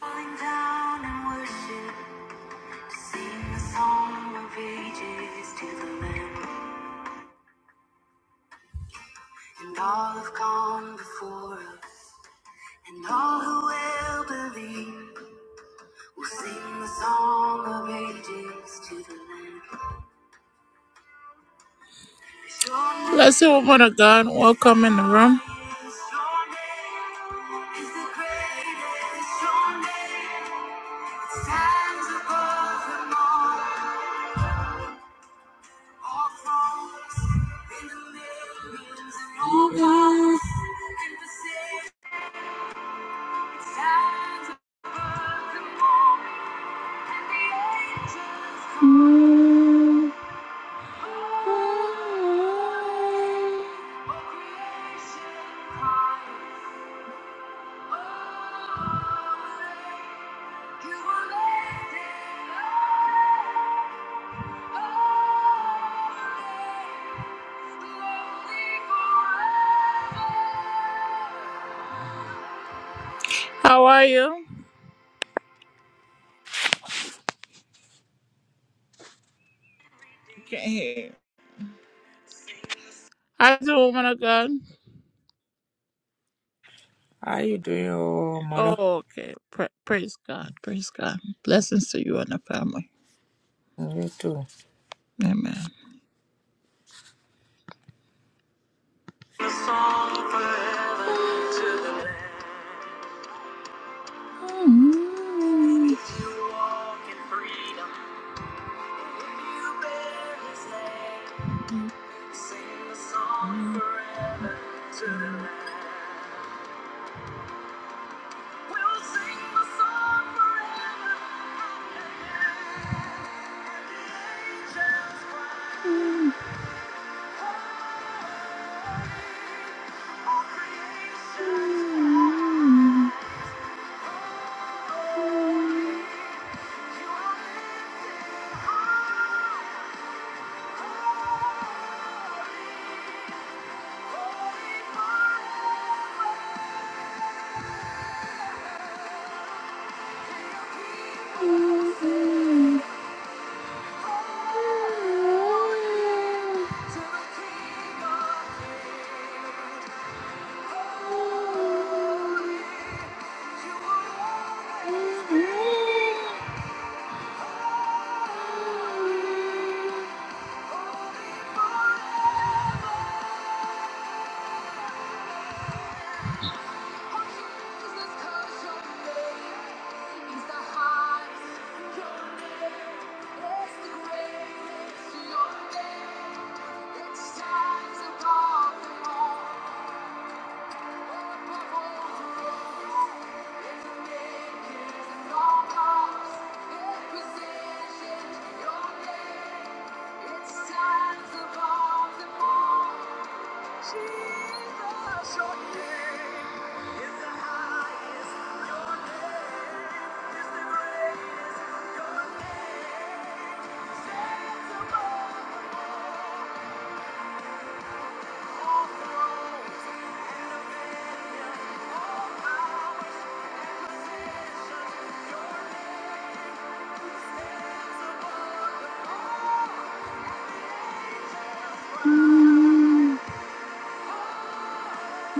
Falling down in worship, sing a song of ages to the Lamb, and all have gone before us, and all who will believe will sing the song of ages to the Lamb. Bless woman of God. Welcome in the room. stands above them all. How are you? Can't hear. you. How's the woman of God? How you doing, oh, mother? Oh, okay. Pra- praise God. Praise God. Blessings to you and the family. You too. Amen. A song forever to the Lamb. If you walk in freedom, when you bear his name. Sing the song forever to the Lamb. We'll sing the song forever and ever. And the angels cry. It's Stands above the all. Thank you.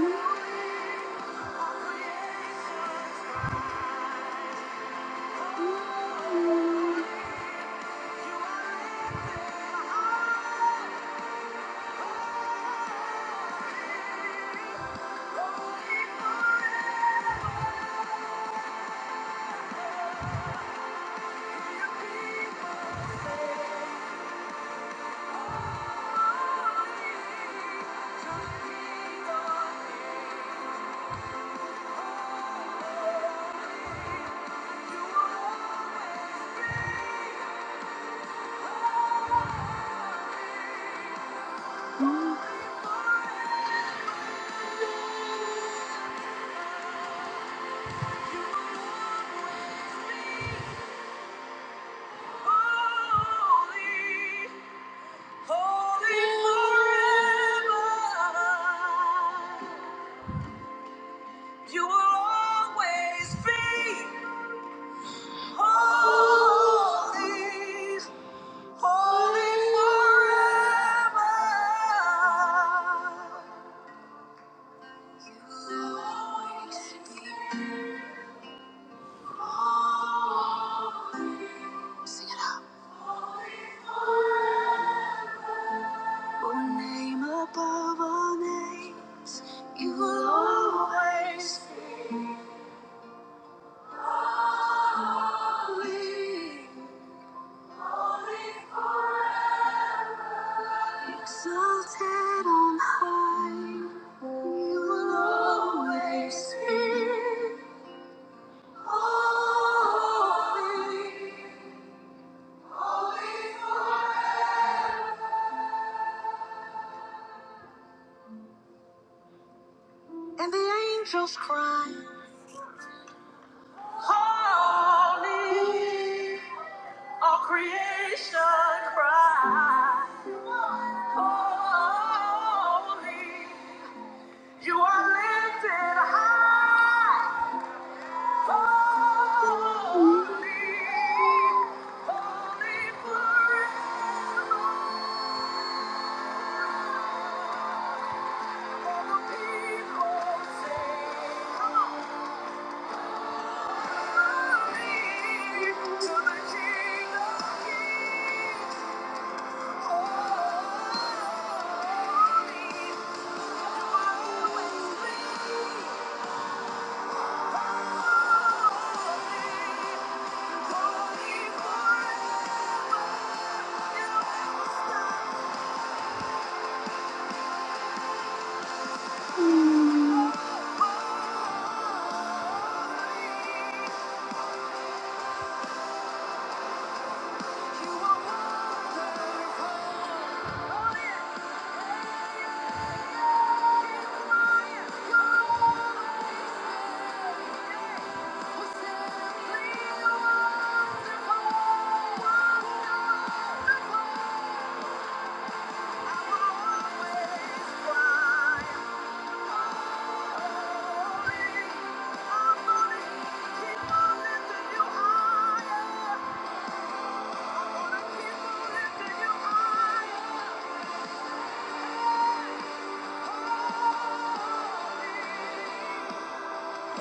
You will always be holy, holy forever. You will always be. Sing it out. Your name above all names, you will always be holy. Exalted on high, you will always be holy. And the angels cry, Holy, all creation cry. Holy, you are lifted high. Holy, holy forever. the People sing, come on.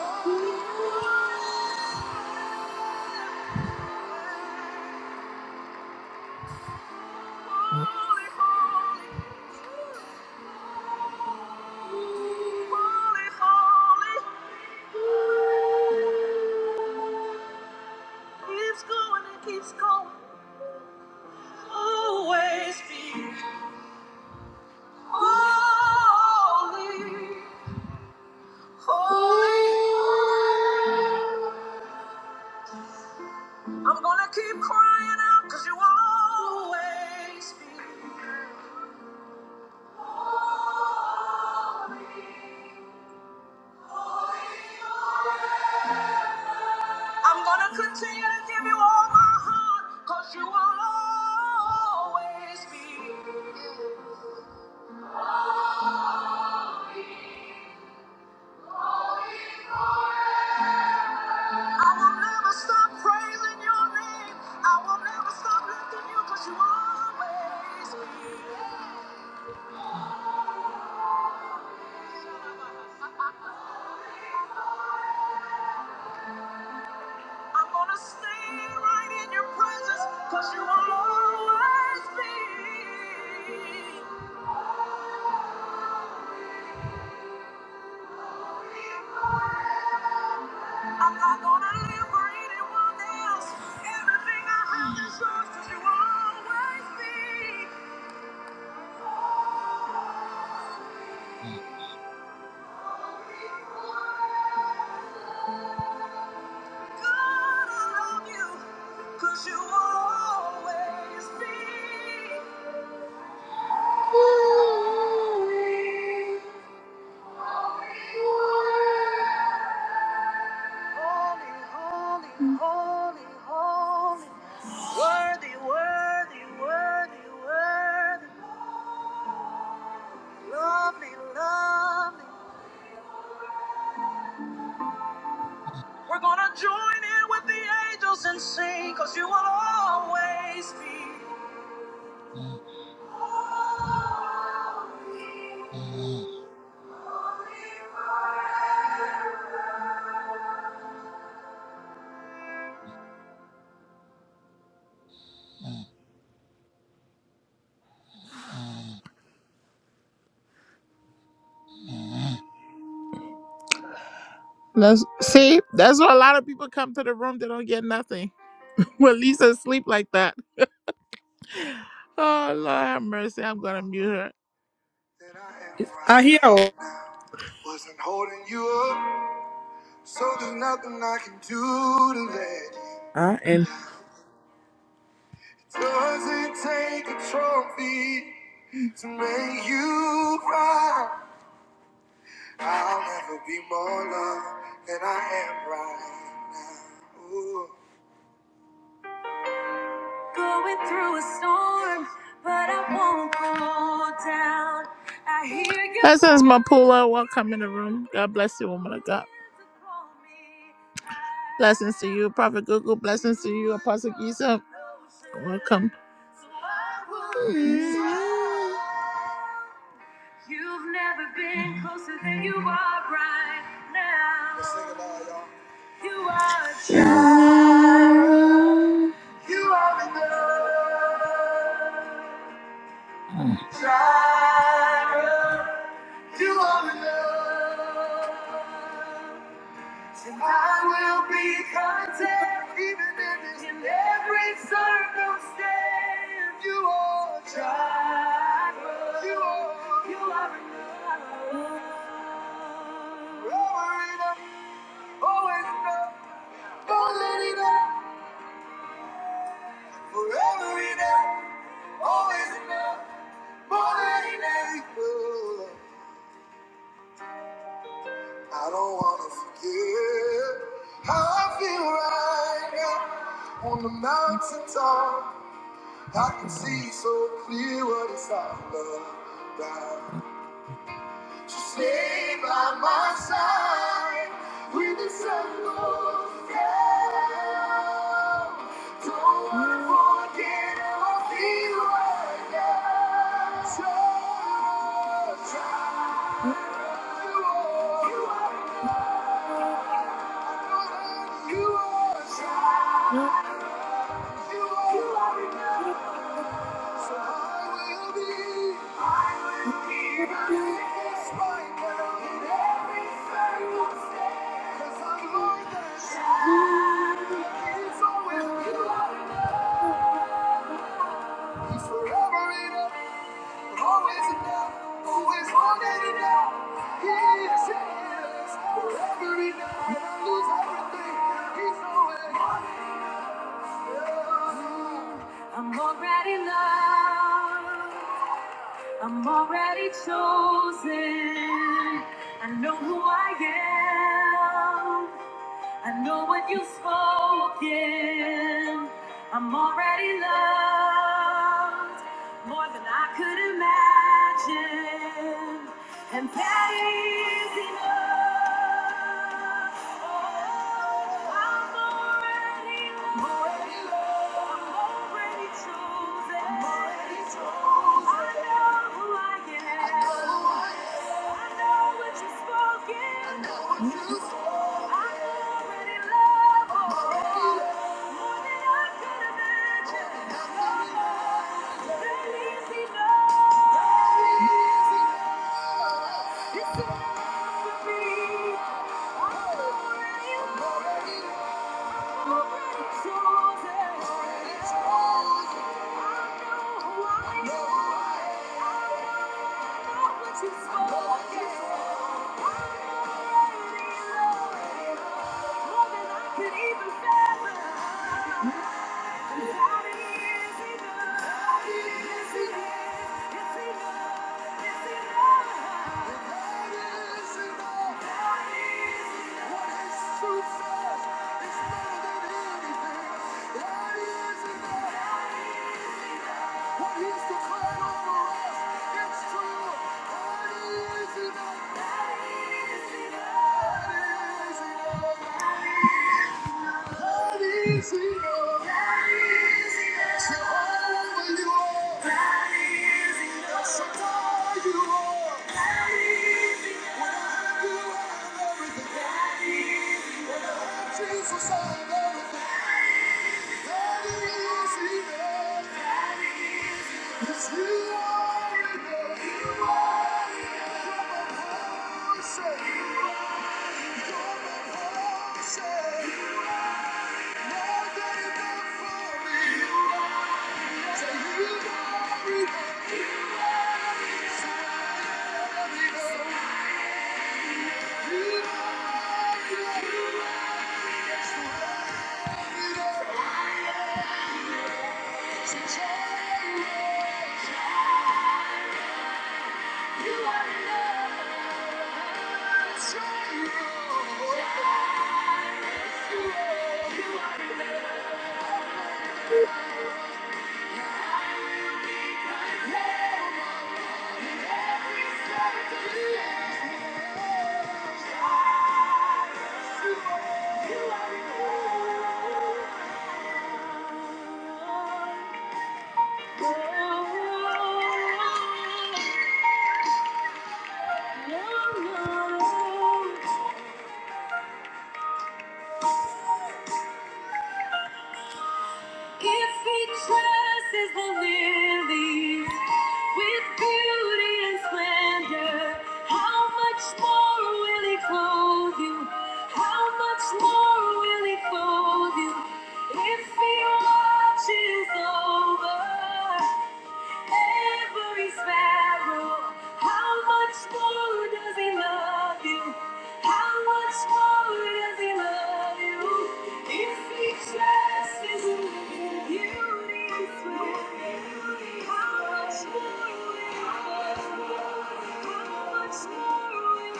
Holy, holy. holy, Holy, holy. Keeps going and keeps going. Always be holy, holy. I'm gonna keep crying out cause you always be. I'm gonna continue to give you all my heart 'cause you will always be. I will never stop praising your name. I will never stop lifting you because you always be. I'm gonna stay right in your presence because you will always be. I'm not gonna live for anyone else. Everything I have is yours because you will always be. God, I love you because you will always be. worthy, worthy, worthy, worthy, lovely, lovely. We're gonna join in with the angels and sing, cause you will always be. Let's see. That's why a lot of people come to the room. They don't get nothing. Well, Lisa sleep like that. Oh, Lord have mercy. I'm going to mute her. That I am I hear. oh, right. Wasn't holding you up, so there's nothing I can do to let you. Ah, and Doesn't take a trophy thank to make you cry. I'll never be more loved than I am right now. Ooh. Going through a storm, but I won't go down. I hear you. That's as Mapula. Welcome in the room. God bless you, woman of God. Blessings to you, Prophet Google. Blessings to you, Apostle Giza. Welcome. You've never been closer than you are right now. You are, you are enough. You are enough, and I will be content even in, this, in every circumstance. You are Jireh. You are, you are enough. Forever enough, always enough, more than enough. Forever enough, always enough, more than enough. I don't wanna forget how I feel right now on the mountaintop. I can you, Lord. see so clear what it's all about. Just stay by my side when the sun goes down. Don't wanna forget how I feel right now. So try. You are, you are enough. You are sound. You are enough. So I will be. I will be. Even if it's right In every circumstance. 'Cause I've learned that. He's always enough. He's forever enough. Always enough, always more than enough. He is fearless, forever enough. When I lose everything, he's always more than enough. I'm already loved. I'm already chosen. I know who I am. I know what you've spoken. I'm already loved more than I could imagine. And that is enough. I'm already loved. It's enough for me. I'm already Thank loved. Even fathom. you. Thank enough. Jesus, I have everything. God is enough. Cause you are enough. You are enough. You're my portion. You're my portion. You are the If he dresses the lilies with beauty and splendor, how much more will he clothe you? How much more will he clothe you? If he watches over. every sparrow. How much more does he love you? How much more does he love you? If he trusts his beauty and sweat, how much more will he love you? How much more will he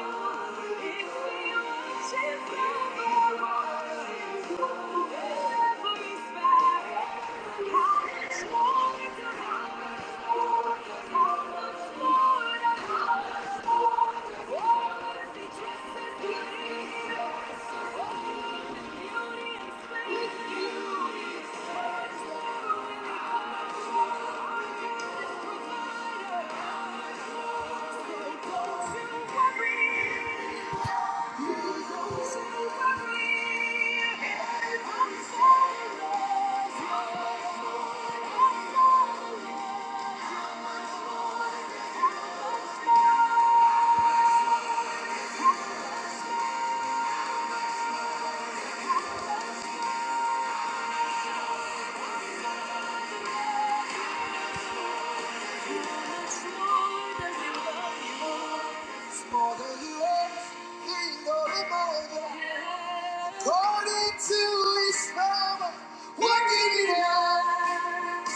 love you? If he worships every sparrow, every sparrow. More than you ask, he know the Bible. According to his power, what did he have?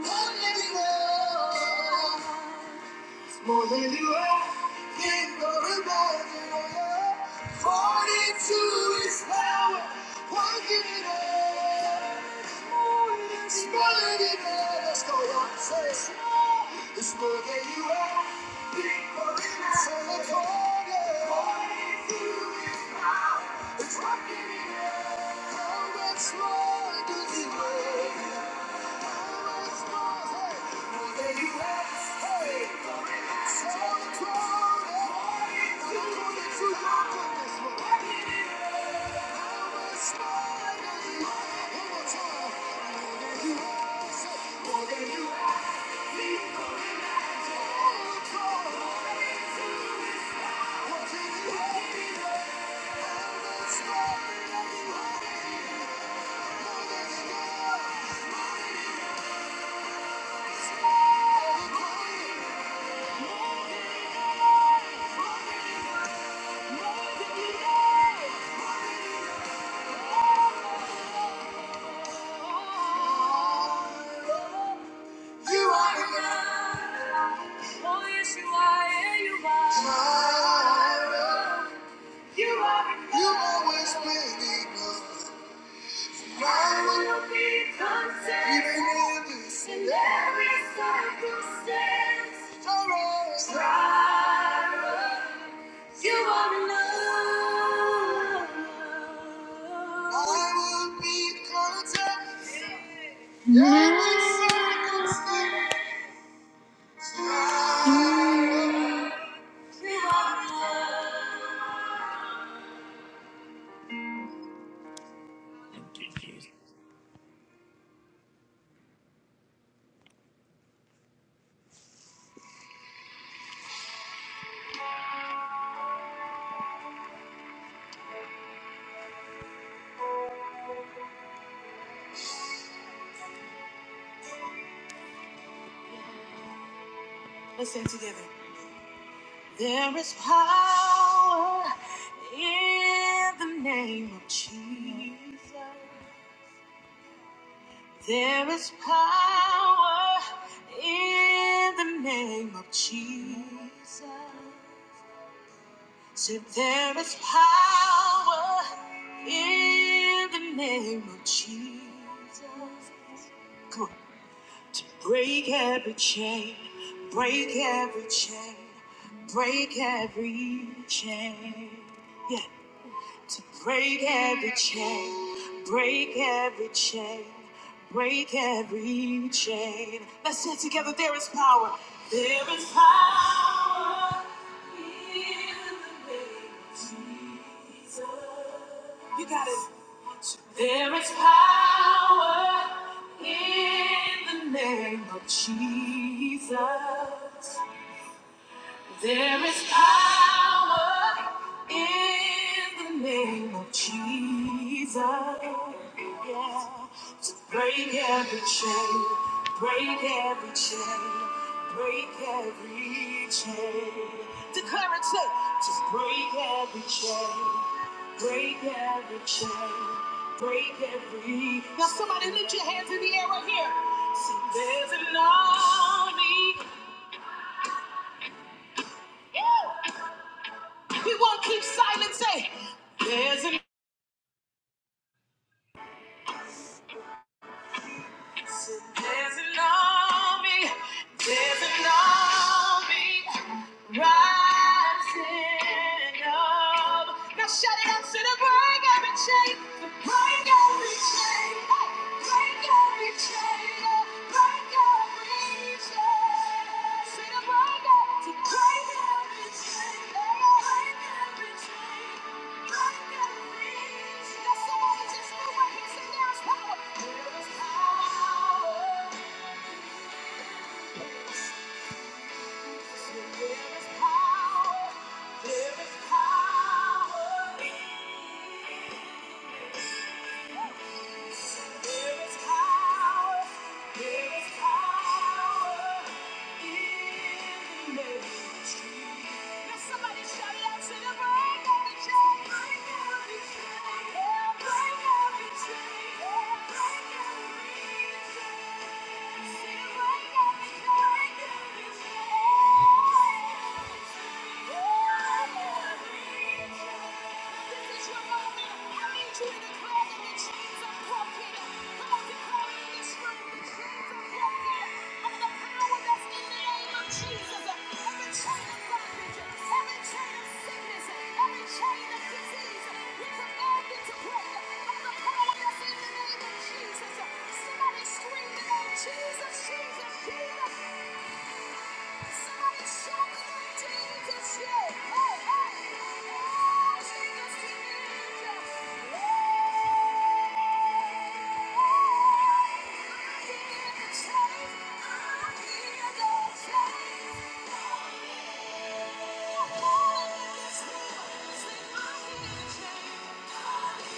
More than you are, think or imagine. According to his power, working in us. It's more than you are, let's go on, say it. It's more than you are, think or imagine. According to his power, it's working in us. How much more do you want? More than you. You are enough. Oh, yes, you are. Yeah, you are. Jireh. You are you always will be content. Even in this in every circumstance. Jireh. Jireh. You are enough. I will be content in every circumstance. Thank you, Jesus. There is power in the name of Mo- Jesus. There is power in the name of mo- Jesus. sa- So there is power in the name of Jesus. sa- Come on. To break every chain, mm, break every chain, mm, break every chain. Yeah, to break every chain, break every chain, break every chain. Let's say it together, there is power. There is power. mm, You got it. There is power in the name of mo- Jesus. There is power in the name of Jesus, yeah. To break every chain, break every chain, break every mm, chain. mm, Declare it, say, to break every chain, break every chain, break every. Now somebody mm, mm. lift your hands in the air right here. See, there's an army. We won't keep silent, say. There's an Dancing on me, dancing on me. Rising up. Now shout it out to the break every chain. The break every chain. Hey! Break every chain. Oh, Break every chain. Say the break it. To break every chain. Oh, Break every chain. Break every chain. Now somebody just move right here. Say there's power. There is power. There is power. Somebody shout out to the break of the chain. Break every chain. Yeah, break every chain. Yeah, break every chain. See the break of the chain. Break every chain. Yeah, break every chain. This is your moment. Jesus, Jesus, Jesus, Jesus. Thank you.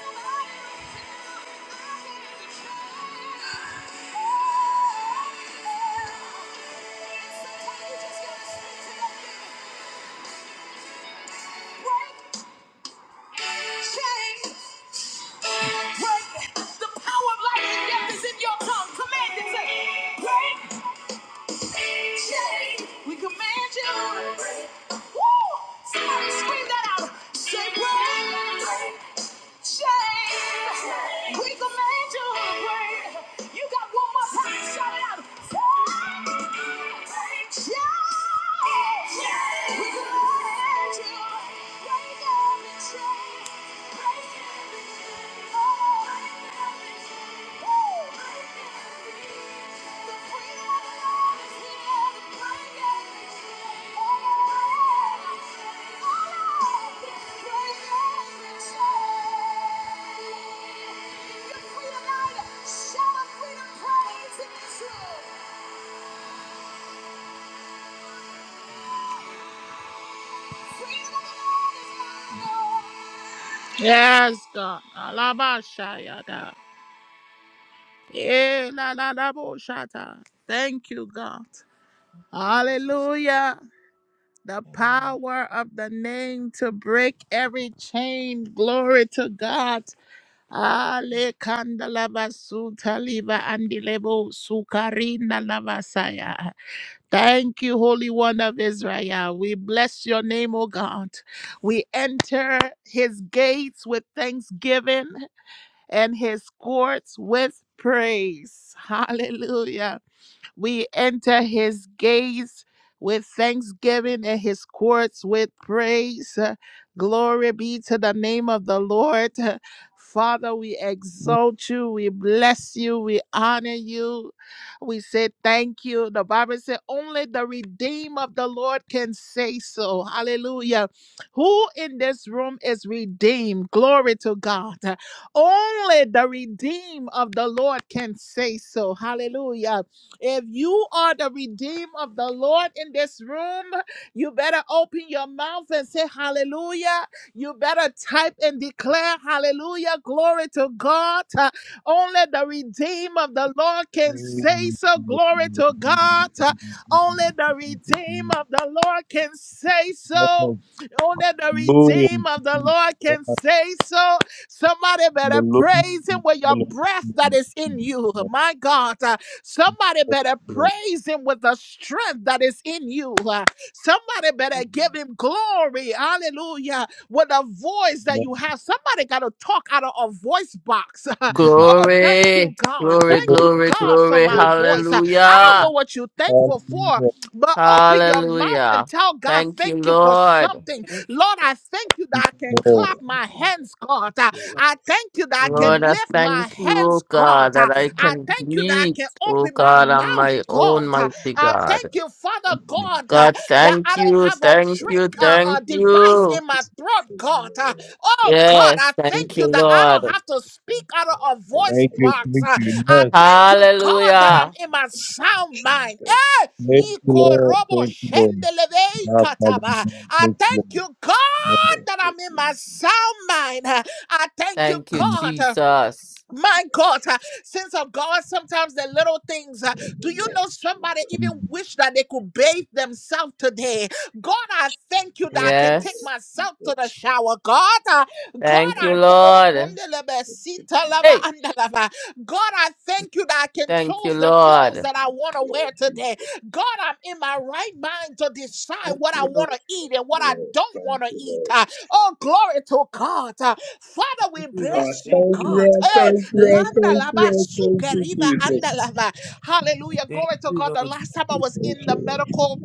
Thank you. We command you break. Woo! Somebody scream that out. Say break. Shame. We can make you great. You got one more time. Shout it out. Shame. Shame. We can make you to break every chain. Break every chain. Oh. break every chain. Yes, God. Alabashayada. Eh, la, la, la, bo, shata. Thank you, God. Thank you, Jesus. Hallelujah. the Amen. power of the name to break every chain. Glory to God. Ale kandalava sutaliva andilebo sukarina lavasaya. Thank you, Holy One of Israel. We bless your name, O God. We enter his gates with thanksgiving and his courts with praise. Hallelujah. We enter his gates with thanksgiving and his courts with praise. Uh, Glory be to the name of the Lord. Uh, Father, we Thank exalt you, we bless you, we honor you. We say thank you. The Bible said only the redeemed of the Lord can say so. Hallelujah. Who in this room is redeemed? Glory to God. Uh, Only the redeemed of the Lord can say so. Hallelujah. If you are the redeemed of the Lord in this room, you better open your mouth and say hallelujah. You better type and declare hallelujah. Glory to God. Uh, Only the redeemed of the Lord can you, say thank so. Glory to God. Uh, Only the redeemed of the Lord can say so. Only the redeemed of the Lord can say so. Somebody better praise him with your breath that is in you. My God. Somebody better praise him with the strength that is in you. Uh, Somebody better give him glory. Hallelujah. With a voice that you have. Somebody got to talk out of a voice box. Oh, thank you, Glory, God. glory, Thank you, glory, God, for glory. my voice. Uh, I don't know Hallelujah. what you're thankful for, but open your mouth Hallelujah. and tell God, Thank you, thank you for Lord. something. Thank you. Lord, I thank you that I can clap my hands, God. Uh, Thank you, I thank you that I can Lord, I lift my thank you, O hands, God. God, Uh, that I I can thank you that I breathe, can O open my God, on mouth, my own, God. Uh, mighty I God. thank you, Father God, uh, God, that I thank don't you, have a thank trick you, uh, uh, thank device you. in my throat, God. Uh, Oh God, I Yes, thank thank you you, that I don't Lord. have to speak out of a voice box. Uh, you. I Yes. thank you, God, that I'm Hallelujah. in my sound mind. Eh, Thank you, Lord. ikorobo Thank you, Lord. shendeleve Ah, Father, ikataba. I Thank you, Lord. thank you, Thank you, God, that I'm in my sound mind. Uh, I thank you, Thank you, God. uh, Jesus. my God, uh, sins of God, sometimes the little things. uh, do you know somebody even wish that they could bathe themselves today? God, I thank you that I can take Yes. myself to the shower. God, uh, God, Thank you, I th- oh, Lord. kundelebe, sita lava, Hey, andalava. God, I thank you that I can thank you, choose the Lord. clothes that I want to wear today. God, I'm in my right mind to decide Thank what I you, Lord. want to eat and what I Lord. don't Thank want to you, eat. Lord. uh. oh, glory to God. uh. Father, we Thank you, Lord. I bless you, Thank thank you, God. Lord. Eh, Thank you, Landa Lord. Thank you, laba Lord. you, suke Lord. Thank riva you, anda Jesus. lava. Hallelujah. Thank Glory to you, God. The last Lord. time I was in the medical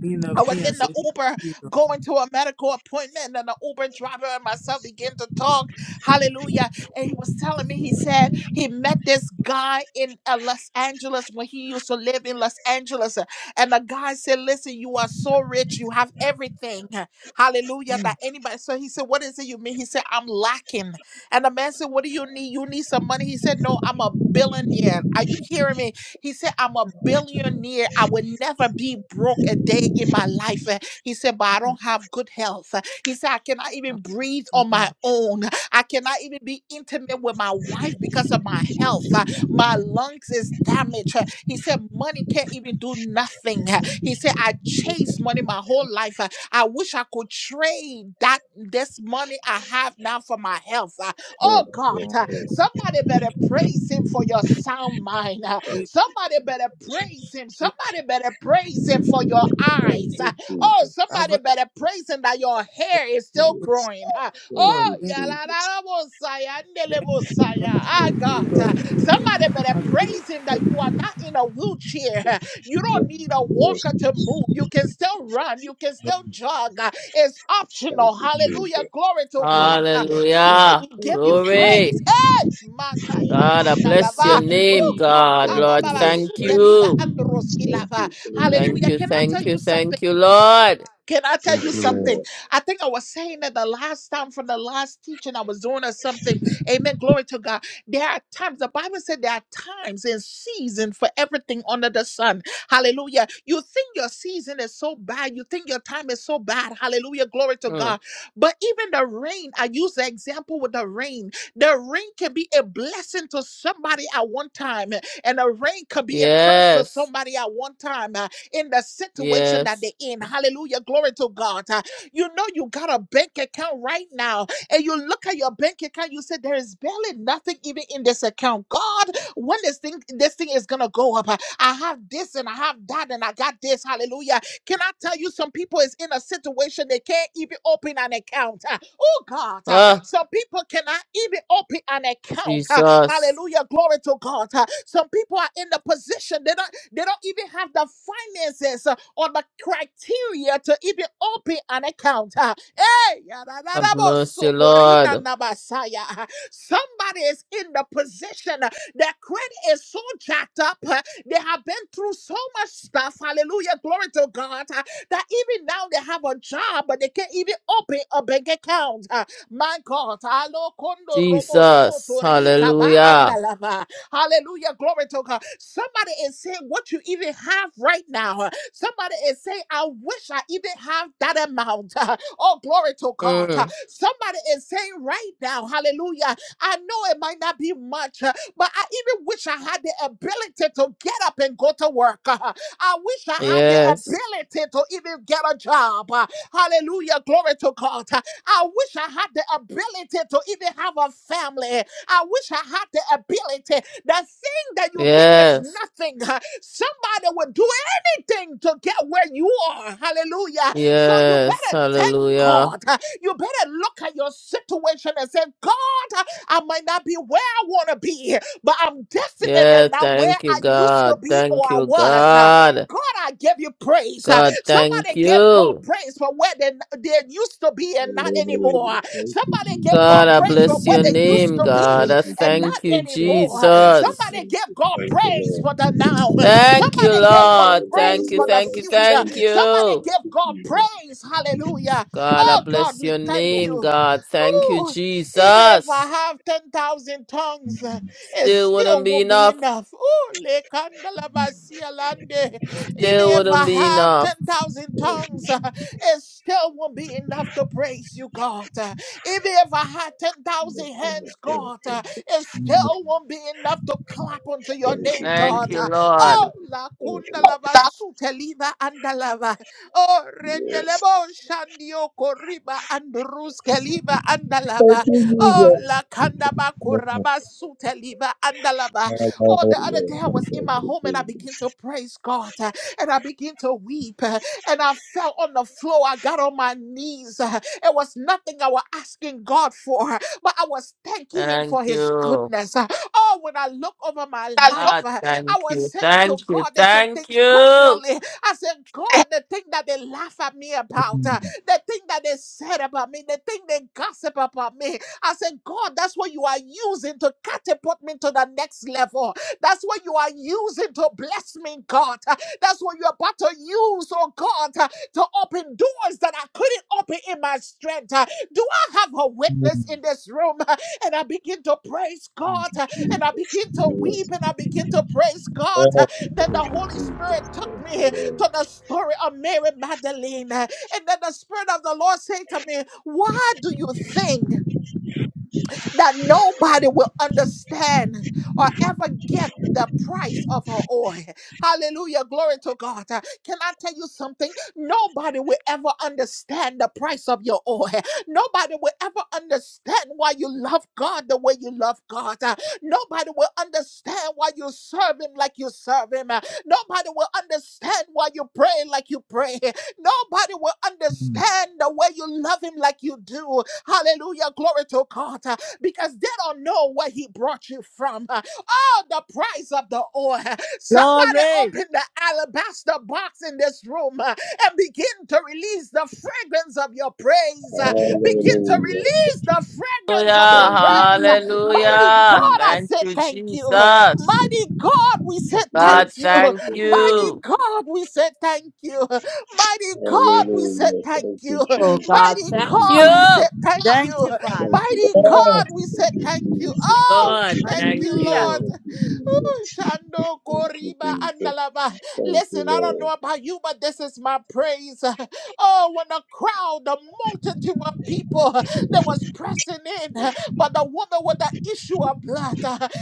Queen I of was Kings, I in say the thank Uber you, Lord. going to a medical appointment, and the Uber driver and myself began to talk. Hallelujah. And he was telling me, he said he met this guy in uh, Los Angeles when he used to live in Los Angeles. uh, And the guy said, Listen, you are so rich, you have everything. Hallelujah. That Mm, anybody. So he said, What is it you mean? He said, I'm lacking. And the man said, What do you need? You need some money. He said, No, I'm a billionaire. Are you hearing me? He said, I'm a billionaire. I will never be broke a day in my life. Uh, He said, but I mm, don't have good health. Uh, He said, I cannot even Thank breathe you, on my Lord. own. I cannot even be intimate with my wife because of my health. Uh, My lungs is damaged. Uh, He said, money can't even do nothing. Uh, He said, I Thank you, chased money my whole life. Uh, I wish I could trade that this money I have now for my health. Uh, Oh, Oh oh, God, Lord. uh, somebody Thank better you, Lord. praise him for your sound mind. Uh, oh, Thank Somebody better praise him. you, Somebody better praise him for your eyes. Thank Ah, you, Jesus. Oh, Thank somebody better praise him that your hair is still growing. Ah, Lord. Oh, you, Jesus. Thank you, yalalabosaya, ndelebosaya. Lord. Thank Ah, Thank you, God. Ah, Lord. Somebody better Thank you, you, Jesus. praise him Lord. that you are not in a wheelchair. You Lord. don't need a Yes, walker to move. You can still run. You can still jog. Ah, It's Thank optional. you, Jesus. Hallelujah. Glory to God. Oh, Ah, oh, oh, Father, Hallelujah. we give Thank you you, Jesus. praise. Glory. Hey, Mataya God, I bless Kandalava. Thank your you, name, Oh Jesus. God. God. Thank Lord, you, Abababa, Lord. thank suke, Thank you, Liva, you. Jesus. androski, Thank lava. you, thank Thank Hallelujah. you, you. Can I tell thank you, you something? thank you, Lord. Can I tell Thank you you, Thank you, Lord. Lord. something? I think I was saying that the last time from the last teaching I was doing or something. Amen. Glory to God. There are times, the Bible said there are times and season for everything under the sun. Hallelujah. You think your season is so bad. You think your time is so bad. Hallelujah. Glory to Mm. God. But even the rain, I use the example with the rain. The rain can be a blessing to somebody at one time, and the rain can be a curse to Yes, somebody at one time in the situation that yes. they're in. Hallelujah. Glory to God. Uh, You know, you got a bank account right now, and you look at your bank account, you say, There is barely nothing even in this account. God, when this thing this thing is gonna go up. Uh, I have this and I have that and I got this. Hallelujah. Can I tell you some people is in a situation they can't even open an account? Uh, Oh God, uh, Ah, some people cannot even open an account. Uh, Jesus. Hallelujah. Glory to God. Uh, Some people are in the position they don't. They don't even have the finances uh, or the criteria to even open an account. Uh, Hey, Have yadadadabo mercy, Lord. Uh, Somebody is in the position uh, their credit is so jacked up. uh, They have been through so much stuff. Hallelujah. Glory to God. uh, That even now they have a job, but they can't even open a bank account. Uh, My God. Alo kondo robo Jesus. sotorika ba Hallelujah. andalava. Hallelujah. Glory to God. Somebody is saying what you even have right now. uh, Somebody is saying, I wish I even have that amount. Oh, glory to God. Uh, Mm. Somebody is saying right now, hallelujah. I know it might not be much, uh, but I even wish I had the ability to get up and go to work. I wish I had the Yes, ability to even get a job. Uh, Hallelujah. Glory to God. Uh, I wish I had the ability to even have a family. I wish I had the ability. The thing that you think is yes, nothing, huh, somebody will do anything to get where you are. Hallelujah. So you yes. better thank Hallelujah. God. huh. You better look at your situation and say, God, huh, I might not be where I want to be, but I'm definitely Yeah, not where thank you, I used to God. be or Thank I you, was. God. God, I give you praise. Uh, God, thank Somebody give God you. praise for where they, they used to be and not Hallelujah. anymore. Thank you, Somebody Jesus. give God God, I Thank praise for bless where your they used name, to God. be I you, and not Jesus. thank you, Thank you, anymore. thank you, Jesus. Somebody thank give you. God Thank you, praise Lord. for the now. Thank you, Somebody give God Lord. praise Thank you, for Hallelujah. the thank you, Thank you, future. thank Jesus. Somebody you. Thank give you, God Jesus. praise. Hallelujah. God, I Oh God, bless we your thank name, you. God. Thank you, Ooh, even if I Jesus. have 10,000 tongues, uh, it Still wouldn't still be won't be enough. enough. Oh, even Still if wouldn't I be have enough. 10,000 tongues, uh, it still won't be enough to praise you, God. Uh, even if I had Thank 10,000 you, hands, thank God, uh, you, it Thank you, still won't be enough to clap unto your name, God. Thank you, Uh, oh, Lord. la thank kunda you, Jesus. lava suteliva andalava. Oh, Yes. rendelebo shandio koriba andruskeliva andalava. Thank you, Oh, yes. la kandaba Lord. kuraba suteliva andalava. Thank Oh, the Thank you, Jesus. other Yes. day I was in Thank my you, home and I began Jesus. to praise God. Uh, and I began to weep. uh, And I fell on the floor. I got on my knees. uh, It was nothing I was asking God for, but I was thanking Him Thank for His you. goodness. uh. Oh, when I look over my life, God, uh, thank I was you, saying to thank you, God, there's some thank things you. personally. I said, God, the thing that they laugh at me about, uh, the thing that they said about me, the thing they gossip about me. I said, God, that's what you are using to catapult me to the next level. That's what you are using to bless me, God. That's what you're about to use, oh God, uh, to open doors that I couldn't open in my strength. Uh, Do I have a witness in this room? Uh, And I begin to praise God, uh, and I begin to weep, Yes. and I begin to praise God. Uh, Then the Thank you, Holy Spirit Jesus. took Thank me you, to the story of Mary Magdalene. Uh, And then the Spirit of the Lord said to me, Why do you think? that nobody will understand or ever get the price of her oil. Hallelujah. Glory to God. Uh, Can I tell you something? Nobody will ever understand the price of your oil. Nobody will ever understand why you love God the way you love God. Uh, Nobody will understand why you serve Him like you serve Him. Uh, Nobody will understand why you pray like you pray. Nobody will understand the way you love Him like you do. Hallelujah. Glory to God. Uh, because they don't know where he brought you from. Uh, Oh, the price of the oil. Somebody Glory. open the alabaster box in this room uh, and begin to release the fragrance of your Lord. praise. Uh, Begin to Hallelujah. release the fragrance of your Thank you, praise. Hallelujah, Uh, Jesus. Thank Mighty you, God, hallelujah. I Jesus. Thank say you, thank you. Uh, Yes. Jesus. Mighty God, we say God, thank you. Uh, thank Thank you, Mighty you. Jesus. God, we say thank you. Uh, Mighty God, we say Hallelujah. thank Thank you. you, Uh, Oh Jesus. God, Mighty Thank thank you, God, we say Jesus. you. thank Thank you. you, Thank Father. you, Jesus. Mighty God, Thank we say you, Jesus. thank you. Oh, Thank you, Jesus. Thank you, Lord, thank thank you, Hallelujah. Lord. you. Ooh, Shando Jesus. Thank you, Koriba Jesus. Andalaba. Thank you, Listen, I don't know Lord. about you, but this is my praise. Oh, when a crowd, a multitude of people that was pressing in, but the woman with the issue of blood,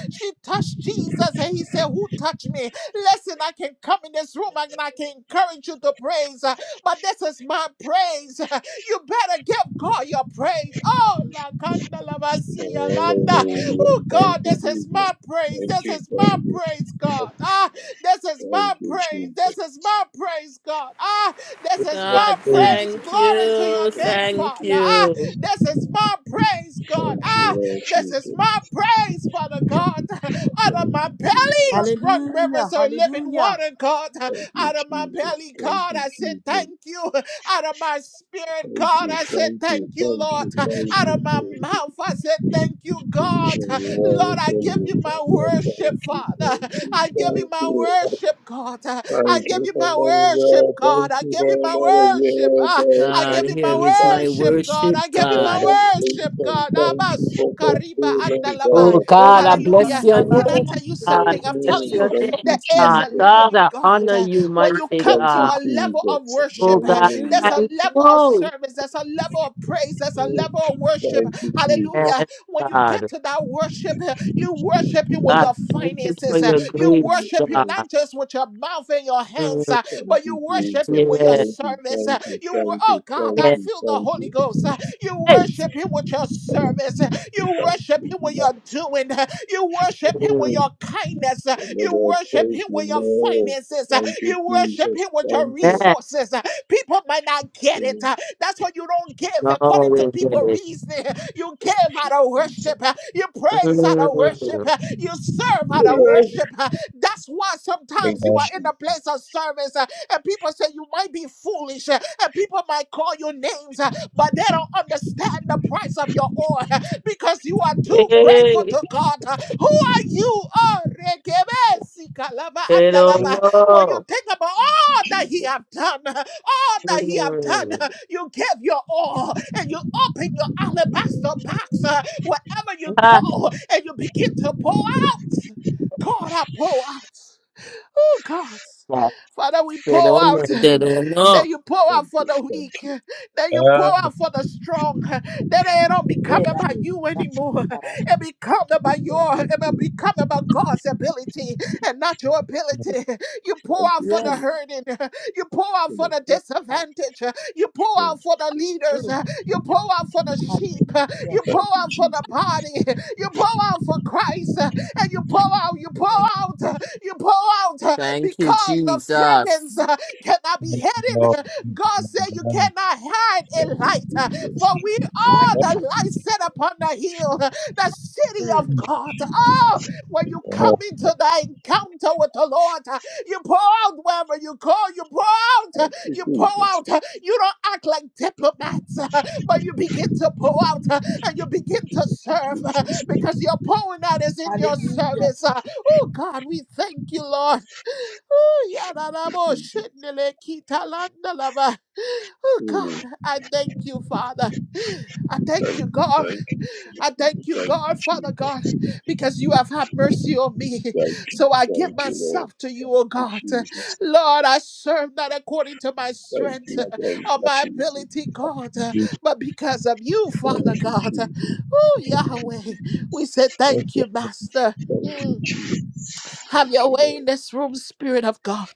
she touched Jesus and he said, Who touched me? Listen, I can come in this room and I can encourage you to praise, but this is my praise. You better give God your praise. Oh, la kanda la basia landa. Hallelujah. Oh, Thank God, you, this is Jesus. my praise. Thank This you, is thank my you. praise, God. Ah, this is Thank my you, praise. Jesus. Thank This is my praise, God. Ah, this is my God, praise. thank Glory you, to you. your name, Jesus. Thank Father. Ah, you. this is my praise, God. Thank you, Ah, Lord this is Jesus. my praise, Father God. Thank you, Out of my Jesus. bellies run rivers Hallelujah. of living Hallelujah. water, God. Thank you, Out of my Jesus. belly, Thank God, you, I said Jesus. thank you. Out of my spirit, Thank God, you, I said, thank you, Thank you, thank Lord. you, thank you, Out of thank my you. mouth, I said, Thank you, God. Each and Lord, every one of I give you them, my Father, worship, thank you, Father. thank you, I give you thank my you. worship, God. I Thank give you you for my another year, worship, God. thank I you give for you my another worship. year, Ah, God. I give God, you Thank here you, is my my thank worship, you God. worship, I give you for God. my worship, completion, God. thank Abba, you for suka, riba, fulfillment, andalava. Oh God. Thank God, I you, bless Hallelujah. your Jesus. Can Baba, I name, tell you God. I something? I'm telling bless Mm, your you, Thank there name, you, is a God. Jesus. level God, in I God. honor uh, you, When you mighty come Thank to you, God. a level of Jesus. Oh worship, God, there's Hallelujah. Hallelujah. a thank level of you. service, there's a level of praise, there's a Mm, level of worship. Thank you, Hallelujah. Yes, When you get God. to that worship, eh, you worship Him with Jesus. God, your thank you for finances, eh, your you grace, worship Him God. not just with your mouth and your hands, Mm, eh, Thank but you you, worship Him with Jesus. your yeah, Thank you, service. thank eh. you, You, wor- thank oh you, God, thank I yeah. you, feel the thank Holy you, Ghost. eh. You Hey, worship Him with your service. You thank worship you, him with your Jesus. doing. You worship him mm, with Mm. your kindness. You Lord, I worship praise him you, with your Lord. finances. Thank you, You worship Jesus. him with your Thank you. yeah. resources. People might not get Thank it. That's why you don't give according to No, people's reasoning. You give out of you, Jesus. worship. You praise out of worship. Mm. You serve how to Yeah. worship. uh, That's why Thank sometimes you you, are in Jesus. a place of service uh, and people say you might be foolish uh, and people might call you names, uh, but they don't understand the price of your oil uh, because you are too grateful Hey, to God. uh. Who are you? Oh, rekebesikalaba they don't andalaba. When you know. think about all that He have done, uh, all that He have done, Mm. uh, you give your all and you open your alabaster box uh, wherever you Ha, go and you begin to pour God, I pour out. Oh, God. ha. Father, we They pour don't know. out. They don't know. That you pour out Thank for you, the thank weak. That you pour out for the strong. That it don't Yeah, become yeah, you, about you anymore. yeah. It become about your, it become about God's ability and not your ability. You pour thank out you, Jesus. thank you, for the Yes. Jesus. hurting. You pour out Thank you, thank you, for the yes, God. disadvantaged. You pour out Jesus. for the leaders. Mm, You pour out for the sheep. Hallelujah. You pour Thank you, out for the Jesus. body. You pour out for Christ. And you pour out, you pour Mm, out, you pour out Thank you, because the Jesus. fragrance cannot be hidden. God said you cannot hide a light, uh, for we My are God. the light set upon the hill, uh, the city of Mm, God. Oh, when you come into the encounter with the Lord, uh, you pour out wherever you go, you pour out, uh, you pour out. uh, You don't act like diplomats, uh, but you begin to pour out uh, and you begin to serve uh, because your pouring out is in your Hallelujah. service. uh. Oh, God, we thank you, Lord. Yararabo shendele kitalanda lava. Oh Mm. God, I thank you, Father. I thank Thank you, you, God. thank you, I thank you, thank you, thank God, Father you, God, because you have had Jesus. mercy on me. Thank you, So I give thank you, Lord. myself to you, Thank oh you, God. Jesus. Lord, I serve not according to my Thank strength you, thank or you, my Jesus. ability, God, but because of you, Father Thank you, God. Jesus. Oh, Yahweh, we say thank you, Master. Thank you, Mm. Jesus. Have your way Lord, in this room, Spirit of God.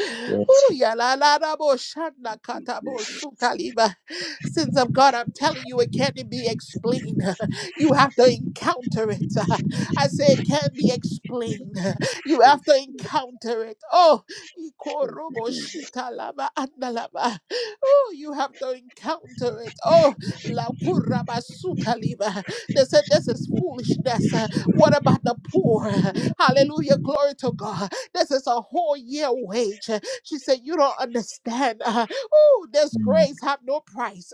Ooh, ya la la la bo shanda kata we bo su kaliba. Sins of God, I'm telling you, it can't be explained. You have to encounter it. I say it can't be explained. You have to encounter it. Oh, thank ikorobo you, Jesus. shita lava andalava. Oh, you have to encounter it. Oh, la kuraba su kaliba. They said this is foolishness. What about the poor? Hallelujah. Glory to God. This is a whole year wage. She said, You don't understand. Uh, oh, this grace have no price.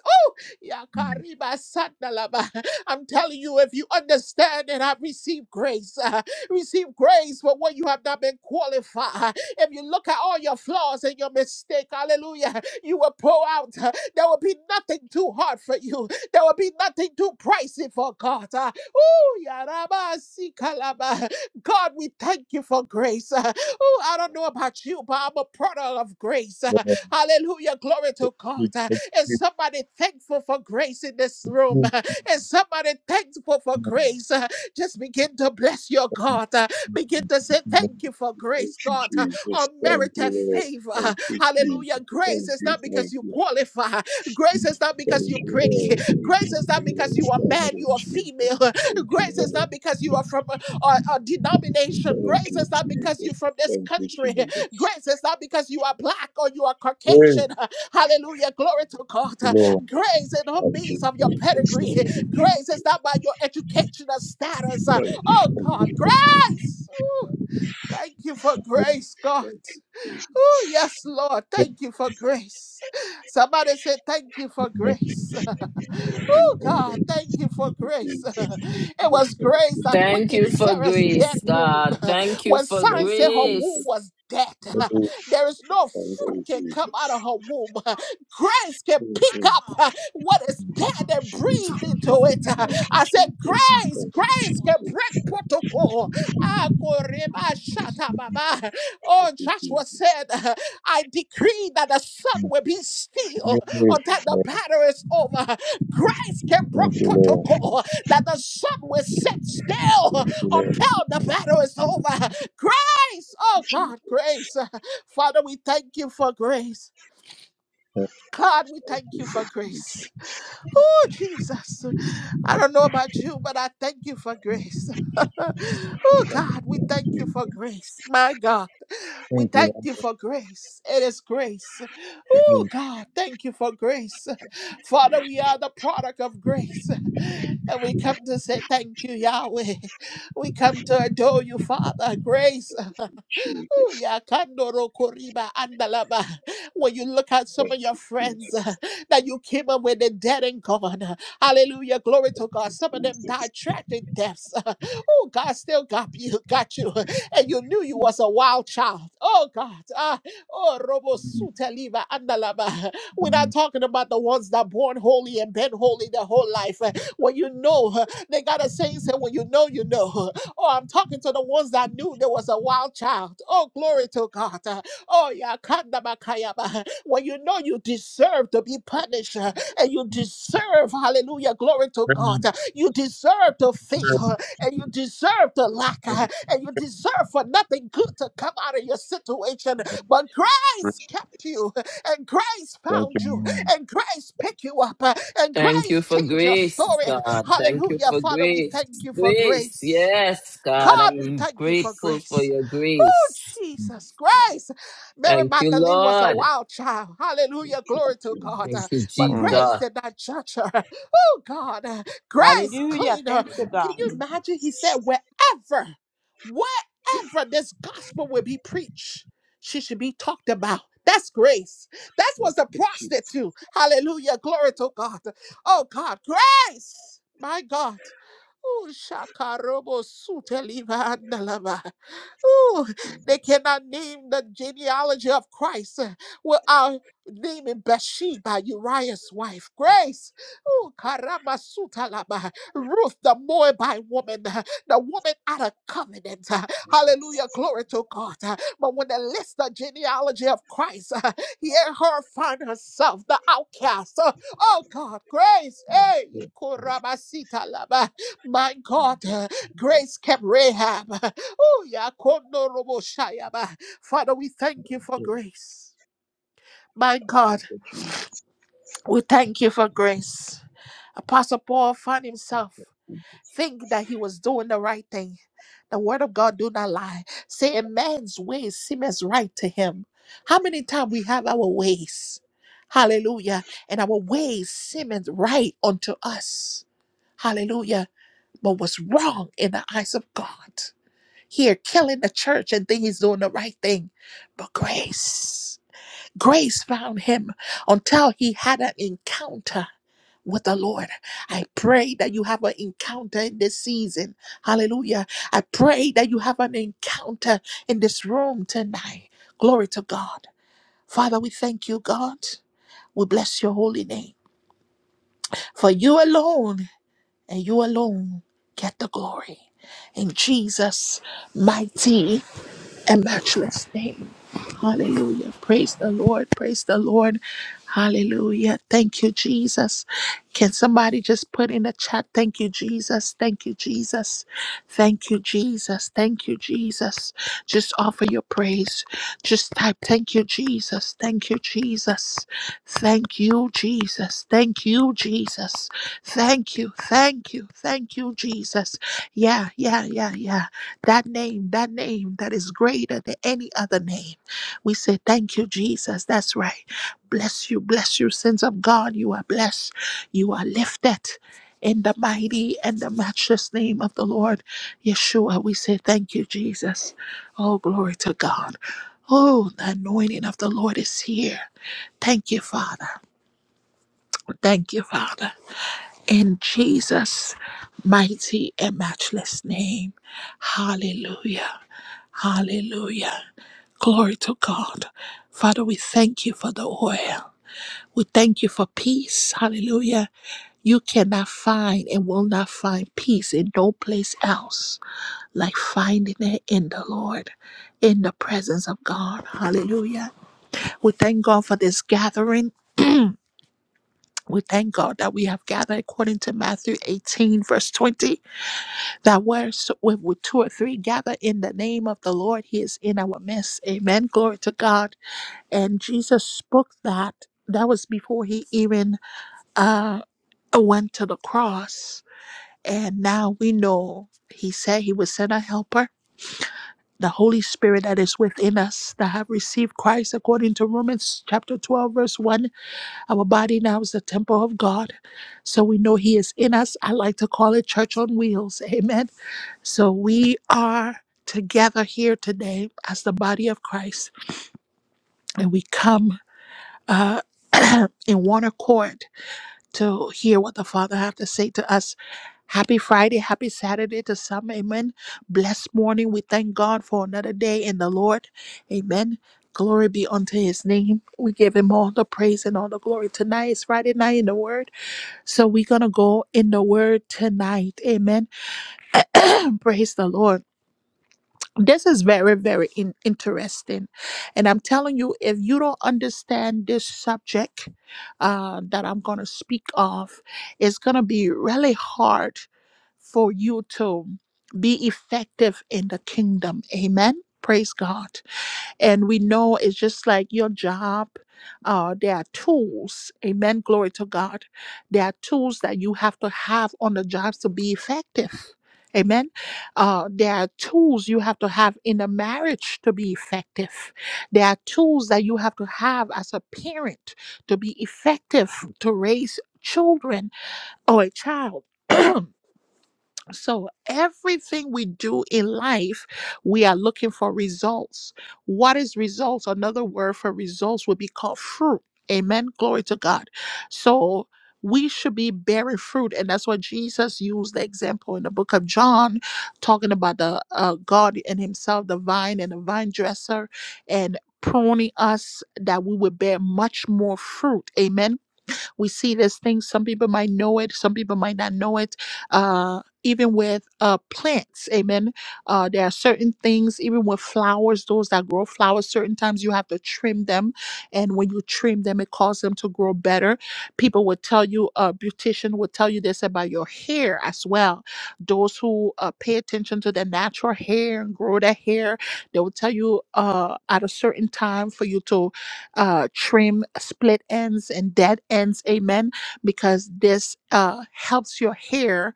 Yakariba Sandalaba. I'm telling you, if you understand and have received grace, uh, receive grace for what you have not been qualified. If you look at all your flaws and your mistake, hallelujah, you will pull out. uh, There will be nothing too hard for you. There will be nothing too pricey for God. Uh, ooh, yaraba sikalaba. God, we thank you for grace. Uh, ooh, I don't know about you, but I'm a product of grace. Uh, hallelujah, glory to God. Uh, and somebody thankful for grace in this room. And somebody thankful for grace. Just begin to bless your God. Begin to say thank you for Thank grace, you, God. Jesus. Thank you, Unmerited Lord. favor. Thank you, Hallelujah. Jesus. Grace Thank is you, not because thank you you. qualify. Grace is not because Thank you're you, pretty. Lord. Thank Grace is not because you are man, you are female. you, Grace is Lord. not because you are from a, a- a denomination. Thank you, Jesus. Thank you, Lord. Thank Grace you, is not because you're Jesus. from this Thank you, country. Jesus. Grace is not because you are black or you are Caucasian. Hallelujah. Glory to God. Grace is not Thank you, means of your Jesus. Thank you, pedigree. Jesus. Grace is not by your educational status. Thank you, Oh God, Jesus. Thank grace. Ooh, thank you for grace, you. God. Jesus. Oh, yes, Lord. Thank you for grace. Somebody say, Thank you for grace. oh, God. Thank you for grace. it was grace that Thank quickened you for Sarah's dead grace, womb God. Thank you when for signs said her womb grace. was dead, there is no fruit can come out of her womb. Grace can pick up uh, what is dead and breathe into it. I said, Grace, grace can break protocol. Ah, koreba shata baba. Oh, Joshua said, I decree that the sun will be still until the battle is over. Grace can brought you, Lord. protocol that the sun will sit still Thank you, Lord. until the battle is over. Grace, oh God, grace. Father, we thank you for grace. for- God, we thank you for grace. Oh, Jesus. I don't know about you, but I thank you for grace. oh, God, we thank you for grace. My God. We Thank you, thank Lord. you for for grace. It is grace. Oh, your God, thank you for grace. Father, we are the product of grace. And we come to say thank you, Yahweh. We come to adore you, Father. Grace. Ooh, yeah, Kandoro Koriba Andalaba. When you look at some of your friends uh, that you came up with, the dead and gone. uh, Hallelujah. Glory to God. Some of them died tragic deaths. uh, oh, God still got you, got you. uh, And you knew you was a wild child. Oh, God. Ah, oh, Robo kindness Sutaliva Andalaba. We're not and talking about the ones that born holy and been holy their whole life. uh, When you know, uh, they got a saying, say, when you know, you know. Oh, I'm talking to the ones that knew there was a wild child. Oh, glory to God. Uh, Oh, yeah. kandamakayaba. When you know you deserve to be punished uh, and you deserve, hallelujah, glory to God. uh, your You deserve to grace fail uh, and you deserve to lack and your uh, and you deserve for nothing good to come out of your situation. But mercy. Christ kept you and Christ Thank you, found you Lord. and Christ picked you up uh, and Thank you Christ for changed your grace, story. God. Thank you Hallelujah. for Father, we grace. thank you for Grace, grace. yes, God. God, we I'm thank you for grateful grace. for your Oh, grace. Mm. Jesus Christ. Mary Thank you, Magdalene was a Lord. wild child. Hallelujah. Glory to God. Thank Uh, you, But grace Jesus. did not judge her. Oh, God. uh, Grace Hallelujah. cleaned her. Thank you, Can God. you imagine? He said, wherever, wherever this gospel will be preached, she should be talked about. That's grace. That was a prostitute. Hallelujah. Glory to God. Oh, God. Grace. My God. Oh, shakarobo suteliva andalava. Oh, they cannot name the genealogy of Christ uh, without naming Bathsheba, Uriah's wife, Grace, ooh, Karamasutalaba, Ruth, the Moabite woman, uh, the woman out of covenant. uh, Hallelujah, glory to God. uh, But when they list the genealogy of Christ, uh, here her find herself the outcast. uh, Oh God, Grace, hey, Korabasitalaba, my God, uh, Grace kept Rahab. Ooh, yakondo robo shayaba. Father, we thank you for grace. My God, we thank you for grace. Apostle Paul found himself thinking that he was doing the right thing. The word of God do not lie. Say a man's ways seem as right to him. How many times we have our ways? Hallelujah. And our ways seem as right unto us. Hallelujah. But what's wrong in the eyes of God. here killing the church and think he's doing the right thing. But grace, grace found him until he had an encounter with the Lord. I pray that you have an encounter in this season. Hallelujah. I pray that you have an encounter in this room tonight. Glory to God. Father, we thank you, God. We bless your holy name. For you alone and you alone get the glory. In Jesus' mighty and matchless name. Hallelujah. Praise the Lord. Praise the Lord. Hallelujah. Thank you, Jesus. Can somebody just put in the chat, thank you, Jesus. Thank you, Jesus. Thank you, Jesus. Thank you, Jesus. Just offer your praise. Just type, thank you, Jesus. Thank you, Jesus. Thank you, Jesus. Thank you, Jesus. Thank you. Thank you. Thank you, Jesus. Yeah, yeah, yeah, yeah. That name, that name that is greater than any other name. We say, Thank you, Jesus. That's right. Bless you, bless you, sons of God. You are blessed. You are lifted in the mighty and the matchless name of the Lord Yeshua. We say, Thank you, Jesus. Oh, glory to God. Oh, the anointing of the Lord is here. Thank you, Father. Thank you, Father in Jesus' mighty and matchless name. Hallelujah. Hallelujah. Glory to God. Father, we thank you for the oil. We thank you for peace. Hallelujah. You cannot find and will not find peace in no place else like finding it in the Lord, in the presence of God. Hallelujah. We thank God for this gathering we thank God that we have gathered according to Matthew 18, verse 20, that where s- with with two or three gather in the name of the Lord, he is in our midst. Amen. Glory to God. And Jesus spoke that. That was before he even uh, went to the cross. And now we know he said he would send a helper, the Holy Spirit that is within us, that have received Christ according to Romans chapter 12, verse 1 Our body now is the temple of God. So we know He is in us. I like to call it church on wheels. Amen. So we are together here today as the body of Christ, and we come uh, in one accord to hear what the Father have to say to us. Happy Friday, happy Saturday to some. Amen. Blessed morning. We thank God for another day in the Lord. Amen. Glory be unto his name. We give him all the praise and all the glory. Tonight is Friday night in the Word. So we're going to go in the word tonight. Amen. And praise the Lord. This is very, very in- interesting. And I'm telling you, if you don't understand this subject uh, that I'm going to speak of, it's going to be really hard for you to be effective in the kingdom. Amen. Praise God. And we know it's just like your job. Uh, there are tools. Amen. Glory to God. There are tools that you have to have on the jobs to be effective. Amen. Uh, there are tools you have to have in a marriage to be effective. There are tools that you have to have as a parent to be effective to raise children or a child. So, everything we do in life, we are looking for results. What is results? Another word for results would be called fruit. Amen. Glory to God. So, we should be bearing fruit. And that's what Jesus used the example in the book of John, talking about the uh, God and Himself, the vine and the vine dresser, and pruning us that we would bear much more fruit. Amen we see this thing. Some people might know it, some people might not know it. Uh, even with uh, plants, amen. Uh, there are certain things, even with flowers, those that grow flowers, certain times you have to trim them. And when you trim them, it causes them to grow better. People will tell you, a uh, beautician will tell you this about your hair as well. Those who uh, pay attention to their natural hair and grow their hair, they will tell you uh, at a certain time for you to uh, trim split ends and dead ends. Amen. Because this uh, helps your hair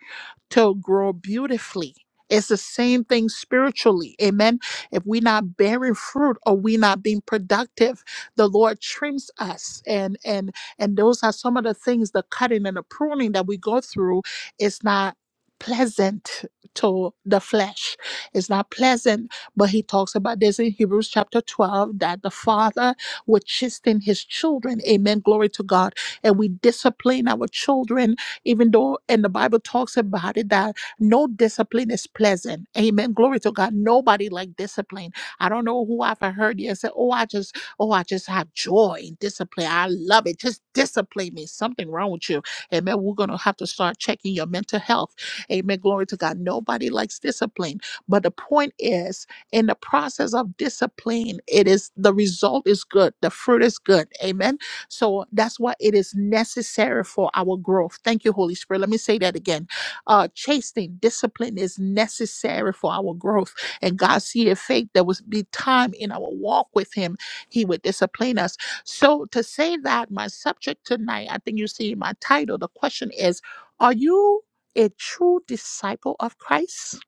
to grow beautifully. It's the same thing spiritually. Amen. If we're not bearing fruit or we're not being productive, the Lord trims us. And and and those are some of the things, the cutting and the pruning that we go through. It's not pleasant to the flesh. It's not pleasant. But he talks about this in Hebrews chapter 12 that the father would chasten his children. Amen. Glory to God. And we discipline our children even though and the bible talks about it that no discipline is pleasant amen glory to god nobody like discipline i don't know who i've heard yet say oh i just oh i just have joy in discipline i love it just discipline me something wrong with you amen we're gonna have to start checking your mental health amen glory to god nobody likes discipline but the point is in the process of discipline it is the result is good the fruit is good amen so that's why it is necessary for our growth. Thank you, Holy Spirit. Let me say that again. Uh, chastening, discipline is necessary for our growth. And God see a faith there will be time in our walk with Him. He would discipline us. So to say that, my subject tonight, I think you see in my title, the question is, are you a true disciple of Christ?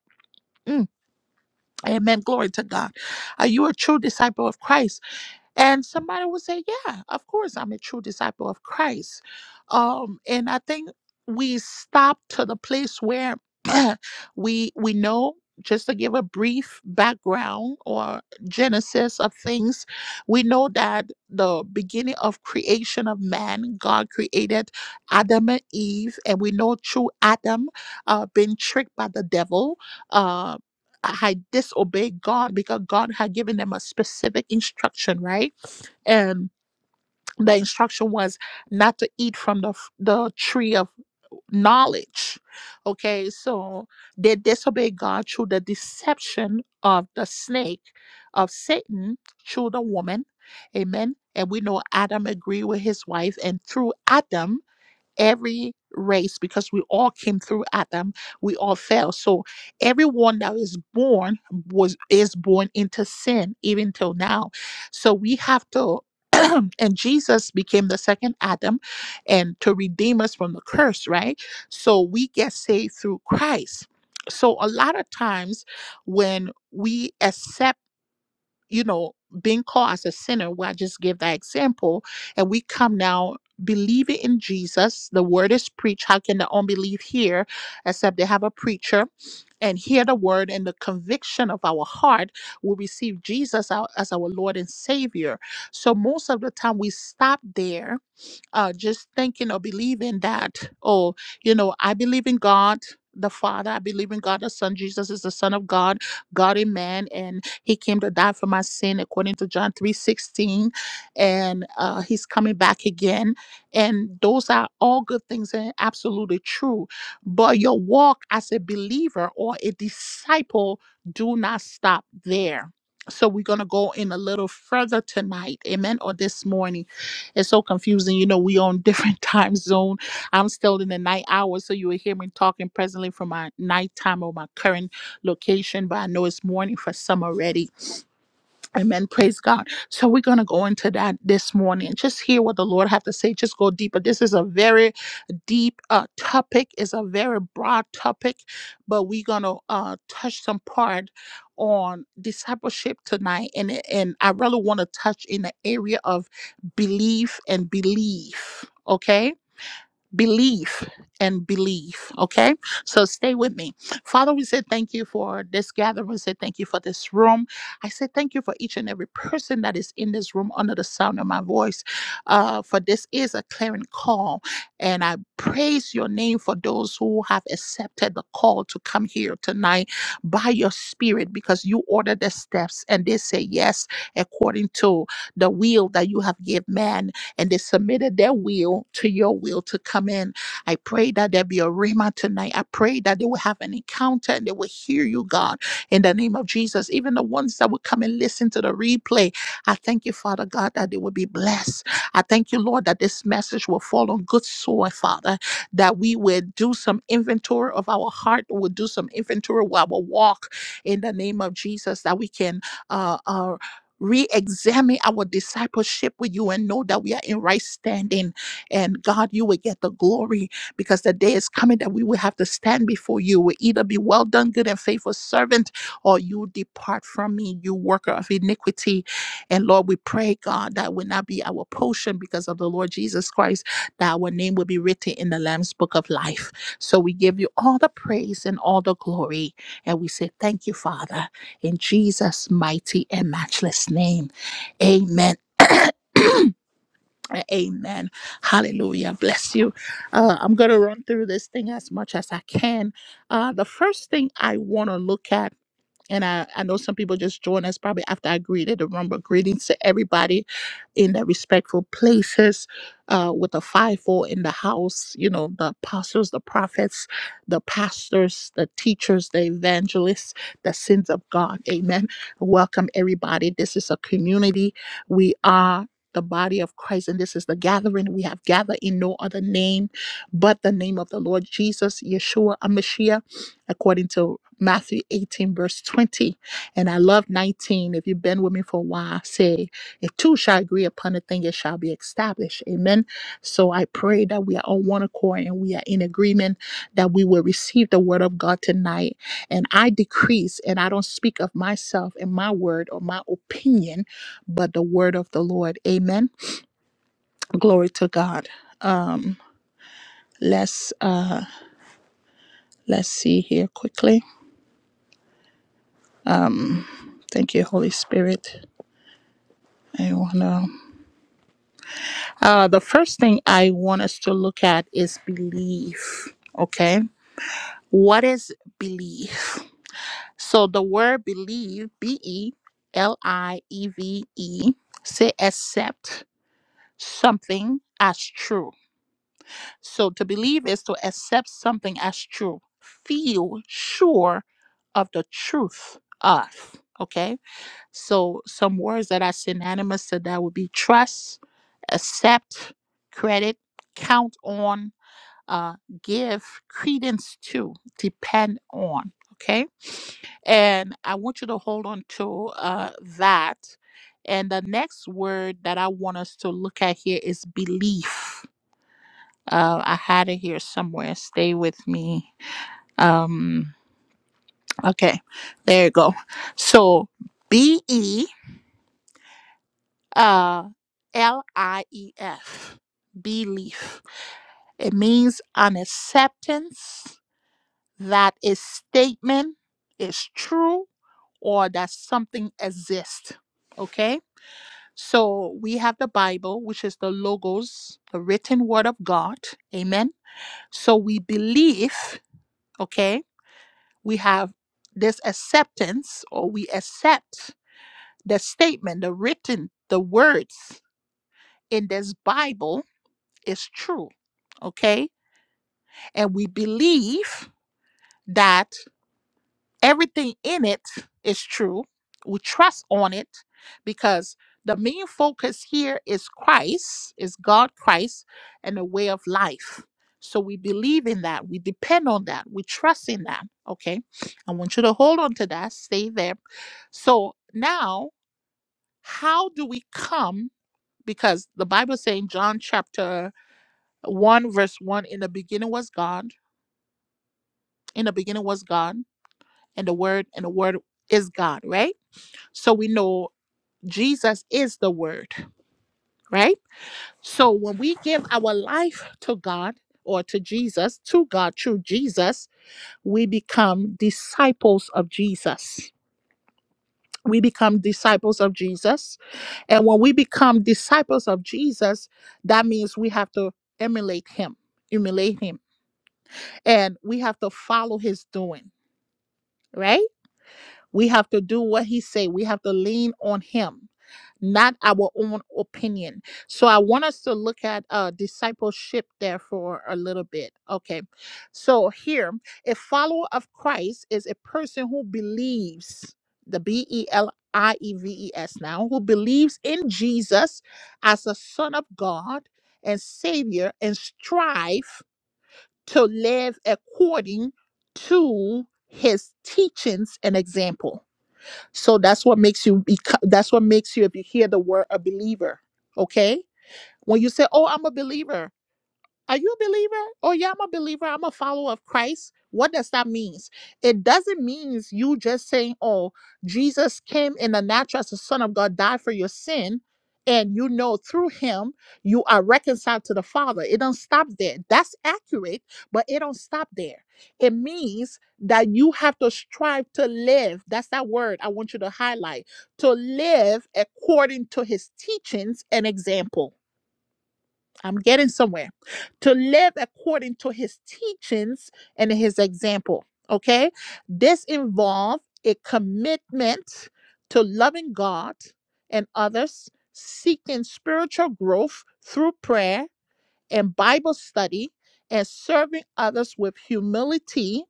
Mm, Amen. Glory to God. Are you a true disciple of Christ? And somebody would say, Yeah, of course, I'm a true disciple of Christ. Um, and I think we stop to the place where we we know just to give a brief background or genesis of things we know that the beginning of creation of man god created adam and eve and we know through adam uh, being tricked by the devil uh, had disobeyed god because god had given them a specific instruction right and the instruction was not to eat from the f- the tree of knowledge okay so they disobeyed god through the deception of the snake of satan through the woman amen and we know adam agreed with his wife and through adam every race because we all came through Adam, we all fell. So everyone that is born was is born into sin even till now. So we have to and Jesus became the second Adam and to redeem us from the curse, right? So we get saved through Christ. So a lot of times when we accept you know, being called as a sinner, where I just give that example, and we come now believing in Jesus. The word is preached. How can the unbelief hear except they have a preacher? And hear the word and the conviction of our heart, will receive Jesus our- as our Lord and Savior. So most of the time we stop there uh, just thinking or believing that, oh, you know, I believe in God the Father, I believe in God the Son. Jesus is the Son of God, God in man, and He came to die for my sin according to John three sixteen, And uh, He's coming back again. And those are all good things and absolutely true. But your walk as a believer or a disciple do not stop there. So we're going to go in a little further tonight, amen, or this morning it's so confusing. You know, we on different time zone. I'm still in the night hours, so you will hear me talking presently from my nighttime or my current location, but I know it's morning for some already. Amen. Praise God. So we're gonna go into that this morning. Just hear what the Lord have to say. Just go deeper. This is a very deep uh, topic. It's a very broad topic, but we're gonna uh, touch some part on discipleship tonight, and and I really want to touch in the area of belief and belief. Okay belief and belief. Okay. So stay with me. Father, we say thank you for this gathering. We say thank you for this room. I say thank you for each and every person that is in this room under the sound of my voice. Uh, for this is a clarion call. And I praise your name for those who have accepted the call to come here tonight by your spirit because you order the steps and they say yes according to the will that you have given man and they submitted their will to your will to come in. I pray that there be a rhema tonight. I pray that they will have an encounter and they will hear you, God, in the name of Jesus. Even the ones that will come and listen to the replay, I thank you, Father God, that they will be blessed. I thank you, Lord, that this message will fall on good soil, Father, that we will do some inventory of our heart, we'll do some inventory of our walk in the name of Jesus, that we can. Uh, uh, re examine our discipleship with you and know that we are in right standing. And God, you will get the glory because the day is coming that we will have to stand before you. We'll either be well done, good and faithful servant, or you depart from me, you worker of iniquity. And Lord, we pray, God, that will not be our portion because of the Lord Jesus Christ, that our name will be written in the Lamb's book of life. So we give you all the praise and all the glory. And we say, Thank you, Father in Jesus' mighty and matchless name. Amen. Amen. Hallelujah. Bless you. Uh, I'm going to run through this thing as much as I can. Uh, the first thing I want to look at and I, I know some people just joined us probably after I greeted the room, but greetings to everybody in the respectful places uh, with the fivefold in the house, you know, the apostles, the prophets, the pastors, the teachers, the evangelists, the sins of God. Amen. Welcome, everybody. This is a community. We are the body of Christ, and this is the gathering. We have gathered in no other name but the name of the Lord Jesus, Yeshua, Amashiach, according to Matthew 18, verse 20. And I love 19. If you've been with me for a while, say, if two shall agree upon a thing, it shall be established. Amen. So I pray that we are on one accord and we are in agreement that we will receive the word of God tonight. And I decrease and I don't speak of myself and my word or my opinion, but the word of the Lord. Amen. Glory to God. Let's uh let's see here quickly. Thank you, Holy Spirit. I wanna Uh, the first thing I want us to look at is belief. Okay. What is belief? So the word believe, B E L I E V E, say accept something as true. So to believe is to accept something as true, feel sure of the truth of. Okay. So some words that are synonymous to that would be trust, accept, credit, count on uh, give credence to, depend on. Okay. And I want you to hold on to uh, that. And the next word that I want us to look at here is belief. Uh, I had it here somewhere. Stay with me. Um, okay. There you go. So B E uh, L I E F. Belief. It means an acceptance that a statement is true or that something exists. Okay? So we have the Bible, which is the logos, the written word of God. Amen. So we believe, okay, we have this acceptance or we accept the statement, the written, the words in this Bible is true. Okay? And we believe that Everything in it is true. We trust on it because the main focus here is Christ, is God Christ, and the way of life. So we believe in that. We depend on that. We trust in that. Okay. I want you to hold on to that. Stay there. So now, how do we come? Because the Bible saying in John chapter 1, verse 1 in the beginning was God. In the beginning was God, and the word, and the word is God, right? So we know Jesus is the word, right? So when we give our life to God or to Jesus, to God through Jesus, we become disciples of Jesus. We become disciples of Jesus. And when we become disciples of Jesus, that means we have to emulate him, emulate him, and we have to follow his doing, right? We have to do what he say. We have to lean on him, not our own opinion. So I want us to look at uh, discipleship there for a little bit. Okay. So here, a follower of Christ is a person who believes the B E L I E V E S now, who believes in Jesus as a son of God and savior and strive to live according to his teachings and example. So that's what makes you beco- that's what makes you if you hear the word a believer, okay? When you say, "Oh, I'm a believer." Are you a believer? Oh yeah, I'm a believer. I'm a follower of Christ. What does that mean? It doesn't mean you just saying, "Oh, Jesus came in the natural as the Son of God, died for your sin." And you know through him you are reconciled to the Father. It don't stop there. That's accurate, but it don't stop there. It means that you have to strive to live. That's that word I want you to highlight. To live according to his teachings and example I'm getting somewhere. To live according to his teachings and his example. Okay. This involves a commitment to loving God and others, seeking spiritual growth through prayer and Bible study, and serving others with humility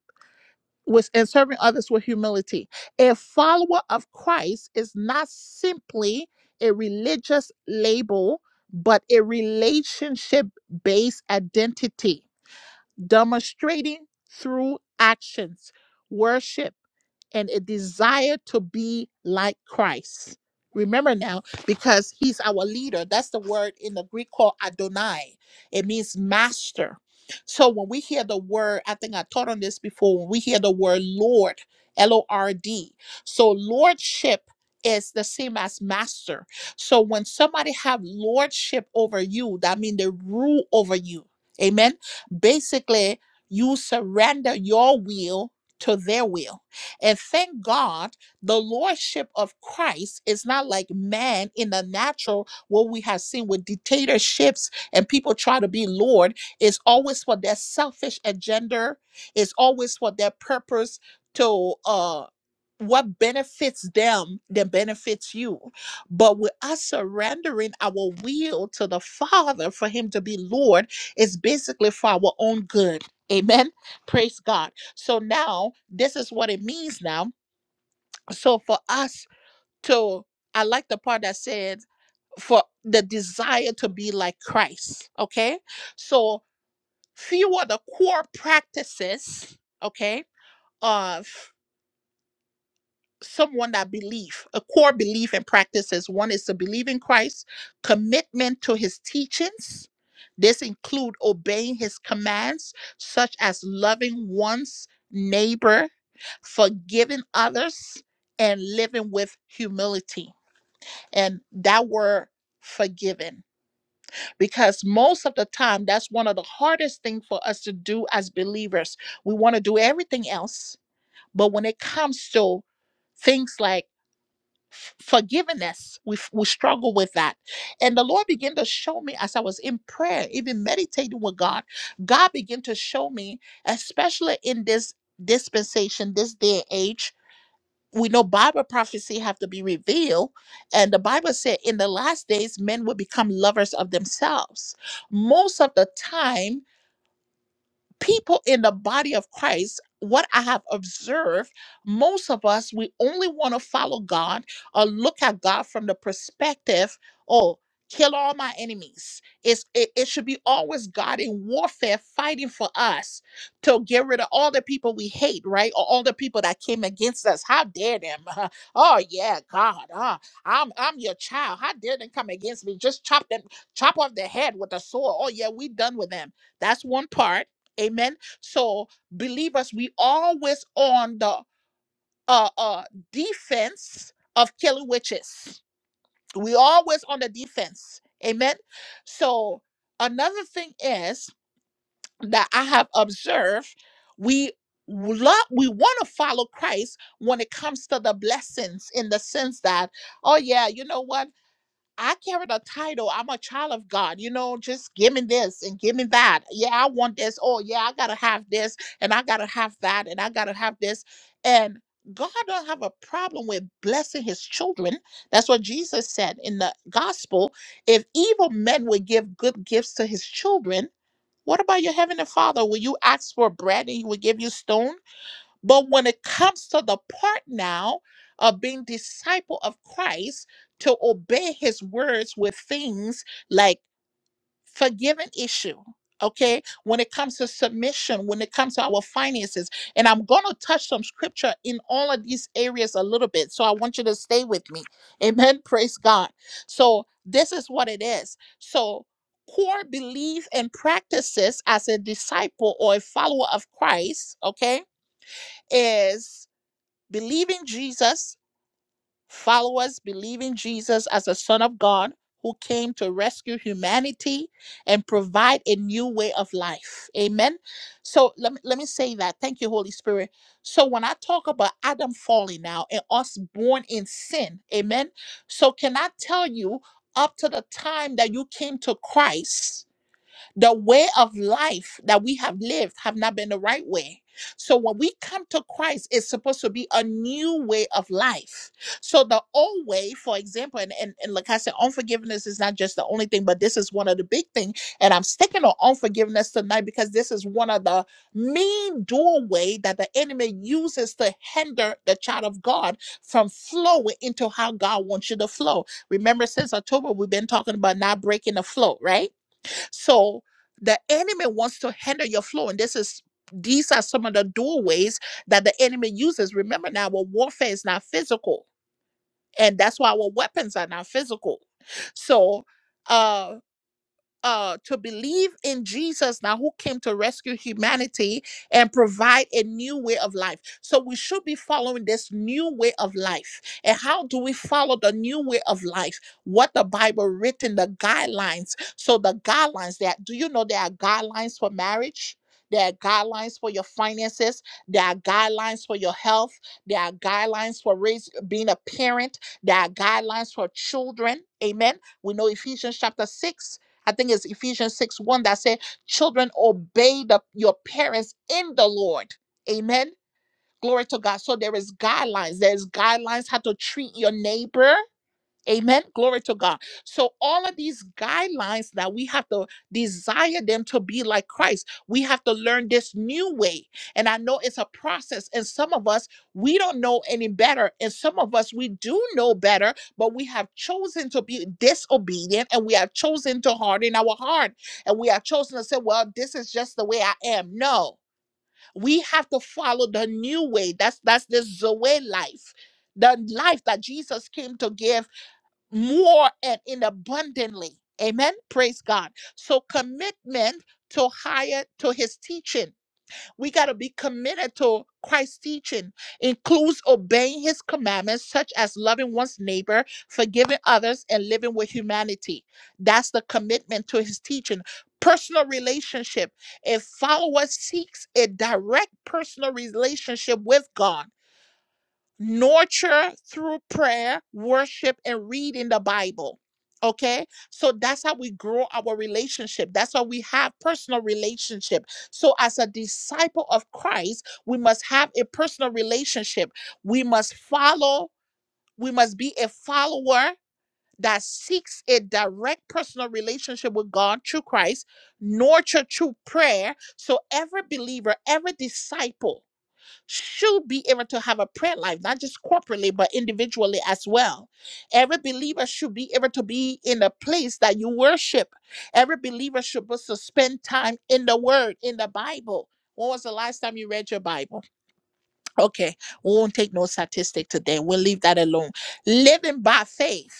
with and serving others with humility. A follower of Christ is not simply a religious label, but a relationship based identity, demonstrating through actions, worship and a desire to be like Christ. Remember now, because he's our leader. That's the word in the Greek called Adonai. It means master. So when we hear the word, I think I taught on this before, when we hear the word Lord, L O R D. So lordship is the same as master. So when somebody have lordship over you, that means they rule over you. Amen. Basically, you surrender your will to their will and thank God the lordship of Christ is not like man in the natural, what we have seen with dictatorships and people try to be Lord. It's always for their selfish agenda, it's always for their purpose to uh what benefits them then benefits you. But with us surrendering our will to the Father for Him to be Lord is basically for our own good. Amen. Praise God. So now this is what it means now. So for us to, I like the part that said for the desire to be like Christ. Okay. So few are the core practices, okay, of someone that believe a core belief and practices. One is to believe in Christ, commitment to his teachings. This include obeying his commands, such as loving one's neighbor, forgiving others, and living with humility. And that word forgiven because most of the time that's one of the hardest thing for us to do as believers we want to do everything else but when it comes to things like F- forgiveness we, f- we struggle with that and the lord began to show me as i was in prayer even meditating with god god began to show me especially in this dispensation this day and age we know bible prophecy have to be revealed and the bible said in the last days men will become lovers of themselves most of the time people in the body of Christ, what I have observed, most of us, we only want to follow God or look at God from the perspective, oh, kill all my enemies. It's, it, it should be always God in warfare fighting for us to get rid of all the people we hate, right? Or all the people that came against us. How dare them? oh, yeah, God. Uh, I'm, I'm your child. How dare them come against me? Just chop them, chop off their head with a sword. Oh, yeah, we done with them. That's one part Amen. So believers, we always on the uh uh defense of killing witches. We always on the defense. Amen. So another thing is that I have observed we love we want to follow Christ when it comes to the blessings in the sense that oh yeah you know what I carried a title. I'm a child of God. You know, just give me this and give me that. Yeah, I want this. Oh, yeah, I gotta have this and I gotta have that and I gotta have this. And God don't have a problem with blessing His children. That's what Jesus said in the gospel. If evil men would give good gifts to His children, what about your heavenly Father? Will you ask for bread and He will give you stone? But when it comes to the part now of being disciple of Christ to obey his words with things like forgiving issue, okay? When it comes to submission, when it comes to our finances, and I'm going to touch some scripture in all of these areas a little bit. So I want you to stay with me. Amen. Praise God. So this is what it is. So core belief and practices as a disciple or a follower of Christ, okay? is believe in Jesus, followers believe in Jesus as the Son of God who came to rescue humanity and provide a new way of life. Amen. So let me, let me say that. Thank you, Holy Spirit. So when I talk about Adam falling now and us born in sin, amen. So can I tell you, up to the time that you came to Christ, the way of life that we have lived have not been the right way so when we come to christ it's supposed to be a new way of life so the old way for example and, and, and like i said unforgiveness is not just the only thing but this is one of the big things. and i'm sticking on unforgiveness tonight because this is one of the main doorway that the enemy uses to hinder the child of god from flowing into how god wants you to flow remember since october we've been talking about not breaking the flow right so the enemy wants to hinder your flow, and this is these are some of the doorways that the enemy uses. Remember now, our warfare is not physical, and that's why our weapons are not physical. So, uh, uh to believe in Jesus now who came to rescue humanity and provide a new way of life. So we should be following this new way of life. And how do we follow the new way of life? What the Bible written the guidelines. So the guidelines that do you know there are guidelines for marriage? There are guidelines for your finances. There are guidelines for your health. There are guidelines for raise, being a parent. There are guidelines for children. Amen. We know Ephesians chapter 6 I think it's Ephesians 6 1 that said, Children, obey the, your parents in the Lord. Amen. Glory to God. So there is guidelines. There's guidelines how to treat your neighbor. Amen. Glory to God. So, all of these guidelines that we have to desire them to be like Christ, we have to learn this new way. And I know it's a process, and some of us, we don't know any better. And some of us, we do know better, but we have chosen to be disobedient and we have chosen to harden our heart. And we have chosen to say, well, this is just the way I am. No, we have to follow the new way. That's, that's this Zoe life the life that Jesus came to give more and in abundantly. Amen. Praise God. So commitment to higher to his teaching. We got to be committed to Christ's teaching includes obeying his commandments such as loving one's neighbor, forgiving others and living with humanity. That's the commitment to his teaching. Personal relationship. A follower seeks a direct personal relationship with God nurture through prayer, worship, and reading the Bible. Okay, so that's how we grow our relationship. That's how we have personal relationship. So, as a disciple of Christ, we must have a personal relationship. We must follow. We must be a follower that seeks a direct personal relationship with God through Christ, nurture through prayer. So, every believer, every disciple should be able to have a prayer life, not just corporately, but individually as well. Every believer should be able to be in a place that you worship. Every believer should be to spend time in the Word, in the Bible. When was the last time you read your Bible? Okay, we won't take no statistic today. We'll leave that alone. Living by faith.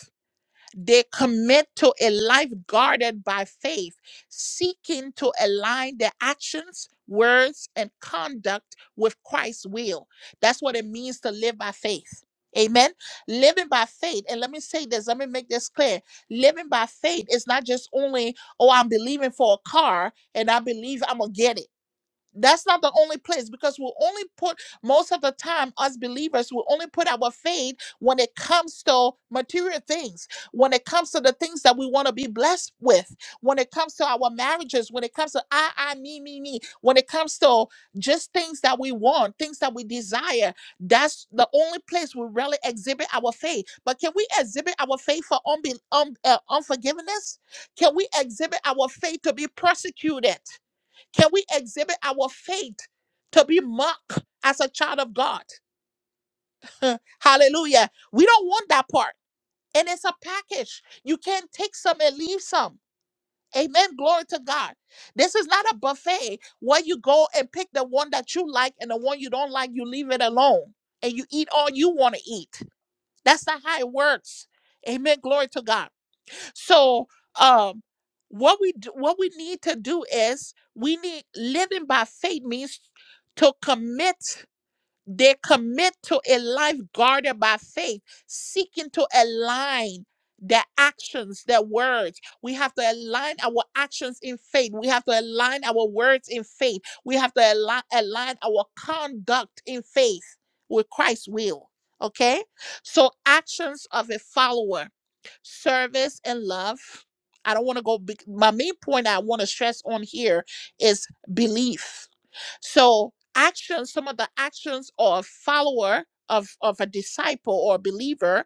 They commit to a life guarded by faith, seeking to align their actions, words, and conduct with Christ's will. That's what it means to live by faith. Amen. Living by faith, and let me say this, let me make this clear. Living by faith is not just only, oh, I'm believing for a car and I believe I'm going to get it. That's not the only place because we only put most of the time us believers we only put our faith when it comes to material things, when it comes to the things that we want to be blessed with, when it comes to our marriages, when it comes to I, I, me, me, me, when it comes to just things that we want, things that we desire. That's the only place we really exhibit our faith. But can we exhibit our faith for unbe- un- uh, unforgiveness? Can we exhibit our faith to be persecuted? Can we exhibit our faith to be mocked as a child of God? Hallelujah. We don't want that part. And it's a package. You can't take some and leave some. Amen. Glory to God. This is not a buffet where you go and pick the one that you like and the one you don't like, you leave it alone and you eat all you want to eat. That's not how it works. Amen. Glory to God. So um what we do, what we need to do is we need living by faith means to commit they commit to a life guarded by faith, seeking to align their actions, their words. We have to align our actions in faith. We have to align our words in faith. We have to align, align our conduct in faith with Christ's will. Okay? So, actions of a follower, service and love. I don't want to go, big- my main point I want to stress on here is belief so actions, some of the actions or follower of, of a disciple or believer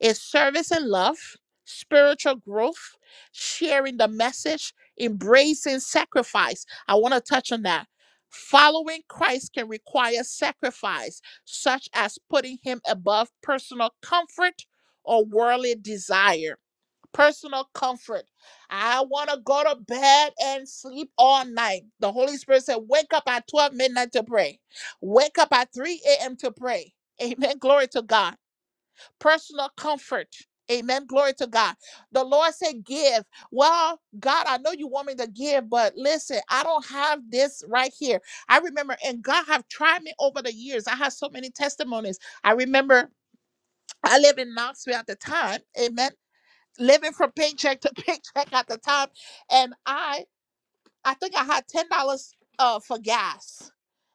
is service and love, spiritual growth, sharing the message, embracing sacrifice. I want to touch on that. Following Christ can require sacrifice, such as putting him above personal comfort or worldly desire personal comfort. I want to go to bed and sleep all night. The Holy Spirit said, Wake up at 12 midnight to pray. Wake up at 3 a.m. to pray. Amen. Glory to God. Personal comfort. Amen. Glory to God. The Lord said, Give. Well, God, I know you want me to give, but listen, I don't have this right here. I remember, and God have tried me over the years. I have so many testimonies. I remember I lived in Knoxville at the time. Amen living from paycheck to paycheck at the time, and I I think I had ten dollars uh for gas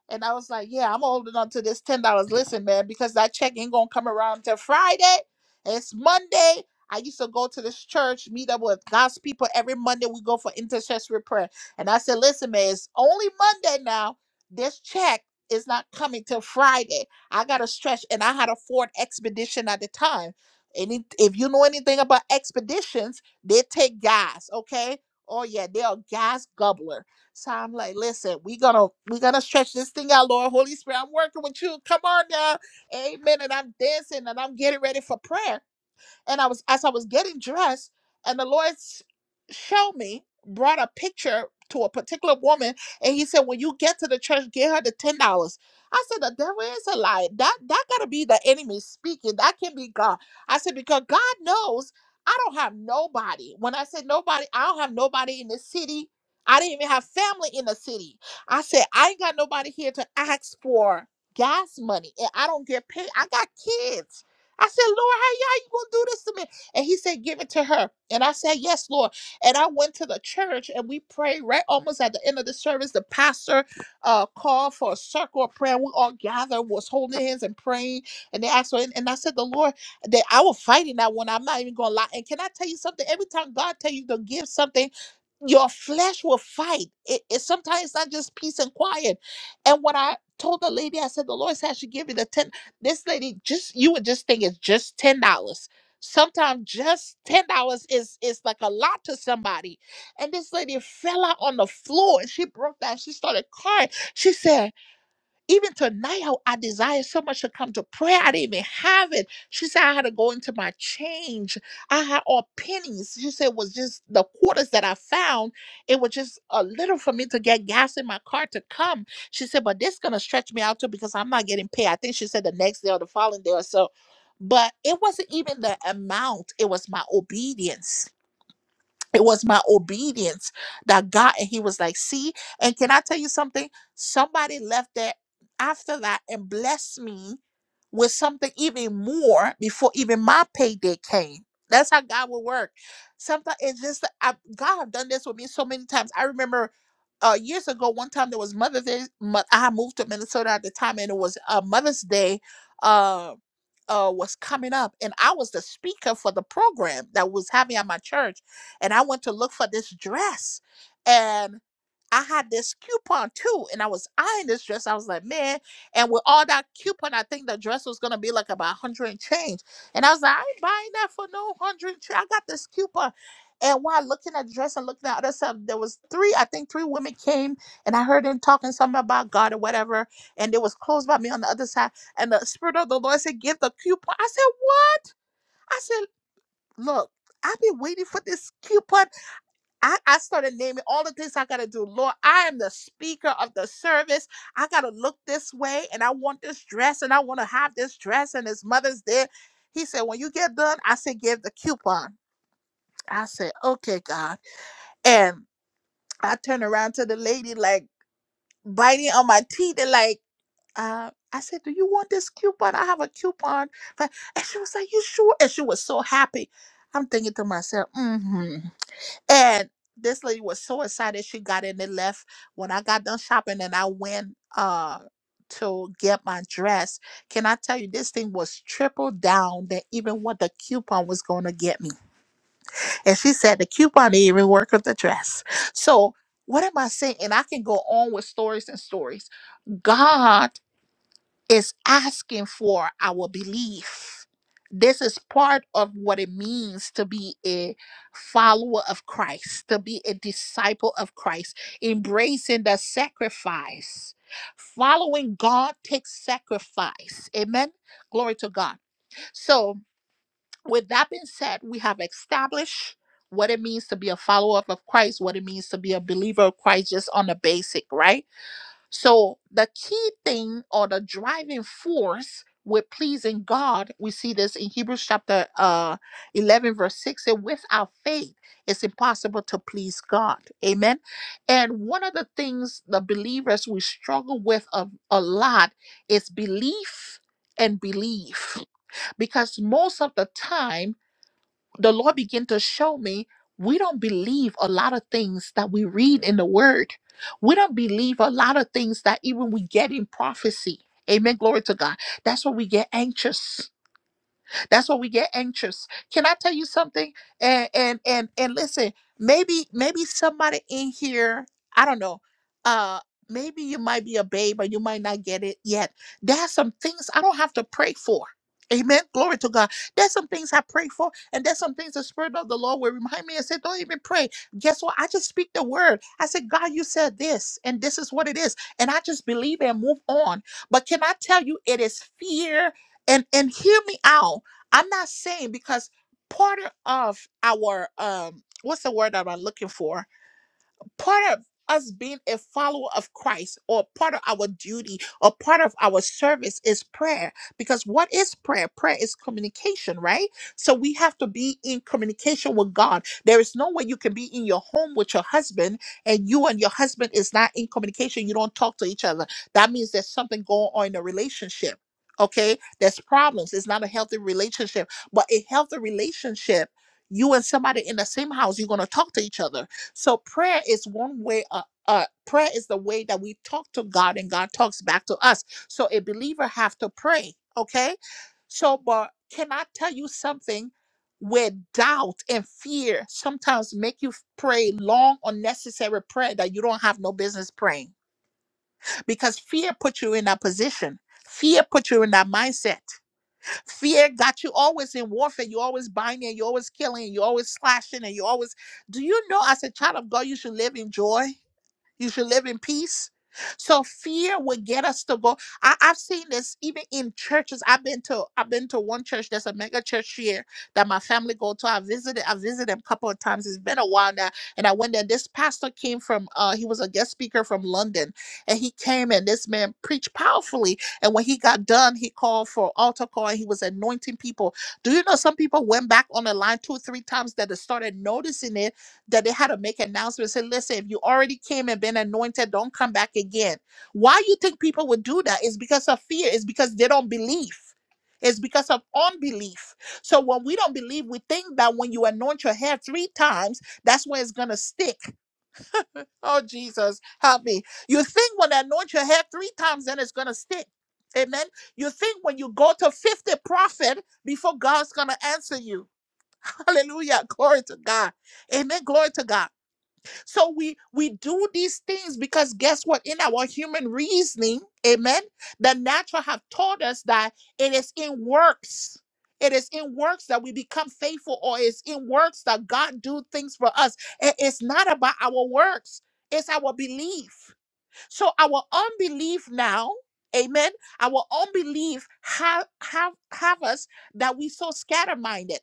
and I was like, yeah, I'm holding on to this ten dollars. Listen, man, because that check ain't gonna come around till Friday. It's Monday. I used to go to this church, meet up with God's people every Monday. We go for intercessory prayer. And I said, listen, man, it's only Monday now. This check is not coming till Friday. I gotta stretch. And I had a Ford Expedition at the time. And it- if you know anything about expeditions, they take gas, okay? Oh yeah, they are gas gobblers. So I'm like, listen, we gonna we gonna stretch this thing out, Lord. Holy Spirit, I'm working with you. Come on now. Amen. And I'm dancing and I'm getting ready for prayer. And I was as I was getting dressed, and the Lord s- showed me, brought a picture to a particular woman, and he said, When you get to the church, get her the ten dollars. I said, The devil is a lie. That that gotta be the enemy speaking. That can be God. I said, because God knows I don't have nobody. When I said nobody, I don't have nobody in the city. I didn't even have family in the city. I said, I ain't got nobody here to ask for gas money and I don't get paid. I got kids. I said, Lord, how y'all you gonna do this to me? And he said, Give it to her. And I said, Yes, Lord. And I went to the church and we prayed right almost at the end of the service. The pastor uh called for a circle of prayer. We all gathered, was holding hands and praying. And they asked for it. And I said, The Lord, that I was fighting that one. I'm not even gonna lie. And can I tell you something? Every time God tell you to give something, your flesh will fight. It, it sometimes it's not just peace and quiet. And when I told the lady, I said, the Lord said I should give you the $10. This lady just you would just think it's just ten dollars. Sometimes just ten dollars is is like a lot to somebody. And this lady fell out on the floor and she broke down. She started crying. She said, even tonight, how I desire so much to come to prayer. I didn't even have it. She said I had to go into my change. I had all pennies. She said it was just the quarters that I found. It was just a little for me to get gas in my car to come. She said, but this gonna stretch me out too because I'm not getting paid. I think she said the next day or the following day or so. But it wasn't even the amount, it was my obedience it was my obedience that got and he was like see and can i tell you something somebody left there after that and blessed me with something even more before even my payday came that's how god will work sometimes it's just I, god have done this with me so many times i remember uh, years ago one time there was mother's day Mo- i had moved to minnesota at the time and it was uh, mother's day uh, uh, was coming up and i was the speaker for the program that was having at my church and I went to look for this dress. And I had this coupon too, and I was eyeing this dress. I was like, man, and with all that coupon, I think the dress was gonna be like about 100 and change. And I was like, I ain't buying that for no 100 and change. I got this coupon. And while looking at dress and looking at other stuff, there was three, I think three women came and I heard them talking something about God or whatever. And they was close by me on the other side. And the spirit of the Lord said, give the coupon. I said, what? I said, look, I've been waiting for this coupon I, I started naming all the things I got to do. Lord, I am the speaker of the service. I got to look this way and I want this dress and I want to have this dress and his mother's there. He said, When you get done, I said, Give the coupon. I said, Okay, God. And I turned around to the lady, like biting on my teeth and like, uh, I said, Do you want this coupon? I have a coupon. But, and she was like, You sure? And she was so happy. I'm thinking to myself, mm hmm. And this lady was so excited she got in and left. When I got done shopping and I went uh to get my dress, can I tell you this thing was triple down than even what the coupon was gonna get me. And she said the coupon didn't even work with the dress. So what am I saying? And I can go on with stories and stories. God is asking for our belief. This is part of what it means to be a follower of Christ, to be a disciple of Christ, embracing the sacrifice. Following God takes sacrifice. Amen. Glory to God. So, with that being said, we have established what it means to be a follower of Christ, what it means to be a believer of Christ, just on the basic, right? So the key thing or the driving force with pleasing God, we see this in Hebrews chapter uh, 11, verse 6. And without faith, it's impossible to please God. Amen. And one of the things the believers we struggle with a, a lot is belief and belief. Because most of the time, the Lord began to show me we don't believe a lot of things that we read in the word. We don't believe a lot of things that even we get in prophecy. Amen. Glory to God. That's why we get anxious. That's why we get anxious. Can I tell you something? And and and and listen, maybe maybe somebody in here, I don't know, uh maybe you might be a babe or you might not get it yet. There are some things I don't have to pray for. Amen. Glory to God. There's some things I pray for, and there's some things the Spirit of the Lord will remind me and say, Don't even pray. Guess what? I just speak the word. I said, God, you said this, and this is what it is. And I just believe and move on. But can I tell you, it is fear and and hear me out I'm not saying because part of our um what's the word that I'm looking for? part of us being a follower of Christ or part of our duty or part of our service is prayer. Because what is prayer? Prayer is communication, right? So we have to be in communication with God. There is no way you can be in your home with your husband and you and your husband is not in communication. You don't talk to each other. That means there's something going on in the relationship. Okay, there's problems. It's not a healthy relationship, but a healthy relationship, you and somebody in the same house, you're going to talk to each other so prayer is one way. Uh, uh, prayer is the way that we talk to God, and God talks back to us. So a believer have to pray. Okay. So, but can I tell you something? Where doubt and fear sometimes make you f- pray long, unnecessary prayer that you don't have no business praying, because fear put you in that position. Fear put you in that mindset. Fear got you always in warfare. You're always binding, and you're always killing, and you're always slashing, and you're always. Do you know, as a child of God, you should live in joy? You should live in peace. So fear would get us to go. I, I've seen this even in churches. I've been to I've been to one church. There's a mega church here that my family go to. I visited I visited them a couple of times. It's been a while now, and I went there. This pastor came from uh he was a guest speaker from London, and he came and this man preached powerfully. And when he got done, he called for altar call and he was anointing people. Do you know some people went back on the line two or three times that they started noticing it? that they had to make announcements say listen if you already came and been anointed don't come back again why you think people would do that it's because of fear it's because they don't believe it's because of unbelief so when we don't believe we think that when you anoint your hair three times that's when it's gonna stick oh jesus help me you think when I anoint your hair three times then it's gonna stick amen you think when you go to 50 prophet before god's gonna answer you hallelujah glory to god amen glory to god so we we do these things because guess what? In our human reasoning, amen, the natural have taught us that it is in works. It is in works that we become faithful, or it's in works that God do things for us. I- It's not about our works, it's our belief. So our unbelief now, amen, our unbelief have have have us that we so scatter minded.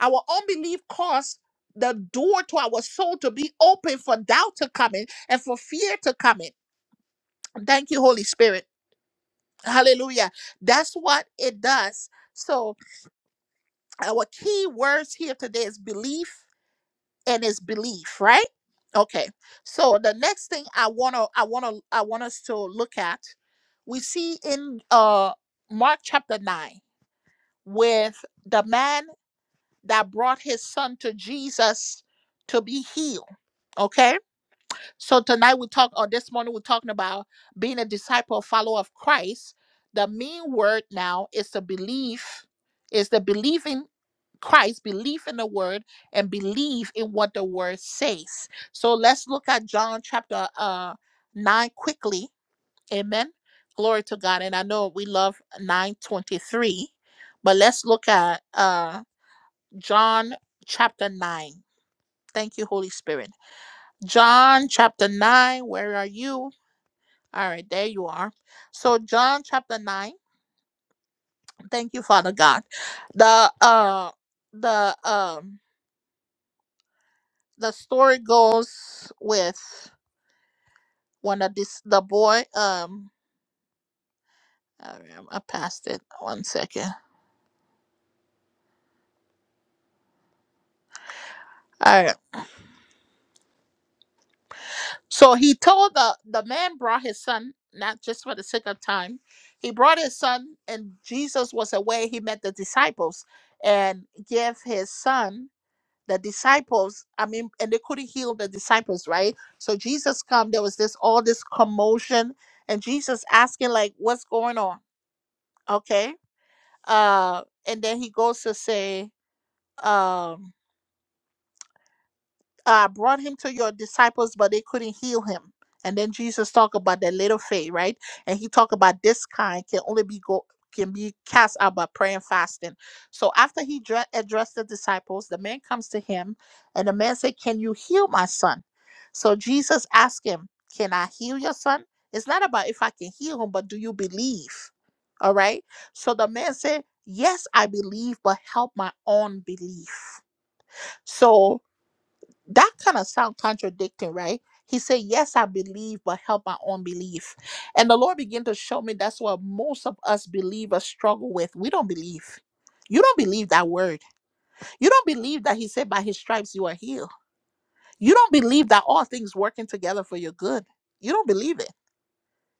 Our unbelief caused the door to our soul to be open for doubt to come in and for fear to come in. Thank you, Holy Spirit. Hallelujah. That's what it does. So, our key words here today is belief and is belief, right? Okay. So, the next thing I want to I want to I want us to look at we see in uh Mark chapter 9 with the man that brought his son to Jesus to be healed Okay. So tonight we talk, or this morning we're talking about being a disciple, follower of Christ. The main word now is the belief, is the belief in Christ, belief in the word, and believe in what the word says. So let's look at John chapter uh nine quickly. Amen. Glory to God. And I know we love 923, but let's look at uh John chapter 9. Thank you, Holy Spirit. John chapter 9, where are you? All right, there you are. So John chapter 9, thank you Father God. The uh the um the story goes with one of this the boy um all right, I passed it. One second. All right. So he told the the man brought his son not just for the sake of time. He brought his son and Jesus was away. He met the disciples and gave his son the disciples i mean and they couldn't heal the disciples right so jesus come there was this all this commotion and jesus asking like what's going on okay uh and then he goes to say um uh, brought him to your disciples, but they couldn't heal him. And then Jesus talked about that little faith, right? And he talked about this kind can only be go can be cast out by prayer and fasting. So after he dre- addressed the disciples, the man comes to him, and the man said, "Can you heal my son?" So Jesus asked him, "Can I heal your son?" It's not about if I can heal him, but do you believe? All right. So the man said, "Yes, I believe, but help my own belief." So that kind of sound contradicting, right? He said, Yes, I believe, but help my own belief. And the Lord began to show me that's what most of us believers struggle with. We don't believe. You don't believe that word. You don't believe that He said, By His stripes you are healed. You don't believe that all things working together for your good. You don't believe it.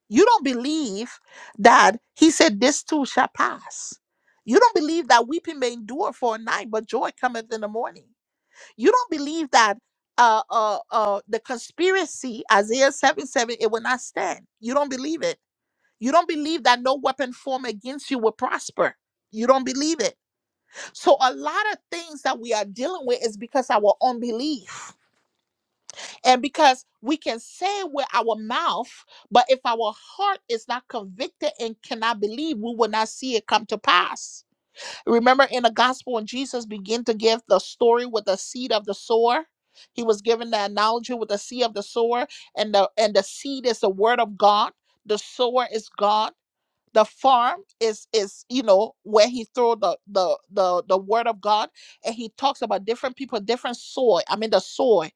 You don't believe that He said, This too shall pass. You don't believe that weeping may endure for a night, but joy cometh in the morning. You don't believe that uh, uh, uh, the conspiracy, Isaiah 7 7, it will not stand. You don't believe it. You don't believe that no weapon formed against you will prosper. You don't believe it. So, a lot of things that we are dealing with is because our unbelief. And because we can say with our mouth, but if our heart is not convicted and cannot believe, we will not see it come to pass Remember in the gospel when Jesus began to give the story with the seed of the sower? He was given the analogy with the seed of the sower, and the and the seed is the word of God. The sower is God the farm is is you know where he throw the the the the word of god and he talks about different people different soil i mean the soil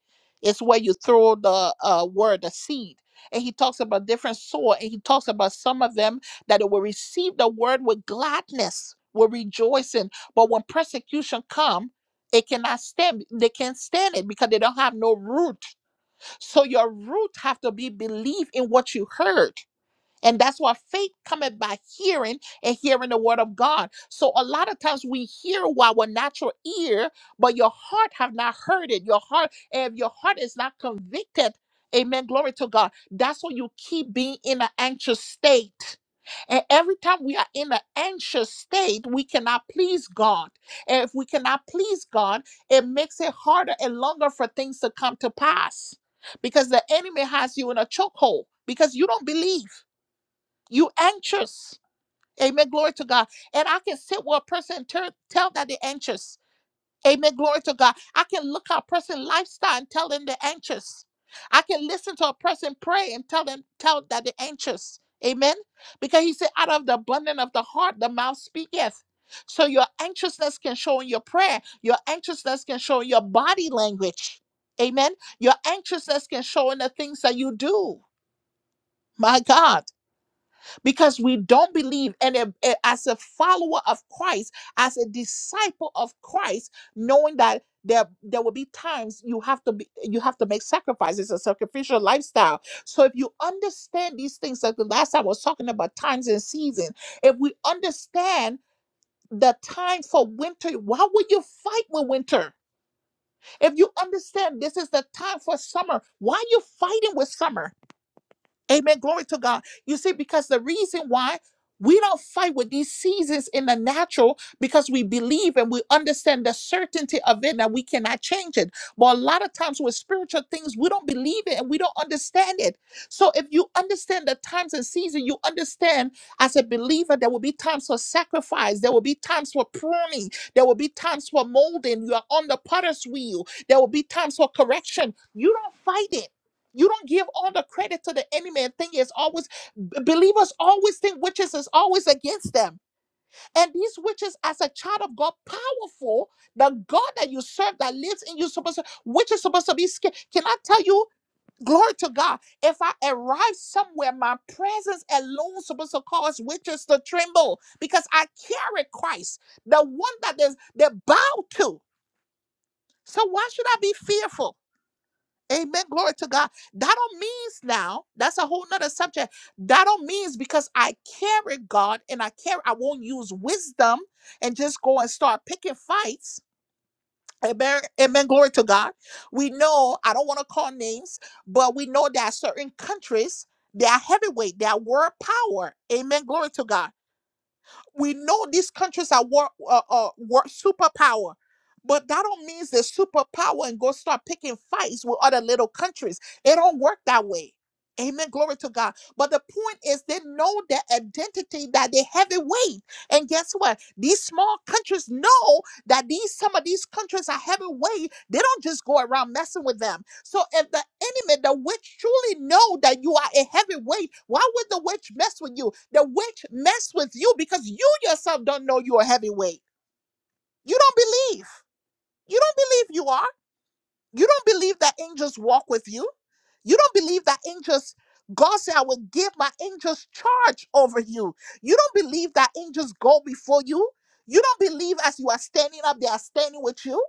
is where you throw the uh word the seed and he talks about different soil and he talks about some of them that they will receive the word with gladness with rejoicing but when persecution come it cannot stand they can't stand it because they don't have no root so your root have to be belief in what you heard and that's why faith cometh by hearing and hearing the word of God. So a lot of times we hear with our natural ear, but your heart have not heard it. Your heart, and if your heart is not convicted, amen. Glory to God. That's why you keep being in an anxious state. And every time we are in an anxious state, we cannot please God. And if we cannot please God, it makes it harder and longer for things to come to pass because the enemy has you in a chokehold because you don't believe. You anxious. Amen. Glory to God. And I can sit with a person and tell tell that they're anxious. Amen. Glory to God. I can look at a person's lifestyle and tell them they're anxious. I can listen to a person pray and tell them tell that they're anxious. Amen. Because he said, out of the abundance of the heart, the mouth speaketh. So your anxiousness can show in your prayer. Your anxiousness can show in your body language. Amen. Your anxiousness can show in the things that you do. My God because we don't believe. And a- a- as a follower of Christ, as a disciple of Christ, knowing that there there will be times you have to be you have to make sacrifices, a sacrificial lifestyle. So if you understand these things, like the last time I was talking about times and seasons, if we understand the time for winter, why would you fight with winter? If you understand this is the time for summer, why are you fighting with summer? Amen. Glory to God. You see, because the reason why we don't fight with these seasons in the natural because we believe and we understand the certainty of it and we cannot change it. But a lot of times with spiritual things, we don't believe it and we don't understand it. So if you understand the times and season, you understand as a believer, there will be times for sacrifice, there will be times for pruning, there will be times for molding. You are on the potter's wheel, there will be times for correction. You don't fight it you don't give all the credit to the enemy and think it's always b- believers always think witches is always against them. And these witches, as a child of God, powerful, the God that you serve that lives in you, supposed to, which supposed to be scared. Can I tell you? Glory to God. If I arrive somewhere, my presence alone supposed to cause witches to tremble because I carry Christ, the one that they, they bow to. So why should I be fearful? Amen. Glory to God. That don't means now, that's a whole nother subject. That don't means because I carry God and I carry, I won't use wisdom and just go and start picking fights. Amen. Amen. Glory to God. We know, I don't want to call names, but we know that certain countries, they are heavyweight, they are world power. Amen. Glory to God we know these countries are war, uh, uh, war superpower but that don't mean they're superpower and go start picking fights with other little countries it don't work that way amen glory to god but the point is they know their identity that they have a weight and guess what these small countries know that these some of these countries are having way they don't just go around messing with them so if the enemy the witch truly know that you are a heavyweight why would the witch mess with you the witch mess with you because you yourself don't know you're a heavyweight you don't believe you don't believe you are you don't believe that angels walk with you you don't believe that angels God said, I will give my angels charge over you. You don't believe that angels go before you. You don't believe as you are standing up, they are standing with you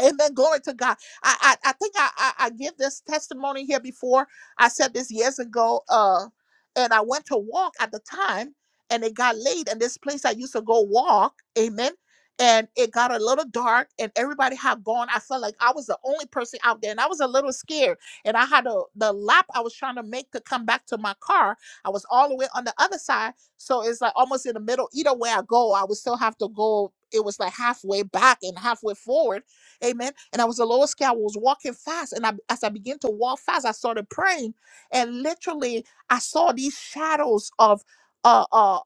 Amen. Glory to God. I I, I think I, I I give this testimony here before. I said this years ago. Uh, and I went to walk at the time, and it got late. And this place I used to go walk, amen. And it got a little dark, and everybody had gone. I felt like I was the only person out there, and I was a little scared. And I had a the lap I was trying to make to come back to my car. I was all the way on the other side, so it's like almost in the middle. Either way I go, I would still have to go. It was like halfway back and halfway forward Amen. And I was the lowest guy. I was walking fast. And I, as I began to walk fast, I started praying. And literally, I saw these shadows of, uh, uh,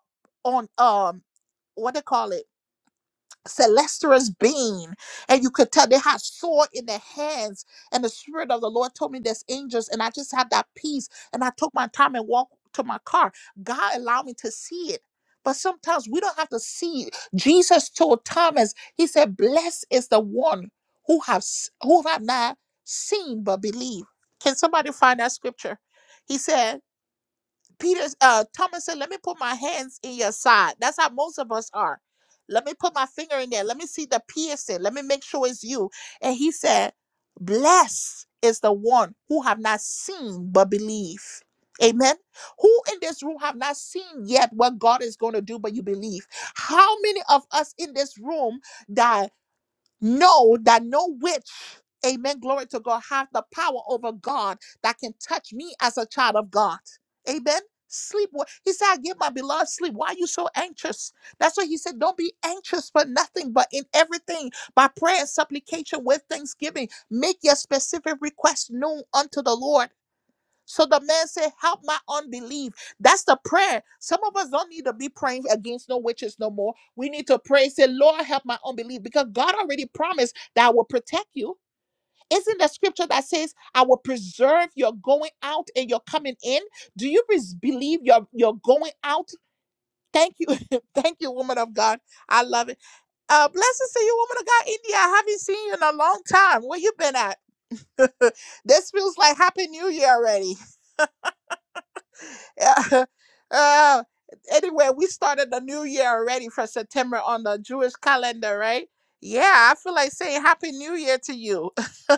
on, um, what they call it? Celestia's being, and you could tell they had sword in their hands. And the spirit of the Lord told me there's angels, and I just had that peace. And I took my time and walked to my car. God allowed me to see it. But sometimes we don't have to see it. Jesus told Thomas, He said, "Blessed is the one who have s- who have not seen but believe." Can somebody find that scripture? He said, Peter, uh, Thomas said, "Let me put my hands in your side." That's how most of us are. Let me put my finger in there. Let me see the piercing. Let me make sure it's you. And he said, "Blessed is the one who have not seen but believe." Amen. Who in this room have not seen yet what God is going to do, but you believe? How many of us in this room that? know that no witch, amen, glory to God, have the power over God that can touch me as a child of God. Amen. Sleep. well. He said, I give my beloved sleep. Why are you so anxious? That's why he said, Don't be anxious for nothing, but in everything, by prayer and supplication with thanksgiving, make your specific request known unto the Lord. So the man said, Help my unbelief. That's the prayer. Some of us don't need to be praying against no witches no more. We need to pray, say, Lord, help my unbelief, because God already promised that I will protect you. Isn't the scripture that says, I will preserve your going out and your coming in? Do you res- believe your, your going out? Thank you. Thank you, woman of God. I love it. Uh, blessings to you, woman of God, India. I haven't seen you in a long time. Where you been at? this feels like Happy New Year already. uh, anyway, we started the new year already for September on the Jewish calendar, right? Yeah, I feel like saying Happy New Year to you.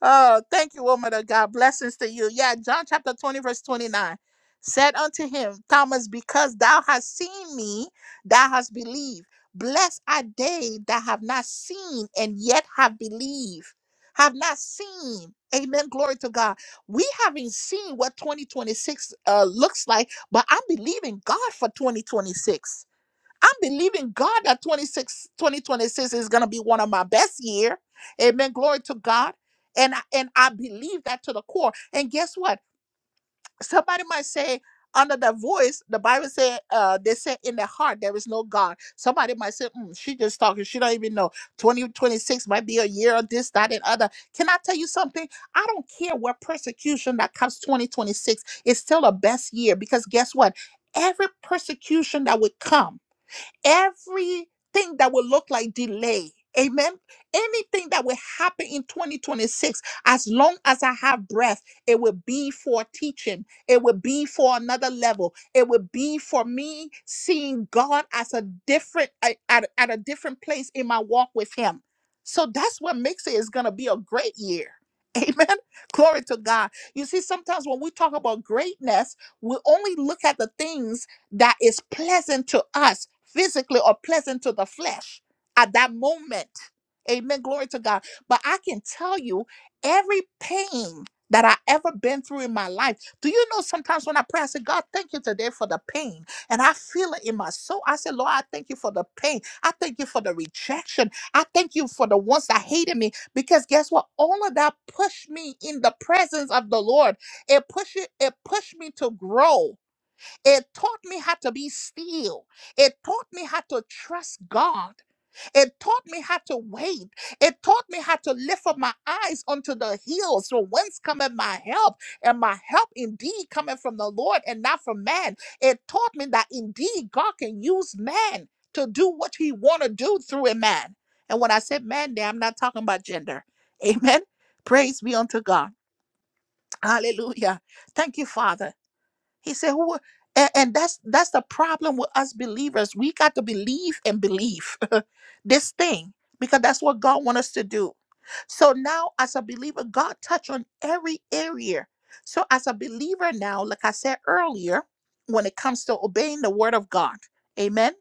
Oh, thank you, woman of God. Blessings to you. Yeah, John chapter 20, verse 29 said unto him, Thomas, because thou hast seen me, thou hast believed. Blessed are they that have not seen and yet have believed. Have not seen. Amen. Glory to God. We haven't seen what 2026 uh, looks like, but I'm believing God for 2026. I'm believing God that 26, 2026 is going to be one of my best year. Amen. Glory to God. And I, and I believe that to the core. And guess what? Somebody might say under the voice, the Bible said, uh, they said in their heart, there is no God. Somebody might say, "Mm, she just talking. She don't even know. 2026 might be a year of this, that, and other. Can I tell you something? I don't care what persecution that comes 2026. It's still a best year because guess what? Every persecution that would come, everything that will look like delay. Amen. Anything that will happen in 2026, as long as I have breath, it will be for teaching. It will be for another level. It will be for me seeing God as a different at, at at a different place in my walk with Him. So that's what makes it is gonna be a great year. Amen. Glory to God. You see, sometimes when we talk about greatness, we only look at the things that is pleasant to us physically or pleasant to the flesh at that moment. Amen. Glory to God. But I can tell you every pain that I ever been through in my life. Do you know sometimes when I pray, I say, God, thank you today for the pain. And I feel it in my soul. I say, Lord, I thank you for the pain. I thank you for the rejection. I thank you for the ones that hated me. Because guess what? All of that pushed me in the presence of the Lord. It pushed it, it pushed me to grow. It taught me how to be still. It taught me how to trust God. It taught me how to wait. It taught me how to lift up my eyes unto the hills. So whence cometh my help? And my help indeed cometh from the Lord and not from man. It taught me that indeed God can use man to do what he want to do through a man. And when I said man there, I'm not talking about gender. Amen. Praise be unto God. Hallelujah. Thank you, Father. He said, "Who?" a- And, and that's that's the problem with us believers. We got to believe and believe this thing because that's what God wants us to do. So now, as a believer, God touched on every area. So as a believer now, like I said earlier, when it comes to obeying the word of God, Amen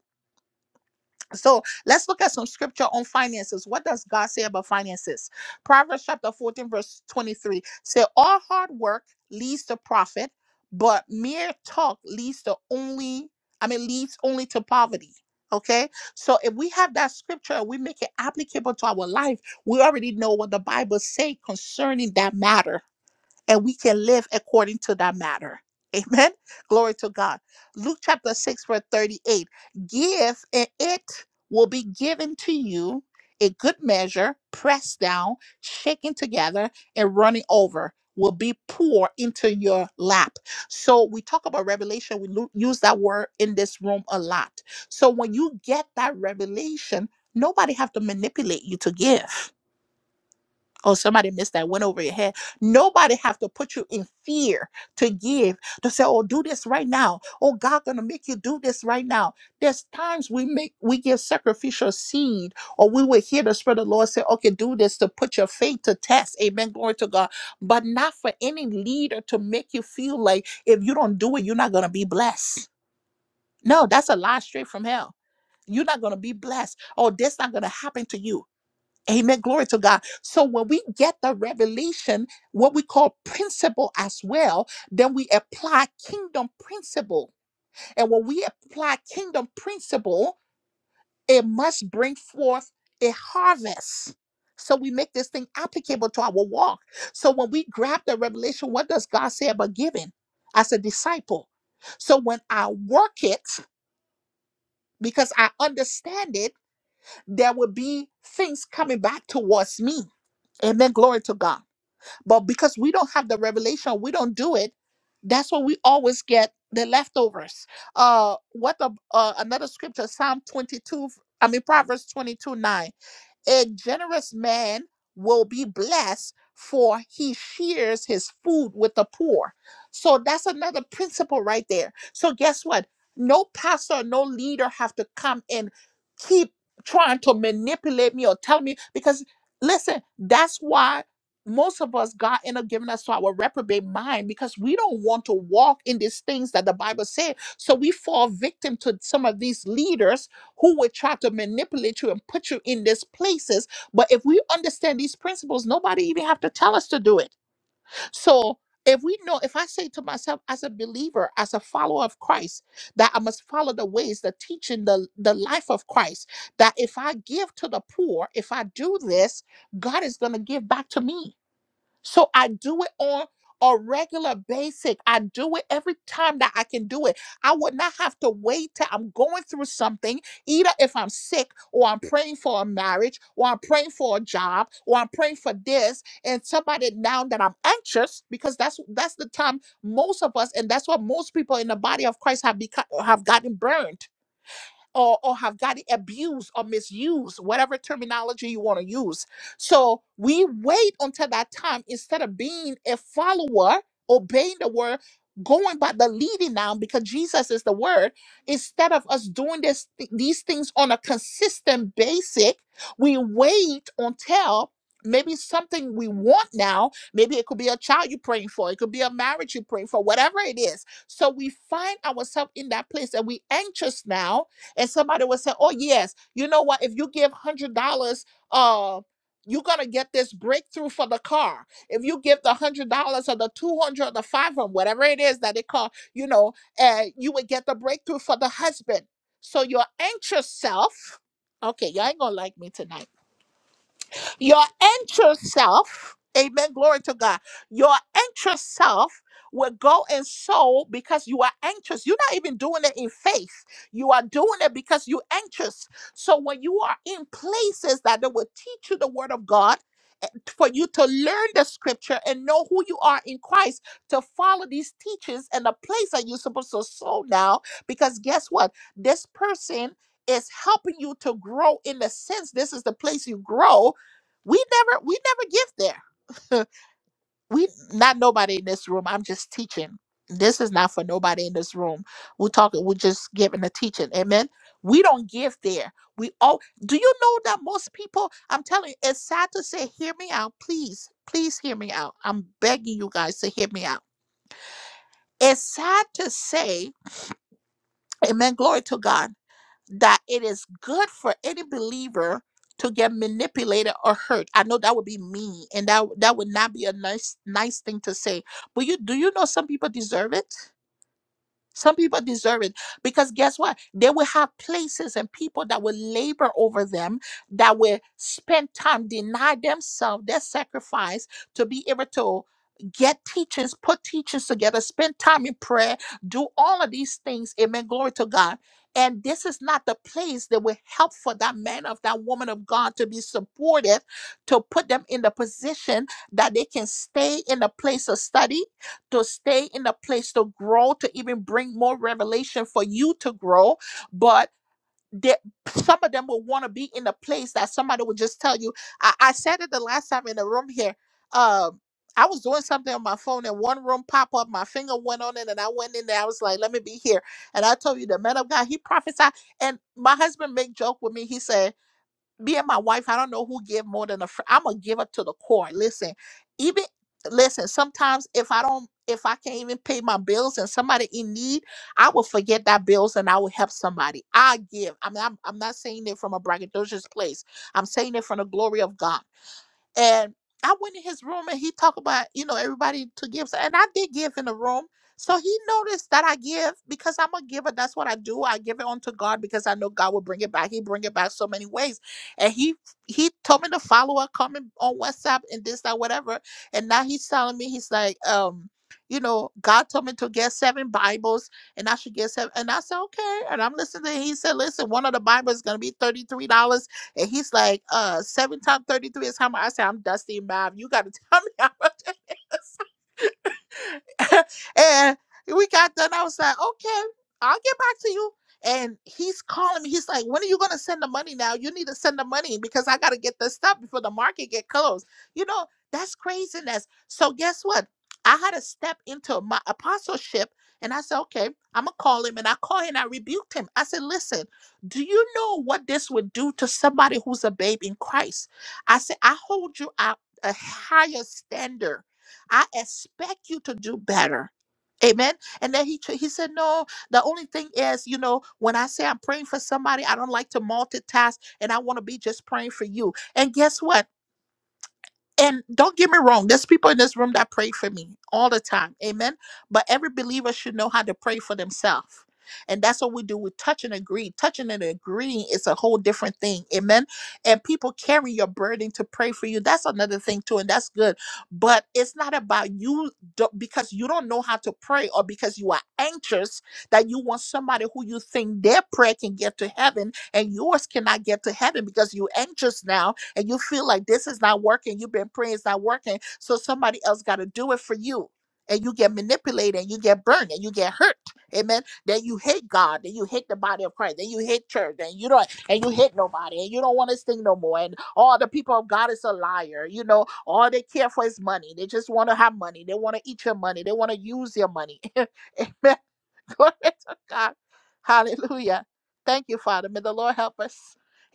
so let's look at some scripture on finances. What does God say about finances? Proverbs chapter 14, verse 23 say, All hard work leads to profit, but mere talk leads to only, I mean, leads only to poverty. Okay, so if we have that scripture and we make it applicable to our life, we already know what the Bible say concerning that matter and we can live according to that matter. Amen. Glory to God. Luke chapter 6, verse 38. Give, and it will be given to you a good measure, pressed down, shaken together, and running over will be poured into your lap. So we talk about revelation. We lo- use that word in this room a lot. So when you get that revelation, nobody have to manipulate you to give. Oh, somebody missed that, went over your head. Nobody have to put you in fear to give, to say, oh, do this right now. Oh, God gonna make you do this right now. There's times we make we give sacrificial seed, or we will hear the Spirit of the Lord say, okay, do this to put your faith to test. Amen. Glory to God. But not for any leader to make you feel like if you don't do it, you're not gonna be blessed. No, that's a lie straight from hell. You're not gonna be blessed. Oh, that's not gonna happen to you. Amen. Glory to God. So when we get the revelation, what we call principle as well, then we apply kingdom principle. And when we apply kingdom principle, it must bring forth a harvest. So we make this thing applicable to our walk. So when we grab the revelation, what does God say about giving as a disciple? So when I work it, because I understand it, there will be things coming back towards me. Amen. Glory to God. But because we don't have the revelation, we don't do it. That's what we always get the leftovers. Uh, what the, uh, another scripture, Psalm 22, I mean, Proverbs 22 9. A generous man will be blessed, for he shares his food with the poor. So that's another principle right there. So guess what? No pastor, no leader have to come and keep trying to manipulate me or tell me because listen, that's why most of us God end up giving us to our reprobate mind because we don't want to walk in these things that the Bible said. So we fall victim to some of these leaders who would try to manipulate you and put you in these places. But if we understand these principles, nobody even have to tell us to do it. So if we know, if I say to myself as a believer, as a follower of Christ, that I must follow the ways, the teaching, the, the life of Christ, that if I give to the poor, if I do this, God is going to give back to me so I do it on a regular basic. I do it every time that I can do it. I would not have to wait till I'm going through something, either if I'm sick or I'm praying for a marriage or I'm praying for a job or I'm praying for this and somebody now that I'm anxious because that's that's the time most of us and that's what most people in the body of Christ have become have gotten burned or, or have got it abused or misused, whatever terminology you want to use. So we wait until that time instead of being a follower, obeying the word, going by the leading now because Jesus is the word. Instead of us doing this these things on a consistent basic, we wait until maybe something we want now. Maybe it could be a child you're praying for, it could be a marriage you're praying for, whatever it is. So we find ourselves in that place and we anxious now and somebody would say, Oh, yes, you know what? If you give $100, uh, you're gonna get this breakthrough for the car. If you give the one hundred dollars or the two hundred dollars or the five hundred, dollars, whatever it is that they call, you know, uh, you would get the breakthrough for the husband. So your anxious self, okay, y'all ain't gonna like me tonight your entire self, amen, glory to God. Your entire self will go and sow because you are anxious. You're not even doing it in faith. You are doing it because you're anxious. So when you are in places that they will teach you the word of God, eh, for you to learn the scripture and know who you are in Christ, to follow these teachings and the place that you're supposed to sow now, because guess what? This person is helping you to grow in the sense this is the place you grow we never we never give there. we not nobody in this room. I'm just teaching. This is not for nobody in this room. We're talking, we're just giving a teaching. Amen. We don't give there. We all do you know that most people, I'm telling you, it's sad to say, hear me out, please. Please hear me out. I'm begging you guys to hear me out. It's sad to say, Amen. Glory to God that it is good for any believer to get manipulated or hurt. I know that would be mean, and that that would not be a nice nice thing to say. But you do you know some people deserve it? Some people deserve it because guess what? They will have places and people that will labor over them, that will spend time, deny themselves, their sacrifice to be able to get teachers, put teachers together, spend time in prayer, do all of these things. Amen. Glory to God. And this is not the place that will help for that man of that woman of God to be supported, to put them in the position that they can stay in a place of study to stay in the place to grow, to even bring more revelation for you to grow. But there, some of them will want to be in a place that somebody will just tell you. I, I said it the last time in the room here. Um, I was doing something on my phone and one room pop up, my finger went on it, and I went in there. I was like, let me be here. And I told you the man of God, he prophesied. And my husband made joke with me. He said, me and my wife, I don't know who give more than a friend. I'm a giver to the core. Listen, even listen, sometimes if I don't if I can't even pay my bills and somebody in need, I will forget that bills and I will help somebody. I give. I mean, I'm, I'm not saying it from a braggadocious place. I'm saying it from the glory of God. And I went in his room and he talked about, you know, everybody to give. so, And I did give in the room. So he noticed that I give because I'm a giver. That's what I do. I give it unto God because I know God will bring it back. He bring it back so many ways. And he he told me to follow up comment on WhatsApp and this, that, whatever. And now he's telling me, he's like, um, you know, God told me to get seven Bibles and I should get seven. And I said, okay. And I'm listening. He said, listen, one of the Bibles is gonna be $33. And he's like, uh, seven times 33 is how much I say I'm dusty and Bob. You gotta tell me how much. and we got done. I was like, okay, I'll get back to you. And he's calling me. He's like, when are you gonna send the money now? You need to send the money because I gotta get this stuff before the market get closed. You know, that's craziness. So guess what? I had to step into my apostleship and I said, okay, I'm gonna call him. And I call him and I rebuked him. I said, listen, do you know what this would do to somebody who's a babe in Christ? I said, I hold you out a higher standard I expect you to do better. Amen. And then he tr- he said, no. The only thing is, you know, when I say I'm praying for somebody, I don't like to multitask, and I want to be just praying for you. And guess what? And don't get me wrong, there's people in this room that pray for me all the time. Amen. But every believer should know how to pray for themselves. And that's what we do. We touch and agree. Touching and agreeing is a whole different thing. Amen. And people carry your burden to pray for you. That's another thing, too. And that's good. But it's not about you do- because you don't know how to pray or because you are anxious that you want somebody who you think their prayer can get to heaven and yours cannot get to heaven because you're anxious now and you feel like this is not working, you've been praying it's not working, so somebody else got to do it for you. And you get manipulated, and you get burned, and you get hurt. Amen. Then you hate God, then you hate the body of Christ, then you hate church, then you don't, and you hate nobody, and you don't want this thing no more. And all the people of God is a liar. You know, all they care for is money. They just want to have money. They want to eat your money. They want to use your money. Amen. Glory to God. Hallelujah. Thank you, Father. May the Lord help us.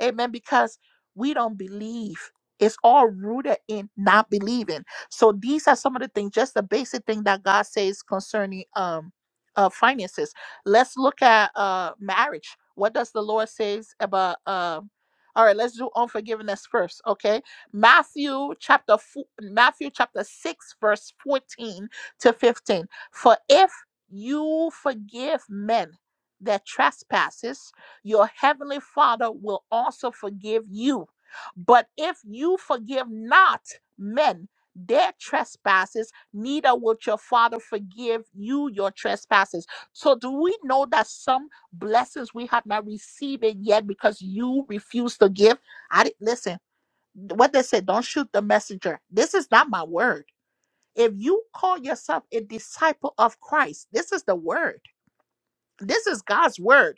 Amen. Because we don't believe. It's all rooted in not believing. So these are some of the things, just the basic thing that God says concerning um uh finances. Let's look at uh marriage. What does the Lord says about um all right, let's do unforgiveness first, okay? Matthew chapter four, Matthew chapter 6 verse 14 to 15. For if you forgive men their trespasses, your heavenly Father will also forgive you. But if you forgive not men their trespasses, neither will your Father forgive you your trespasses. So, do we know that some blessings we have not received it yet because you refuse to give? I didn't listen. What they said, don't shoot the messenger. This is not my word if you call yourself a disciple of Christ, this is the word. This is God's word.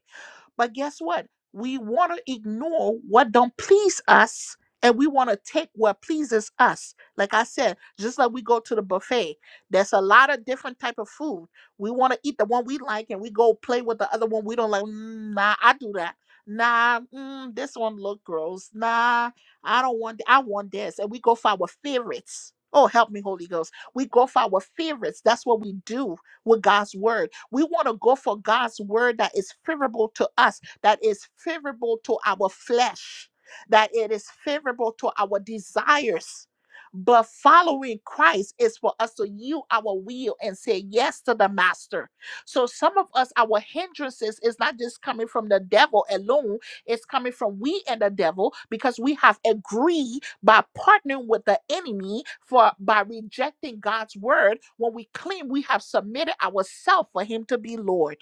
But guess what? We want to ignore what don't please us and we want to take what pleases us. Like I said, just like we go to the buffet, there's a lot of different type of food. We want to eat the one we like and we go play with the other one we don't like. "Mm, nah, I do that. Nah, mm, this one look gross. Nah, I don't want. th- I want this, and we go for our favorites. Oh, help me, Holy Ghost. We go for our favorites. That's what we do with God's word. We want to go for God's word that is favorable to us, that is favorable to our flesh, that it is favorable to our desires. But following Christ is for us to yield our will and say yes to the master. So some of us, our hindrances is not just coming from the devil alone, it's coming from we and the devil because we have agreed by partnering with the enemy for by rejecting God's word when we claim we have submitted ourselves for him to be Lord.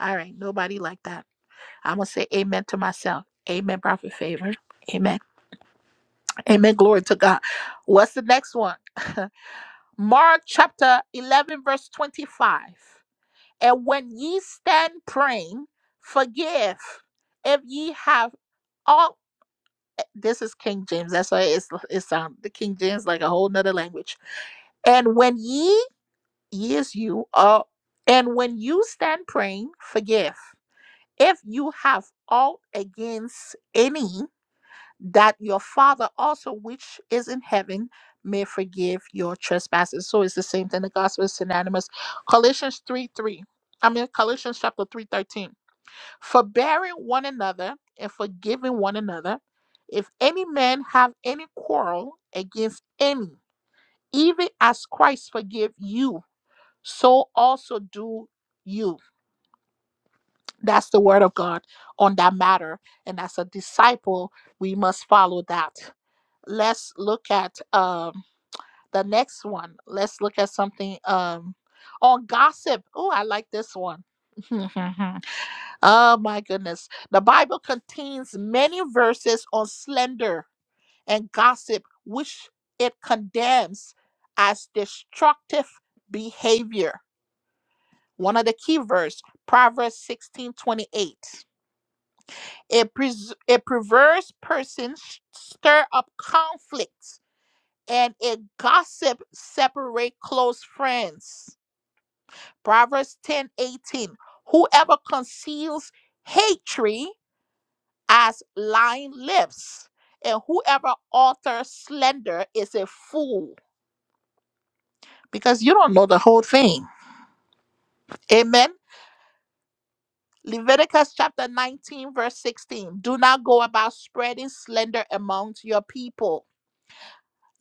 All right, nobody like that. I'm gonna say amen to myself. Amen, prophet favor. Amen. Amen. Glory to God. What's the next one? Mark chapter 11, verse 25. And when ye stand praying, forgive if ye have aught this is King James. That's why it's it's um the King James like a whole nother language. And when ye ye is you are and when you stand praying, forgive. If you have aught against any, that your father also which is in heaven may forgive your trespasses. So it's the same thing. The gospel is synonymous. Colossians 3 3. I mean Colossians chapter 3:13 forbearing one another and forgiving one another. If any man have any quarrel against any, even as Christ forgave you, so also do you. That's the word of God on that matter. And as a disciple, we must follow that. Let's look at um, the next one. Let's look at something um, on gossip. Oh, I like this one. Oh my goodness. The Bible contains many verses on slander and gossip, which it condemns as destructive behavior. One of the key verse, Proverbs 16 28. A, pres- a perverse person sh- stir up conflict, and a gossip separate close friends. Proverbs 10 18. Whoever conceals hatred as lying lips. And whoever alters slender is a fool because you don't know the whole thing. Amen. Leviticus chapter 19, verse 16. Do not go about spreading slender amongst your people.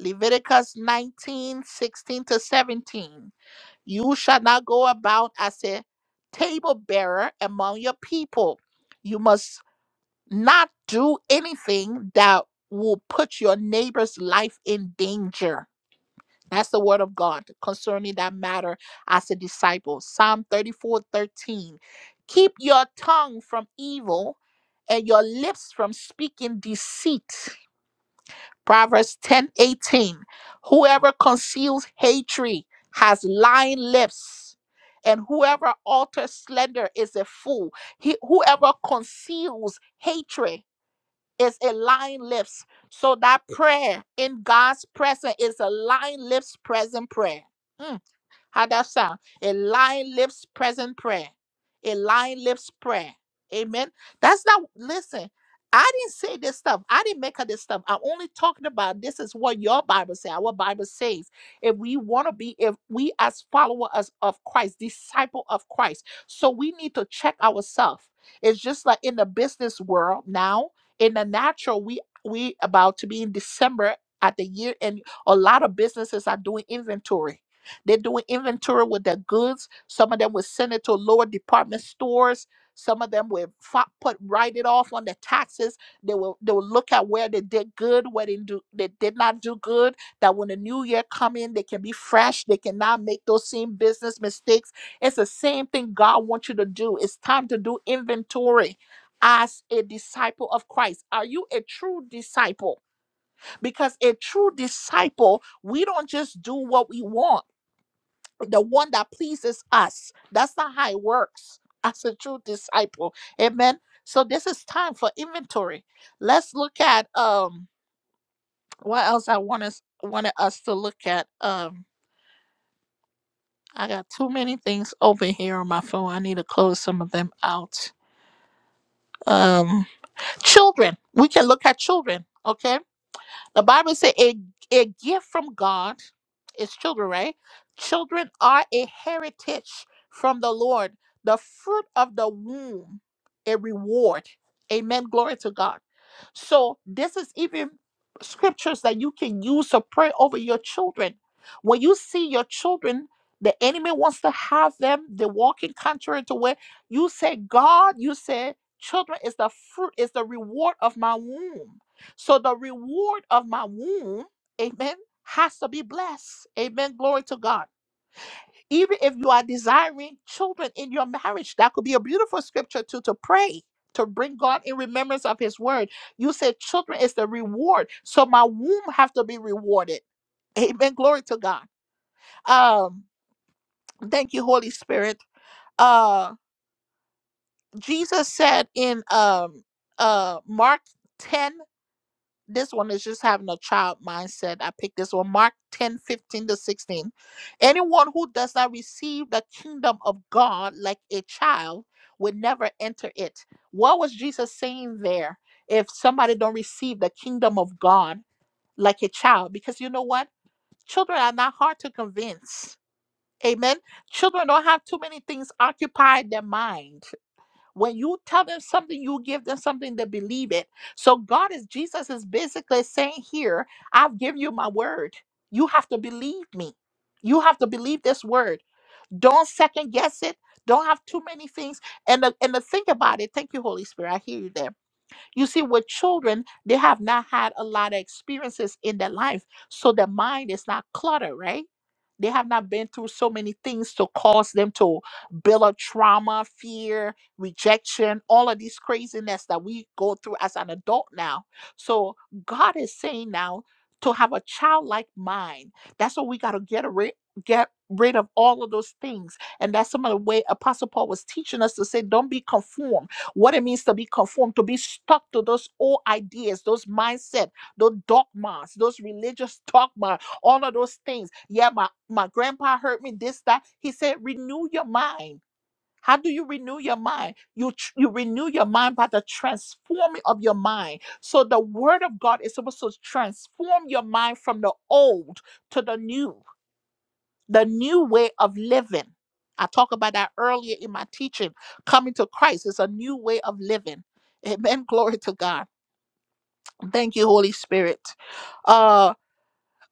Leviticus 19 16 to 17. You shall not go about as a table bearer among your people. You must not do anything that will put your neighbor's life in danger That's the word of God concerning that matter as a disciple. Psalm 34, 13: Keep your tongue from evil and your lips from speaking deceit. Proverbs 10, 18: Whoever conceals hatred has lying lips. And whoever alters slander is a fool. He, whoever conceals hatred is a lying lips. So that prayer in God's presence is a lying lips present prayer. Mm. How that sound? a lying lips present prayer. A lying lips prayer. Amen. That's not, listen, I didn't say this stuff. I didn't make up this stuff. I'm only talking about this is what your Bible says, our Bible says. If we want to be, if we as followers of Christ, disciple of Christ, so we need to check ourselves. It's just like in the business world now, in the natural, we we about to be in December at the year, and a lot of businesses are doing inventory they're doing inventory with their goods. Some of them will send it to lower department stores. Some of them will fi- put write it off on the taxes. They will they will look at where they did good, where they do they did not do good. That when the new year come in, they can be fresh. They cannot make those same business mistakes. It's the same thing God wants you to do. It's time to do inventory as a disciple of Christ. Are you a true disciple? Because a true disciple, we don't just do what we want the one that pleases us. That's not how it works as a true disciple. Amen. So this is time for inventory. Let's look at um what else I want us wanted us to look at. Um I got too many things open here on my phone. I need to close some of them out. Um children. We can look at children. Okay The Bible says a, a gift from God is children, right? Children are a heritage from the Lord, the fruit of the womb, a reward. Amen. Glory to God. So, this is even scriptures that you can use to pray over your children. When you see your children, the enemy wants to have them, they walk in contrary to where you say, God, you say, children is the fruit, is the reward of my womb so the reward of my womb, amen, has to be blessed. Amen. Glory to God. Even if you are desiring children in your marriage, that could be a beautiful scripture too to pray. To bring God in remembrance of His word, you said children is the reward, so my womb have to be rewarded. Amen. Glory to God. Um, thank you, Holy Spirit. Uh, Jesus said in um uh Mark ten. this one is just having a child mindset. I picked this one, Mark 10 15 to 16. Anyone who does not receive the kingdom of God like a child would never enter it. What was Jesus saying there? If somebody don't receive the kingdom of God like a child, because you know what? Children are not hard to convince. Amen. Children don't have too many things occupy their mind when you tell them something you give them something to believe it so god is jesus is basically saying here i've given you my word you have to believe me you have to believe this word don't second guess it don't have too many things and the, and the thing about it thank you holy spirit i hear you there you see, with children, they have not had a lot of experiences in their life. So their mind is not cluttered, right? They have not been through so many things to cause them to build up trauma, fear, rejection, all of these craziness that we go through as an adult now. So God is saying now to have a childlike mind. That's what we got to get rid get rid of all of those things. And that's some of the way Apostle Paul was teaching us to say, don't be conformed what it means to be conformed, to be stuck to those old ideas, those mindset, those dogmas, those religious dogma, all of those things. Yeah, my, my grandpa heard me this, that. He said, renew your mind. How do you renew your mind? You, tr- you renew your mind by the transforming of your mind. So the word of God is supposed to transform your mind from the old to the new the new way of living. I talked about that earlier in my teaching. Coming to Christ is a new way of living. Amen. Glory to God. Thank you, Holy Spirit. Uh,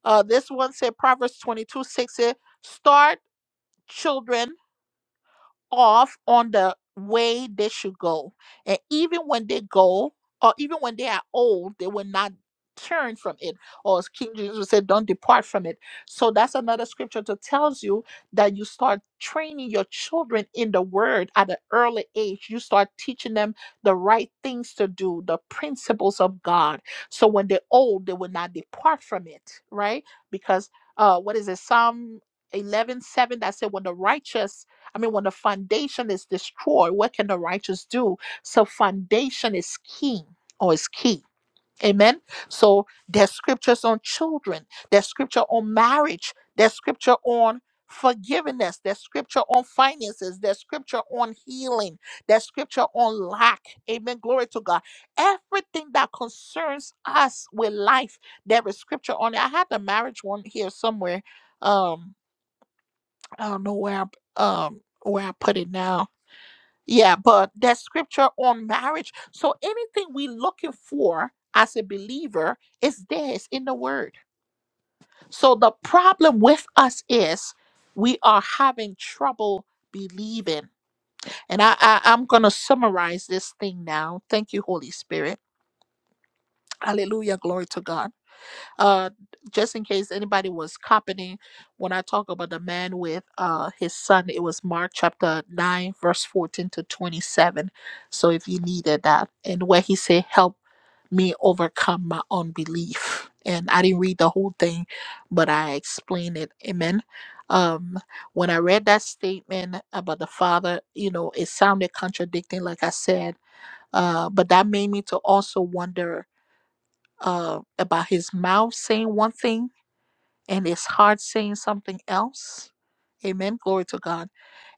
uh, this one said Proverbs 22 6 said, Start children. off on the way they should go. And even when they go, or even when they are old, they will not turn from it. Or as King Jesus said, don't depart from it. So that's another scripture that tells you that you start training your children in the word at an early age. You start teaching them the right things to do, the principles of God. So when they're old, they will not depart from it, right? Because uh what is it? Psalm eleven seven that said when the righteous I mean, when the foundation is destroyed, what can the righteous do? So, foundation is key or is key. Amen. So, there's scriptures on children, there's scripture on marriage, there's scripture on forgiveness, there's scripture on finances, there's scripture on healing, there's scripture on lack. Amen. Glory to God. Everything that concerns us with life, there is scripture on it. I had the marriage one here somewhere. Um, I don't know where I, um where I put it now yeah, but there's scripture on marriage. So anything we're looking for as a believer is there, it's in the word. So the problem with us is we are having trouble believing. And I, I I'm gonna summarize this thing now. Thank you, Holy Spirit. Hallelujah. Glory to God. uh just in case anybody was copying when i talk about the man with uh his son it was mark chapter 9 verse 14 to 27 so if you needed that and where he said help me overcome my unbelief and i didn't read the whole thing but i explained it amen um when i read that statement about the father you know it sounded contradicting like i said uh but that made me to also wonder uh about his mouth saying one thing and it's hard saying something else. Amen. Glory to God.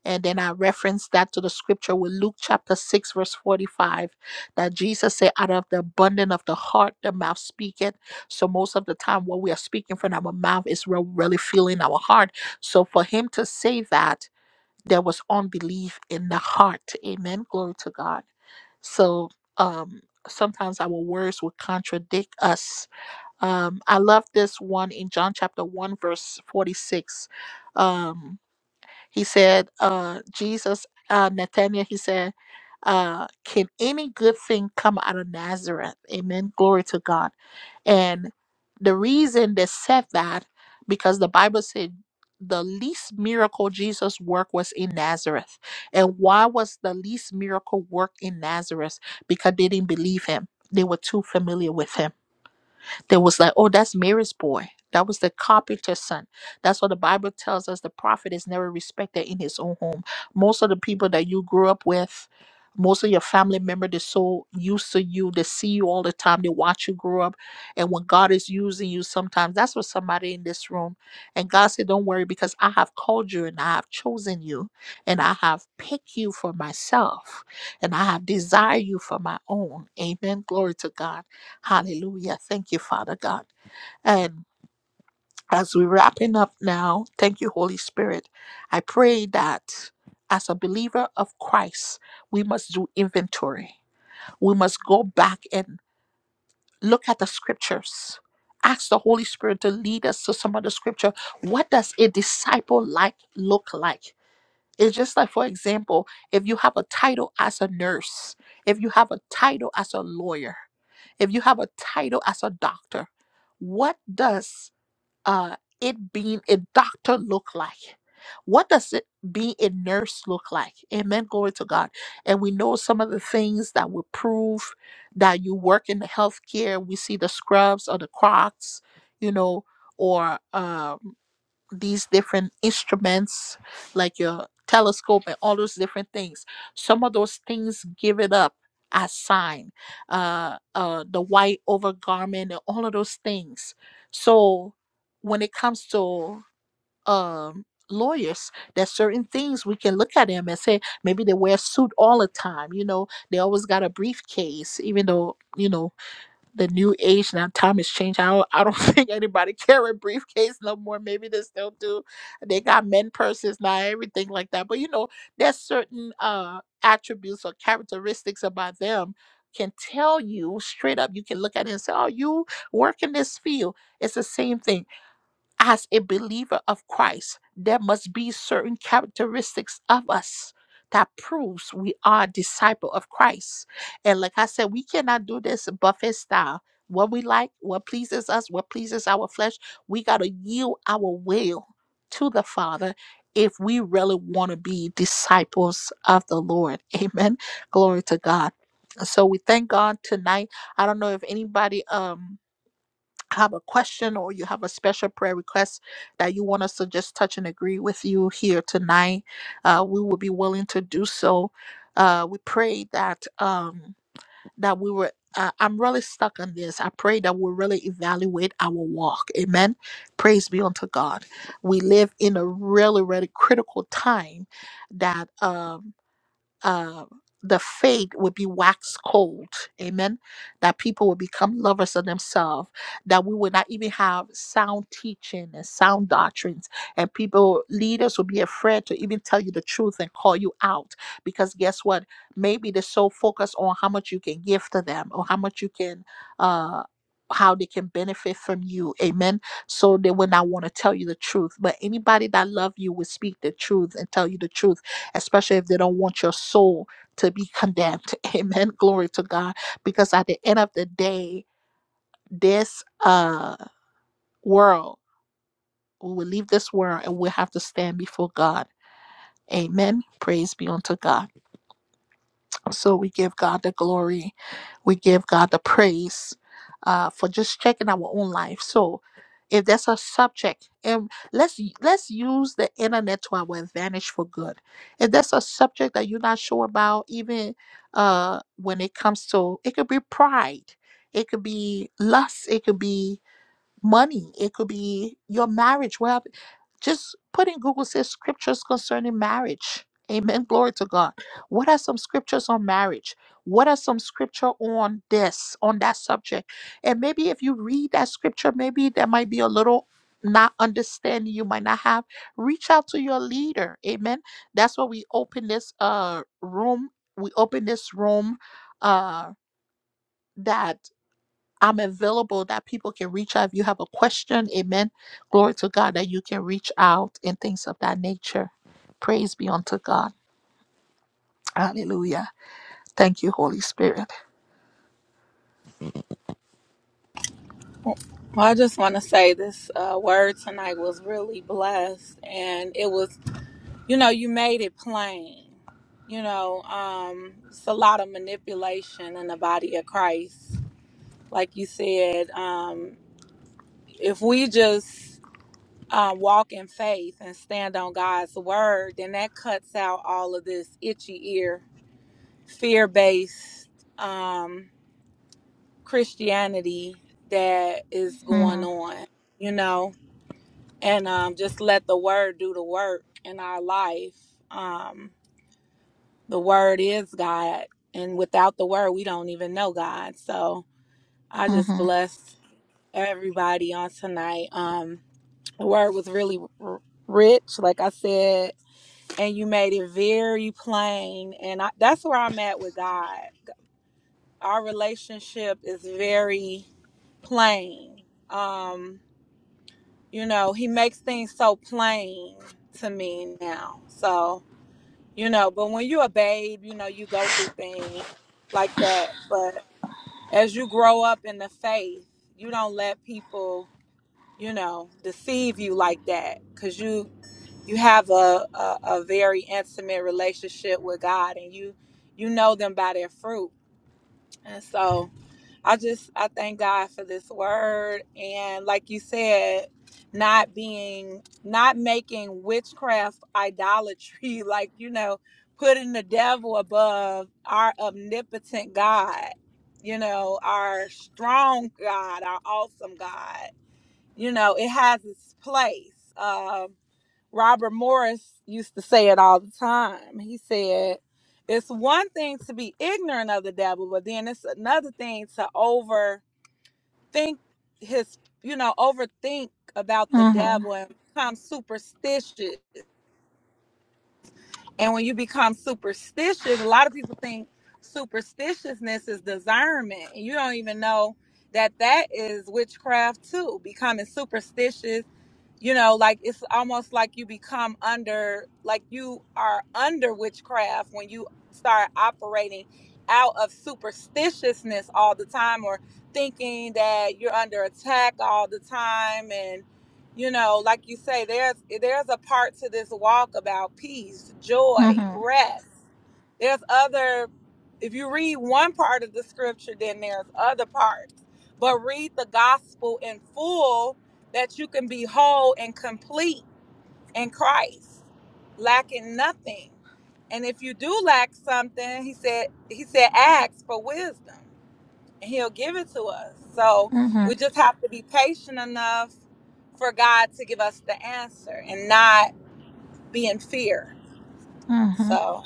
And then I reference that to the scripture with Luke chapter 6, verse 45, that Jesus said, out of the abundance of the heart, the mouth speaketh. So most of the time, what we are speaking from our mouth is we really feeling our heart. So for him to say that, there was unbelief in the heart. Amen. Glory to God. So um sometimes our words will contradict us um, I love this one in John chapter 1, verse 46. Um, he said, uh, Jesus, uh, Nathaniel, he said, uh, Can any good thing come out of Nazareth? Amen. Glory to God. And the reason they said that, because the Bible said the least miracle Jesus worked was in Nazareth. And why was the least miracle work in Nazareth? Because they didn't believe him. They were too familiar with him they was like, oh, that's Mary's boy. That was the carpenter's son. That's what the Bible tells us. The prophet is never respected in his own home. Most of the people that you grew up with, most of your family member, they're so used to you. They see you all the time. They watch you grow up. And when God is using you sometimes, that's what somebody in this room. And God said, Don't worry, because I have called you and I have chosen you and I have picked you for myself and I have desired you for my own. Amen. Glory to God. Hallelujah. Thank you, Father God. And as we're wrapping up now, thank you, Holy Spirit. I pray that as a believer of Christ, we must do inventory. We must go back and look at the scriptures. Ask the Holy Spirit to lead us to some of the scripture. What does a disciple like look like? It's just like, for example, if you have a title as a nurse, if you have a title as a lawyer, if you have a title as a doctor, what does uh, it being a doctor look like? What does it being a nurse look like? Amen. Glory to God. And we know some of the things that will prove that you work in the healthcare. We see the scrubs or the crocs, you know, or um these different instruments like your telescope and all those different things some of those things give it up as sign uh uh the white overgarment and all of those things so when it comes to um lawyers there's certain things we can look at them and say maybe they wear a suit all the time you know they always got a briefcase even though you know the new age now time has changed. I don't, I don't think anybody carry briefcase no more. Maybe they still do. They got men purses now, everything like that. But you know, there's certain uh attributes or characteristics about them can tell you straight up. You can look at it and say, "Oh, you work in this field." It's the same thing as a believer of Christ, there must be certain characteristics of us that proves we are disciple of Christ. And like I said, we cannot do this buffet style. What we like, what pleases us, what pleases our flesh, we got to yield our will to the Father if we really want to be disciples of the Lord. Amen. Glory to God. So we thank God tonight. I don't know if anybody um have a question or you have a special prayer request that you want us to just touch and agree with you here tonight, uh, we will be willing to do so. Uh, we pray that um, that we were. Uh, I'm really stuck on this. I pray that we really evaluate our walk. Amen. Praise be unto God. We live in a really, really critical time that. Um, uh, the faith would be wax cold. Amen. That people would become lovers of themselves. That we would not even have sound teaching and sound doctrines. And people, leaders would be afraid to even tell you the truth and call you out. Because guess what? Maybe they're so focused on how much you can give to them or how much you can. Uh, how they can benefit from you amen so they would not want to tell you the truth but anybody that love you will speak the truth and tell you the truth especially if they don't want your soul to be condemned. Amen. Glory to God. Because at the end of the day, this uh world, we will leave this world and we have to stand before God. Amen. Praise be unto God. So we give God the glory. We give God the praise uh, for just checking our own life. So if there's a subject, and let's let's use the internet to our advantage for good. If there's a subject that you're not sure about, even uh, when it comes to, it could be pride, it could be lust, it could be money, it could be your marriage, whatever. Just put in Google says scriptures concerning marriage. Amen. Glory to God. What are some scriptures on marriage? What are some scripture on this, on that subject? And maybe if you read that scripture, maybe there might be a little not understanding you might not have. Reach out to your leader. Amen. That's why we open this uh room. We open this room uh that I'm available that people can reach out. If you have a question, amen. Glory to God that you can reach out and things of that nature. Praise be unto God. Hallelujah. Thank you, Holy Spirit. Well, I just want to say this uh, word tonight was really blessed, and it was, you know, you made it plain. You know, um, it's a lot of manipulation in the body of Christ. Like you said, um, if we just uh, walk in faith and stand on God's word, then that cuts out all of this itchy ear, fear based um, Christianity that is going Mhm, on, you know? and um, just let the word do the work in our life. Um, the word is God, and without the word, we don't even know God. So I just mhm, bless everybody on tonight. Um, the word was really r- rich, like I said, and you made it very plain. And I, that's where I'm at with God. Our relationship is very plain. Um, you know, he makes things so plain to me now. So you know but when you're a babe you know you go through things like that but as you grow up in the faith you don't let people you know deceive you like that because you you have a, a a very intimate relationship with god and you you know them by their fruit and so I just I thank God for this word and like you said, not being not making witchcraft idolatry, like you know, putting the devil above our omnipotent God, you know, our strong God, our awesome God. You know, it has its place. Um Robert Morris used to say it all the time. He said, It's one thing to be ignorant of the devil, but then it's another thing to overthink his, you know, overthink about the mhm, devil and become superstitious and when you become superstitious, a lot of people think superstitiousness is discernment. And you don't even know that that is witchcraft too. Becoming superstitious, you know, like it's almost like you become under, like you are under witchcraft when you start operating out of superstitiousness all the time or thinking that you're under attack all the time and you know like you say there's there's a part to this walk about peace joy mhm, rest there's other if you read one part of the scripture then there's other parts but read the gospel in full that you can be whole and complete in christ lacking nothing and if you do lack something he said he said ask for wisdom and he'll give it to us. So mhm, we just have to be patient enough for God to give us the answer and not be in fear. mhm, So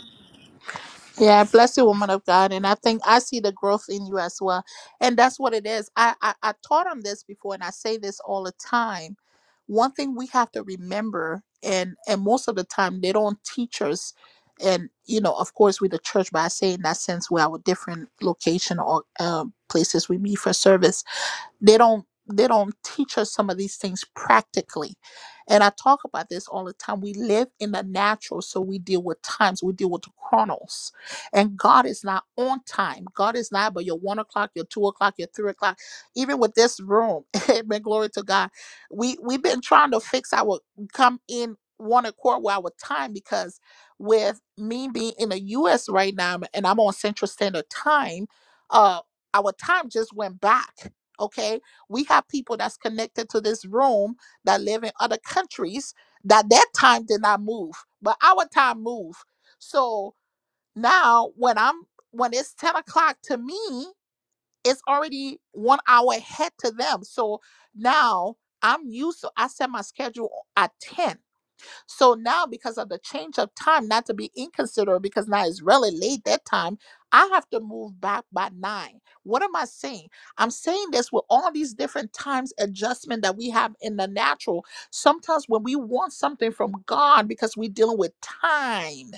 Yeah, bless you, woman of God. And I think I see the growth in you as well. And that's what it is. I, I, I taught on this before and I say this all the time. One thing we have to remember, and and most of the time they don't teach us, and you know, of course, with the church, but I say in that sense, we're our different location or um, places we meet for service they don't they don't teach us some of these things practically and i talk about this all the time we live in the natural so we deal with times we deal with the chronos and god is not on time god is not but your one o'clock your two o'clock your three o'clock even with this room amen glory to god we we've been trying to fix our come in one accord with our time because with me being in the us right now and i'm on central standard time uh our time just went back Okay. We have people that's connected to this room that live in other countries that their time did not move, but our time moved. So now when I'm when it's 10 o'clock to me, it's already one hour ahead to them. So now I'm used to I set my schedule at 10 so now, because of the change of time, not to be inconsiderate, because now it's really late that time, I have to move back by nine. What am I saying? I'm saying this with all these different times adjustment that we have in the natural. Sometimes when we want something from God, because we're dealing with time,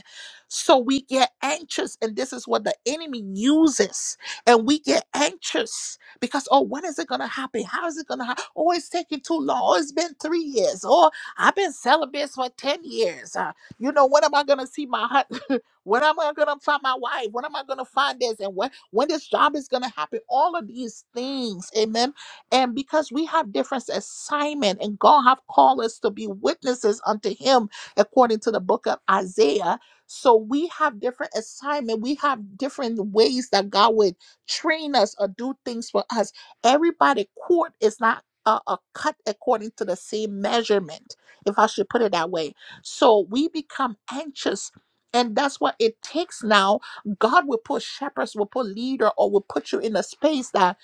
so we get anxious, and this is what the enemy uses, and we get anxious because oh, when is it gonna happen? How is it gonna happen? Oh, it's taking too long. Oh, it's been three years. Oh, I've been celibate for 10 years. Uh, you know, when am I going to see my husband? when am I going to find my wife? When am I going to find this? And when, when this job is going to happen? All of these things. Amen. And because we have different assignment and God have called us to be witnesses unto him according to the book of Isaiah. So we have different assignment. We have different ways that God would train us or do things for us. Everybody court is not uh, uh, cut according to the same measurement if I should put it that way. So we become anxious. And that's what it takes now. God will put shepherds, will put leader, or will put you in a space that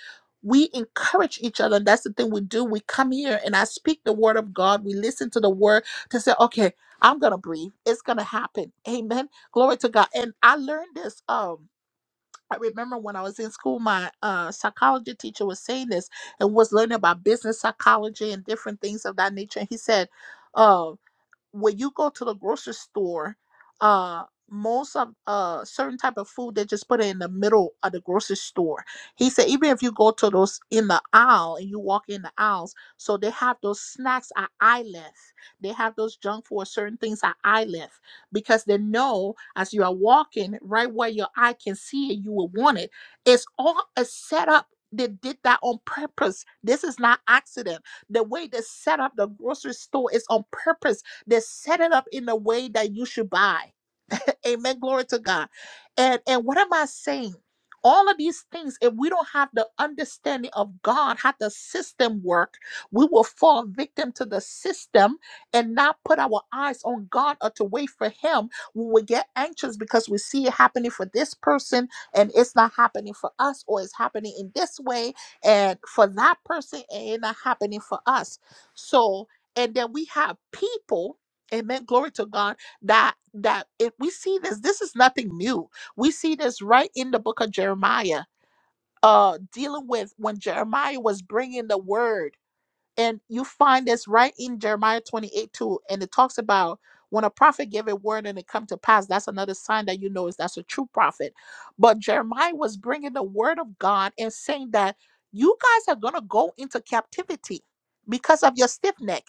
we encourage each other. And that's the thing we do. We come here and I speak the word of God. We listen to the word to say, okay, I'm gonna breathe. It's gonna happen. Amen. Glory to God. And I learned this. Um, I remember when I was in school, my uh, psychology teacher was saying this and was learning about business psychology and different things of that nature. And he said, um, when you go to the grocery store, uh, most of uh certain type of food they just put it in the middle of the grocery store. He said even if you go to those in the aisle and you walk in the aisles, so they have those snacks at eye length. They have those junk food, certain things at eye length because they know as you are walking right where your eye can see it, you will want it. It's all a setup. They did that on purpose. This is not accident the way they set up the grocery store is on purpose they set it up in a way that you should buy. Amen. Glory to God. And and what am I saying? All of these things, if we don't have the understanding of God, how the system work, we will fall victim to the system and not put our eyes on God or to wait for Him. We will get anxious because we see it happening for this person and it's not happening for us, or it's happening in this way and for that person and it's not happening for us. So, and then we have people, amen, glory to God that that it, we see this this is nothing new we see this right in the book of jeremiah uh dealing with when jeremiah was bringing the word and you find this right in Jeremiah 28 2. And it talks about when a prophet gave a word and it come to pass, that's another sign that you know is that's a true prophet. But Jeremiah was bringing the word of God and saying that you guys are going to go into captivity because of your stiff neck,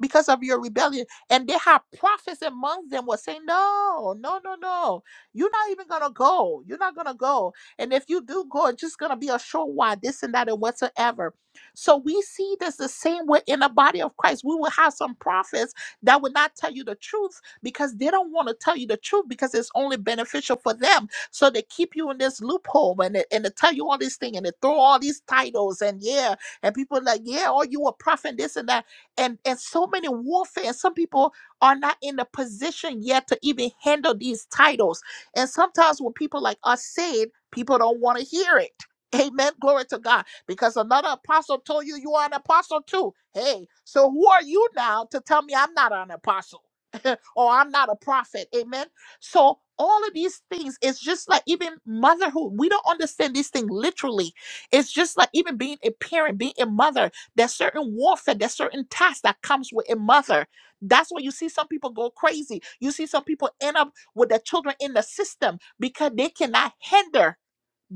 because of your rebellion. And they had prophets among them was saying, no, no, no, no. You're not even going to go. You're not going to go. And if you do go, it's just going to be a short while, this and that and whatsoever so we see this the same way in the body of Christ. We will have some prophets that will not tell you the truth because they don't want to tell you the truth because it's only beneficial for them. So they keep you in this loophole and they, and they tell you all these things and they throw all these titles and yeah, and people are like, yeah, oh, you a prophet, this and that. And and so many warfare, and some people are not in the position yet to even handle these titles. And sometimes when people like us say it, people don't want to hear it. Amen. Glory to God because another apostle told you you are an apostle too. Hey, so who are you now to tell me I'm not an apostle or I'm not a prophet? Amen. So all of these things, it's just like even motherhood. We don't understand this thing literally. It's just like even being a parent, being a mother. There's certain warfare, there's certain tasks that comes with a mother. That's why you see some people go crazy. You see some people end up with their children in the system because they cannot hinder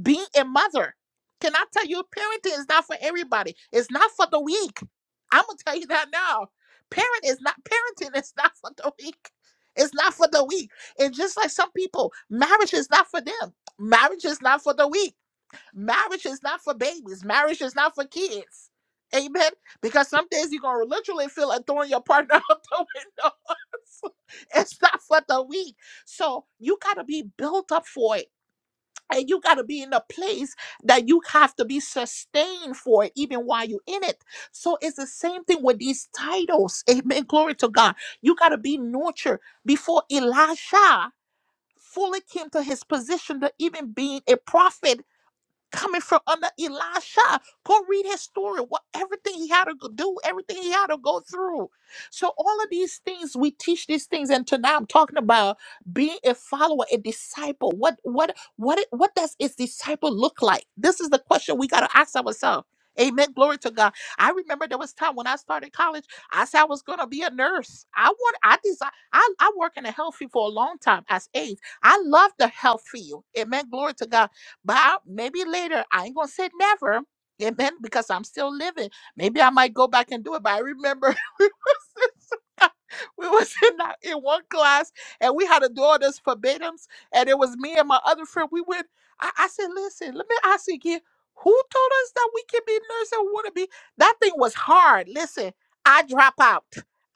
being a mother. Can I tell you, parenting is not for everybody. It's not for the weak. I'm gonna tell you that now. Parent is not parenting is not for the weak. It's not for the weak. And just like some people, marriage is not for them. Marriage is not for the weak. Marriage is not for babies. Marriage is not for kids. Amen. Because some days you're gonna literally feel like throwing your partner out the window. it's not for the weak. So you gotta be built up for it and you got to be in a place that you have to be sustained for it, even while you're in it. So it's the same thing with these titles. Amen. Glory to God. You got to be nurtured before Elisha fully came to his position to even being a prophet coming from under Elisha. Go read his story. What everything he had to go- do, everything he had to go through. So all of these things we teach these things, and tonight I'm talking about being a follower, a disciple. What what what it- what does his disciple look like? This is the question we gotta ask ourselves. Amen. Glory to God. I remember there was time when I started college. I said I was gonna be a nurse. I want. I desire. I I work in the health field for a long time as aides. I love the health field. Amen. Glory to God. But I- maybe later, I ain't gonna say never. Amen. Because I'm still living. Maybe I might go back and do it. But I remember we was in some kind- we was in, that- in one class and we had to do all this verbatims. And it was me and my other friend. We went, I, I said, listen, let me ask you again. Who told us that we can be nurse and want to be? That thing was hard. Listen, I drop out.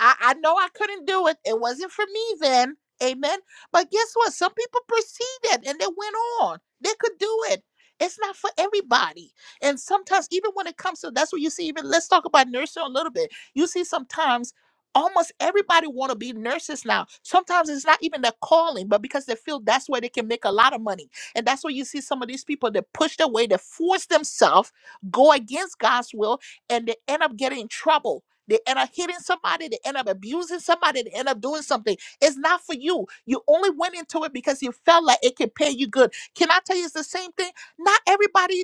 I, I know I couldn't do it. It wasn't for me then. Amen. But guess what? Some people perceive that and they went on. They could do it. It's not for everybody. And sometimes, even when it comes to that's what you see, even let's talk about nursing a little bit. You see sometimes almost everybody want to be nurses now. Sometimes it's not even their calling, but because they feel that's where they can make a lot of money. And that's where you see some of these people that push their way, that force themselves, go against God's will, and they end up getting in trouble. They end up hitting somebody, they end up abusing somebody, they end up doing something it's not for you. You only went into it because you felt like it could pay you good. Can I tell you it's the same thing? Not everybody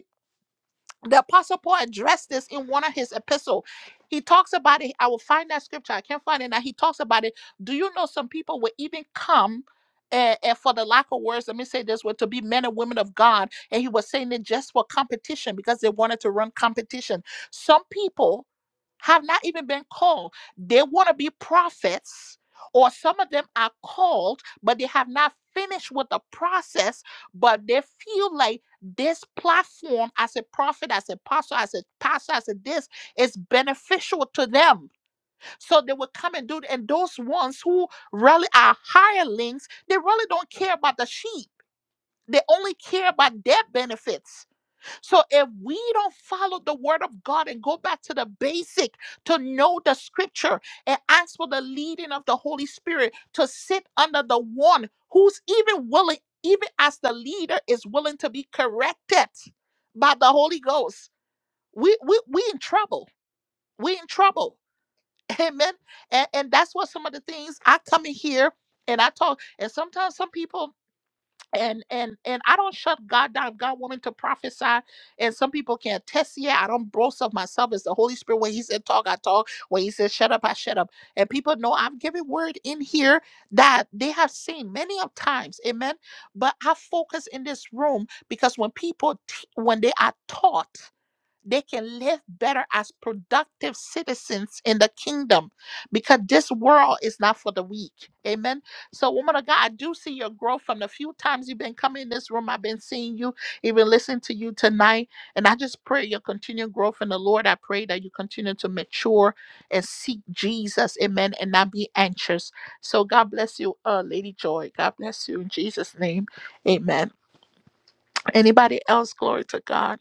the apostle paul addressed this in one of his epistles. he talks about it i will find that scripture i can't find it now he talks about it do you know some people will even come and, for the lack of words let me say this were to be men and women of god and he was saying it just for competition because they wanted to run competition some people have not even been called they want to be prophets or some of them are called but they have not finished with the process but they feel like this platform as a prophet, as a pastor, as a pastor, as a this is beneficial to them. So they will come and do it. And those ones who really are hirelings, they really don't care about the sheep. They only care about their benefits. So if we don't follow the word of God and go back to the basic to know the scripture and ask for the leading of the Holy Spirit to sit under the one who's even willing, even as the leader is willing to be corrected by the Holy Ghost, we we we in trouble. We in trouble. Amen. And, and that's what some of the things I come in here and I talk. And sometimes some people and and and I don't shut God down. God want to prophesy, and some people can attest. Yeah, I don't boast of myself. It's the Holy Spirit. When He said talk, I talk. When He said shut up, I shut up. And people know I'm giving word in here that they have seen many of times. Amen. But I focus in this room because when people t- when they are taught they can live better as productive citizens in the kingdom because this world is not for the weak. Amen. So, woman of God, I do see your growth from the few times you've been coming in this room. I've been seeing you, even listening to you tonight. And I just pray your continued growth in the Lord. I pray that you continue to mature and seek Jesus. Amen. And not be anxious. So, God bless you, uh, Lady Joy. God bless you in Jesus' name. Amen. Anybody else? Glory to God.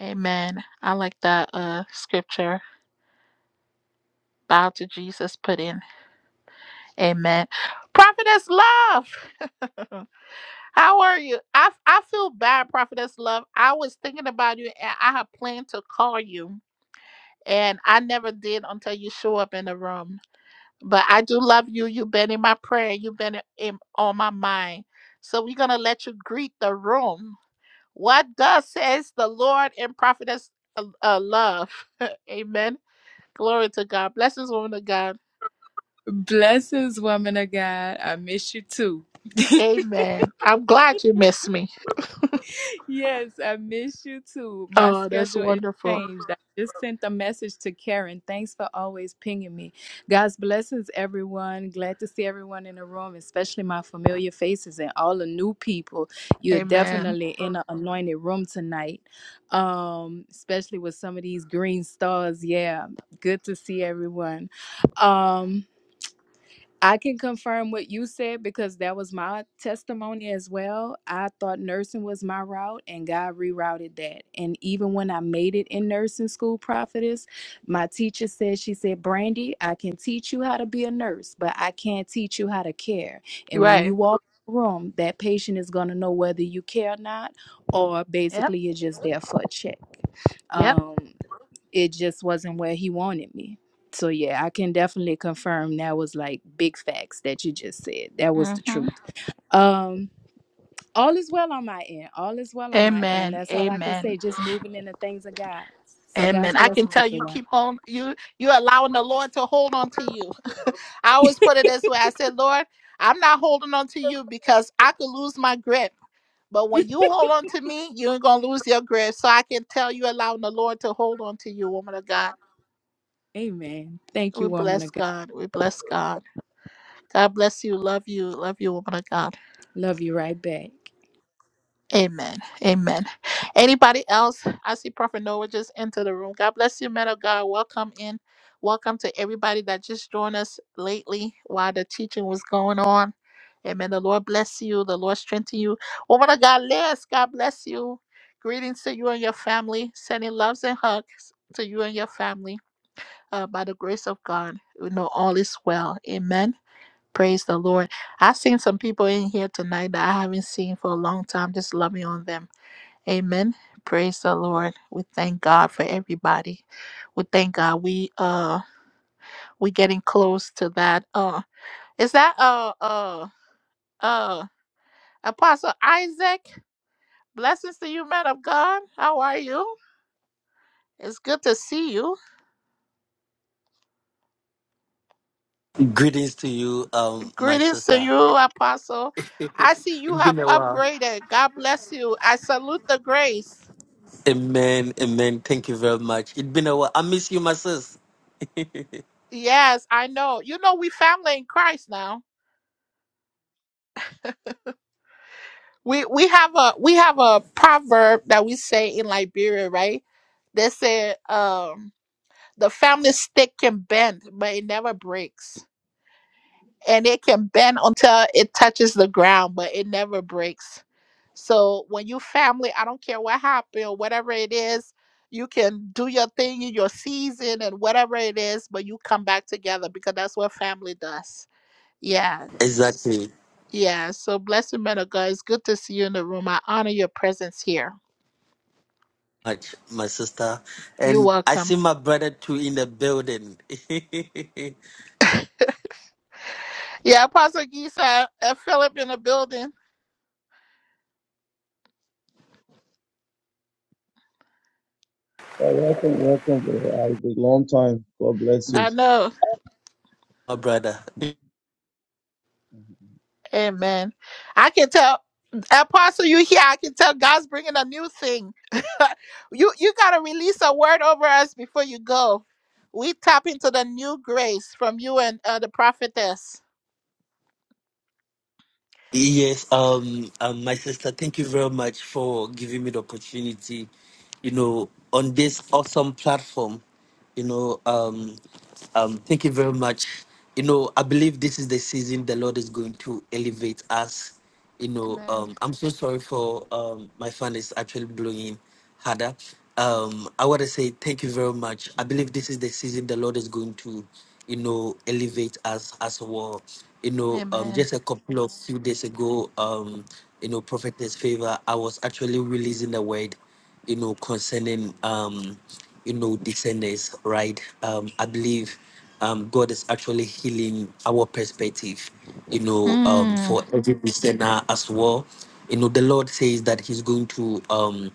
Amen. I like that uh scripture. Bow to Jesus put in. Amen. Prophetess Love. How are you? I I feel bad, Prophetess Love. I was thinking about you and I had planned to call you. And I never did until you show up in the room. But I do love you. You've been in my prayer. You've been in on my mind. So we're gonna let you greet the room. What does says the Lord and Prophetess uh, uh, Love? Amen. Glory to God. Bless this woman of God. Blessings, woman of God. I miss you too. Amen. I'm glad you missed me. yes, I miss you too. My Oh, that's schedule is wonderful. changed. I just sent a message to Karen. Thanks for always pinging me. God's blessings, everyone. Glad to see everyone in the room, especially my familiar faces and all the new people. You're Amen. definitely in an anointed room tonight, um, especially with some of these green stars. Yeah, good to see everyone. Um, I can confirm what you said because that was my testimony as well. I thought nursing was my route and God rerouted that. And even when I made it in nursing school, prophetess, my teacher said, She said, Brandy, I can teach you how to be a nurse, but I can't teach you how to care. And when you Right. walk in the room, that patient is going to know whether you care or not, or Yep. basically you're just there for a check. Yep. Um, it just wasn't where he wanted me. So yeah, I can definitely confirm that was like big facts that you just said. That was the hmm truth. Um all is well on my end. All is well on my end. Amen. That's all I can Amen. say. Just moving in the things of God. So God's Amen. I can blessings, tell you everyone. keep on you you allowing the Lord to hold on to you. I always put it this way. I said, Lord, I'm not holding on to you because I could lose my grip. But when you hold on to me, you ain't gonna lose your grip. So I can tell you allowing the Lord to hold on to you, woman of God. Amen. Thank We you, woman bless of God. God. We bless God. God bless you. Love you. Love you, woman of God. Love you right back. Amen. Amen. Anybody else? I see Prophet Noah just enter the room. God bless you, man of God. Welcome in. Welcome to everybody that just joined us lately while the teaching was going on. Amen. The Lord bless you. The Lord strengthen you. Woman of God, Liz, God bless you. Greetings to you and your family. Sending loves and hugs to you and your family uh, by the grace of God. We know all is well. Amen. Praise the Lord. I've seen some people in here tonight that I haven't seen for a long time. Just loving on them. Amen. Praise the Lord. We thank God for everybody. We thank God. We uh we getting close to that. Uh is that uh uh uh Apostle Isaac? Blessings to you, man of God. How are you? It's good to see you. Greetings to you, um, my Greetings to sister. you, Apostle. I see you it's have been a while. upgraded. God bless you. I salute the grace. Amen, amen. Thank you very much. It's been a while. I miss you, my sis. Yes, I know. You know, we family in Christ now. We we have a we have a proverb that we say in Liberia, right? They say um the family stick can bend, but it never breaks. And it can bend until it touches the ground, but it never breaks. So when you family, I don't care what happened or whatever it is, you can do your thing in your season and whatever it is, but you come back together because that's what family does. Yeah. Exactly, Yeah, so blessed man of God, it's good to see you in the room. I honor your presence here. much, my sister. You're And I welcome. see my brother too in the building. Yeah, Apostle Giza and Philip in the building. Well, welcome, welcome, brother Isaac. Long time. God bless you. I my know. brother. Amen. I can tell. Apostle, you here? I can tell God's bringing a new thing. you you gotta release a word over us before you go. We tap into the new grace from you and uh, the prophetess. Yes, um, um, my sister, thank you very much for giving me the opportunity, you know, on this awesome platform. You know, um, um, thank you very much. You know, I believe this is the season the Lord is going to elevate us you know, Amen. um, I'm so sorry for um, my fan is actually blowing harder. Um, I want to say thank you very much. I believe this is the season the Lord is going to, you know, elevate us as well. You know, um, Amen. just a couple of few days ago, um, you know, Prophetess Favor, I was actually releasing the word, you know, concerning, um, you know, descendants, right? Um, I believe um, God is actually healing our perspective, you know, um, Mm, for every listener as well. You know, the Lord says that He's going to, um,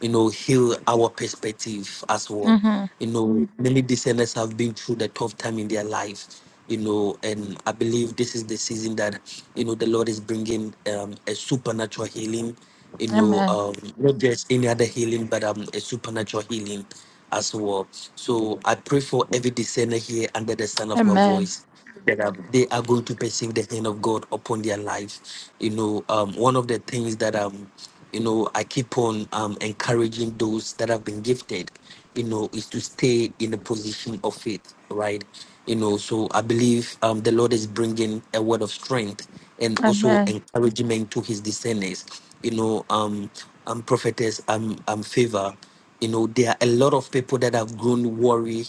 you know, heal our perspective as well. mm-hmm. You know, many listeners have been through the tough time in their life, you know, and I believe this is the season that, you know, the Lord is bringing um, a supernatural healing you know, Amen. um, not just any other healing, but um, a supernatural healing as well. So I pray for every discerner here under the sound of my Amen. voice that um, they are going to perceive the hand of God upon their life. You know, um, one of the things that um, you know, I keep on um, encouraging those that have been gifted, you know, is to stay in a position of faith, right? You know, so I believe um, the Lord is bringing a word of strength and also Amen. encouragement to his discerners you know, um, um, prophetess, um, um, favor. You know, there are a lot of people that have grown worry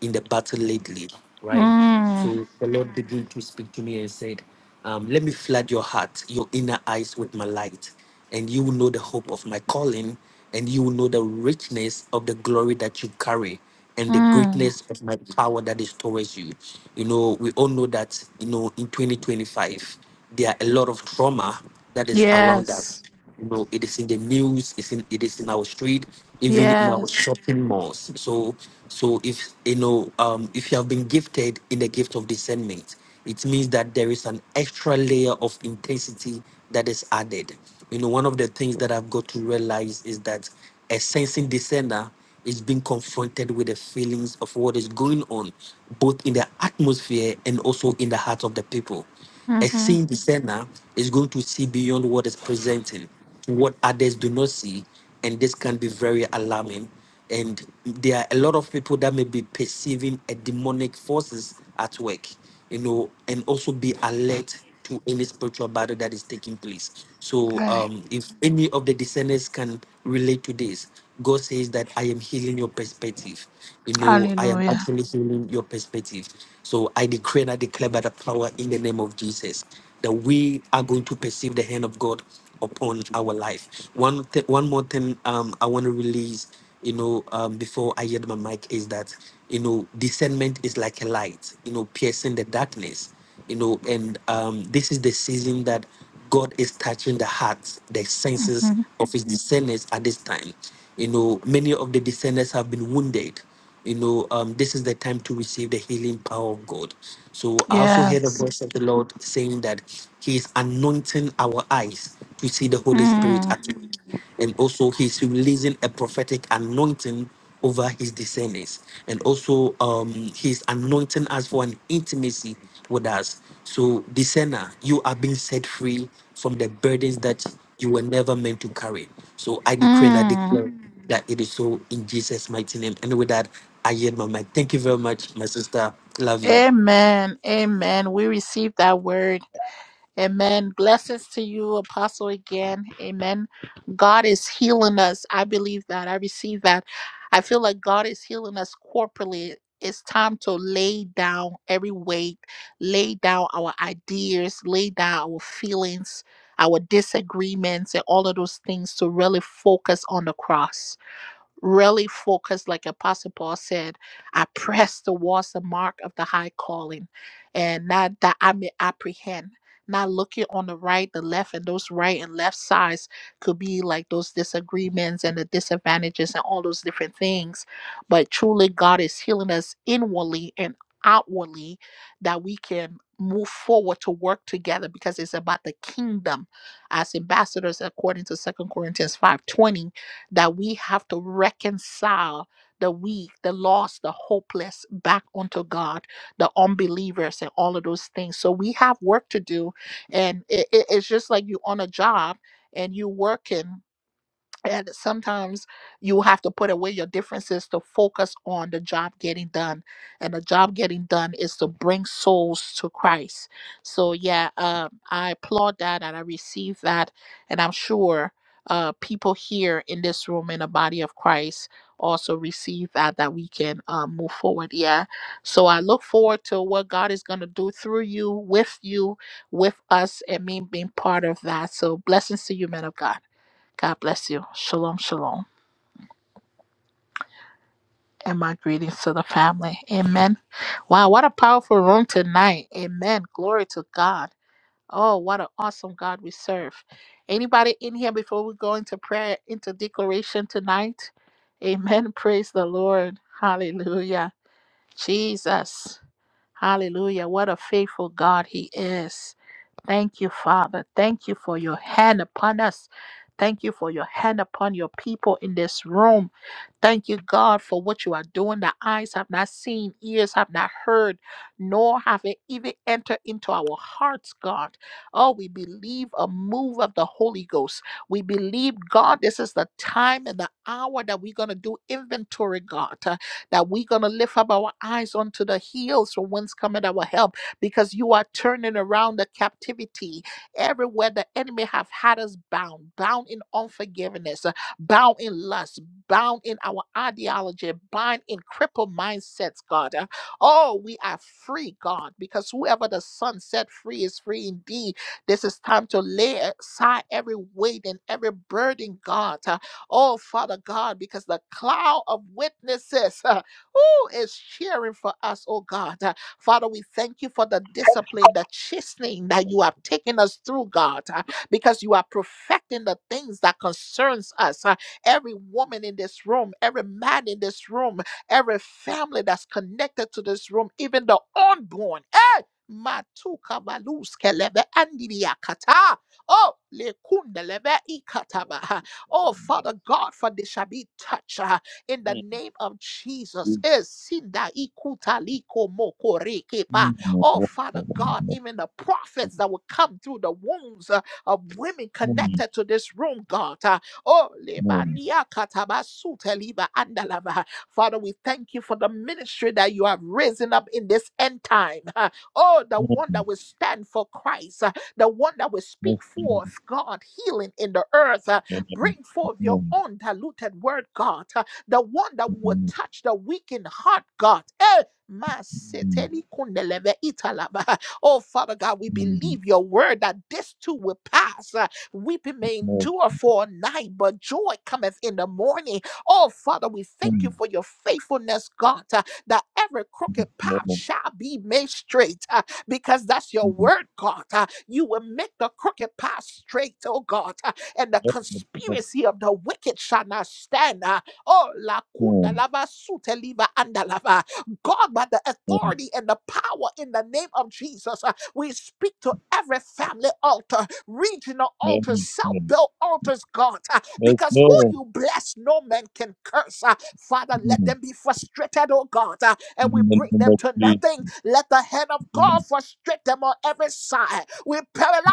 in the battle lately, right? Mm. So the Lord began to speak to me and said, um, Let me flood your heart, your inner eyes with my light, and you will know the hope of my calling, and you will know the richness of the glory that you carry and the Mm. greatness of my power that is towards you. You know, we all know that, you know, in 2025 there are a lot of trauma that is around us. Yes. You know, it is in the news, it's in it is in our street, even in our Yes. shopping malls. So so if you know, um if you have been gifted in the gift of discernment, it means that there is an extra layer of intensity that is added. You know, one of the things that I've got to realize is that a sensing discerner is being confronted with the feelings of what is going on, both in the atmosphere and also in the heart of the people. A Mm-hmm. seeing discerner is going to see beyond what is presented, what others do not see, and this can be very alarming. And there are a lot of people that may be perceiving a demonic forces at work, you know, and also be alert to any spiritual battle that is taking place. So, Okay. um, if any of the discerners can relate to this, God says that I am healing your perspective. You know, I am Hallelujah. actually healing your perspective. So I decree and I declare by the power in the name of Jesus that we are going to perceive the hand of God upon our life. One th- one more thing um, I want to release, you know, um, before I yield my mic is that, you know, discernment is like a light, you know, piercing the darkness, you know, and um, this is the season that God is touching the hearts, the senses Mm-hmm. of his discerners at this time. You know, many of the discerners have been wounded. You know, um, this is the time to receive the healing power of God. So I also heard a Yes. voice of the Lord saying that He is anointing our eyes to see the Holy Spirit Mm. at work. And also He's releasing a prophetic anointing over his descendants and also um he's anointing us for an intimacy with us so discerner you are being set free from the burdens that you were never meant to carry so i decree and i Mm. declare that it is so in jesus mighty name and with that i yield my mic thank you very much my sister love you Amen. Amen. We receive that word Amen. Blessings to you, Apostle, again. Amen. God is healing us. I believe that. I receive that. I feel like God is healing us corporately. It's time to lay down every weight, lay down our ideas, lay down our feelings, our disagreements, and all of those things to really focus on the cross really focus, like Apostle Paul said, I press towards the mark of the high calling, and not that I may apprehend. Not looking on the right, the left, and those right and left sides could be like those disagreements and the disadvantages and all those different things. But truly, God is healing us inwardly and outwardly that we can move forward to work together because it's about the kingdom as ambassadors according to Second Corinthians 5:20 that we have to reconcile the weak, the lost, the hopeless back onto God, the unbelievers, and all of those things. So we have work to do. And it, it- it's just like you on a job and you working and sometimes you have to put away your differences to focus on the job getting done and the job getting done is to bring souls to christ so yeah um, i applaud that and i receive that and i'm sure uh, people here in this room in the body of christ also receive that that we can uh, move forward yeah so i look forward to what god is going to do through you with you with us and me being part of that so blessings to you men of god God bless you. Shalom, shalom. And my greetings to the family. Amen. Wow, what a powerful room tonight. Amen. Glory to God. Oh, what an awesome God we serve. Anybody in here before we go into prayer, into declaration tonight? Amen. Praise the Lord. Hallelujah. Jesus. Hallelujah. What a faithful God He is. Thank you, Father. Thank you for your hand upon us. Thank you for your hand upon your people in this room. Thank you, God, for what you are doing. The eyes have not seen, ears have not heard, nor have it even entered into our hearts, God. Oh, we believe a move of the Holy Ghost. We believe, God, this is the time and the hour that we're going to do inventory, God that we're going to lift up our eyes unto the hills from whence cometh our help because you are turning around the captivity everywhere the enemy have had us bound bound in unforgiveness uh, bound in lust bound in our ideology bound in crippled mindsets god Uh, oh we are free god because whoever the son set free is free indeed this is time to lay aside every weight and every burden god Uh, Oh, Father God, because the cloud of witnesses who is cheering for us, oh God. Uh, Father, we thank you for the discipline, the chastening that you have taken us through, God, uh, because you are perfecting the things that concerns us. Uh, Every woman in this room, every man in this room, every family that's connected to this room, even the unborn. Hey! Matuka baluske lebe andiria kata. Oh, lekunde lebe ikataba. Oh, Father God, for they shall be touched. uh, in the Mm. name of Jesus. Mm. Eh, sinda ikuta liko moko Mm. Oh, Father God, even the prophets that will come through the wombs uh, of women Mm. Mm. connected to this room, God. uh, Oh, leba nia kataba Father, we thank you for the ministry that you have risen up in this end time. uh, Oh, the one Mm. that will stand for Christ, uh, the one that will Mm. Mm. speak forth, God, healing in the earth. uh, Bring forth your Mm. Mm. own diluted word, God. uh, the one that will Mm. touch the weak in heart, God. Eh, Oh, Father God, we Mm. believe your word that this too will pass. Uh, Weeping may endure for a night, but joy cometh in the morning. Oh, Father, we thank you Mm. Mm. for your faithfulness, God, uh, that every crooked path shall be made straight uh, because that's your word, God. Uh, You will make the crooked path straight, oh God, uh, and the conspiracy of the wicked shall not stand. uh, Oh, la kunda lava sute liva andalava. God, by the authority and the power in the name of Jesus, uh, we speak to every family altar, regional altars, Mm. self-built altars, God, uh, because who no you bless, no man can curse. uh. Father, let them be frustrated, oh God, uh, and we In the bring name them of to nothing. Jesus. Let the hand of God Mm, frustrate them on every side. We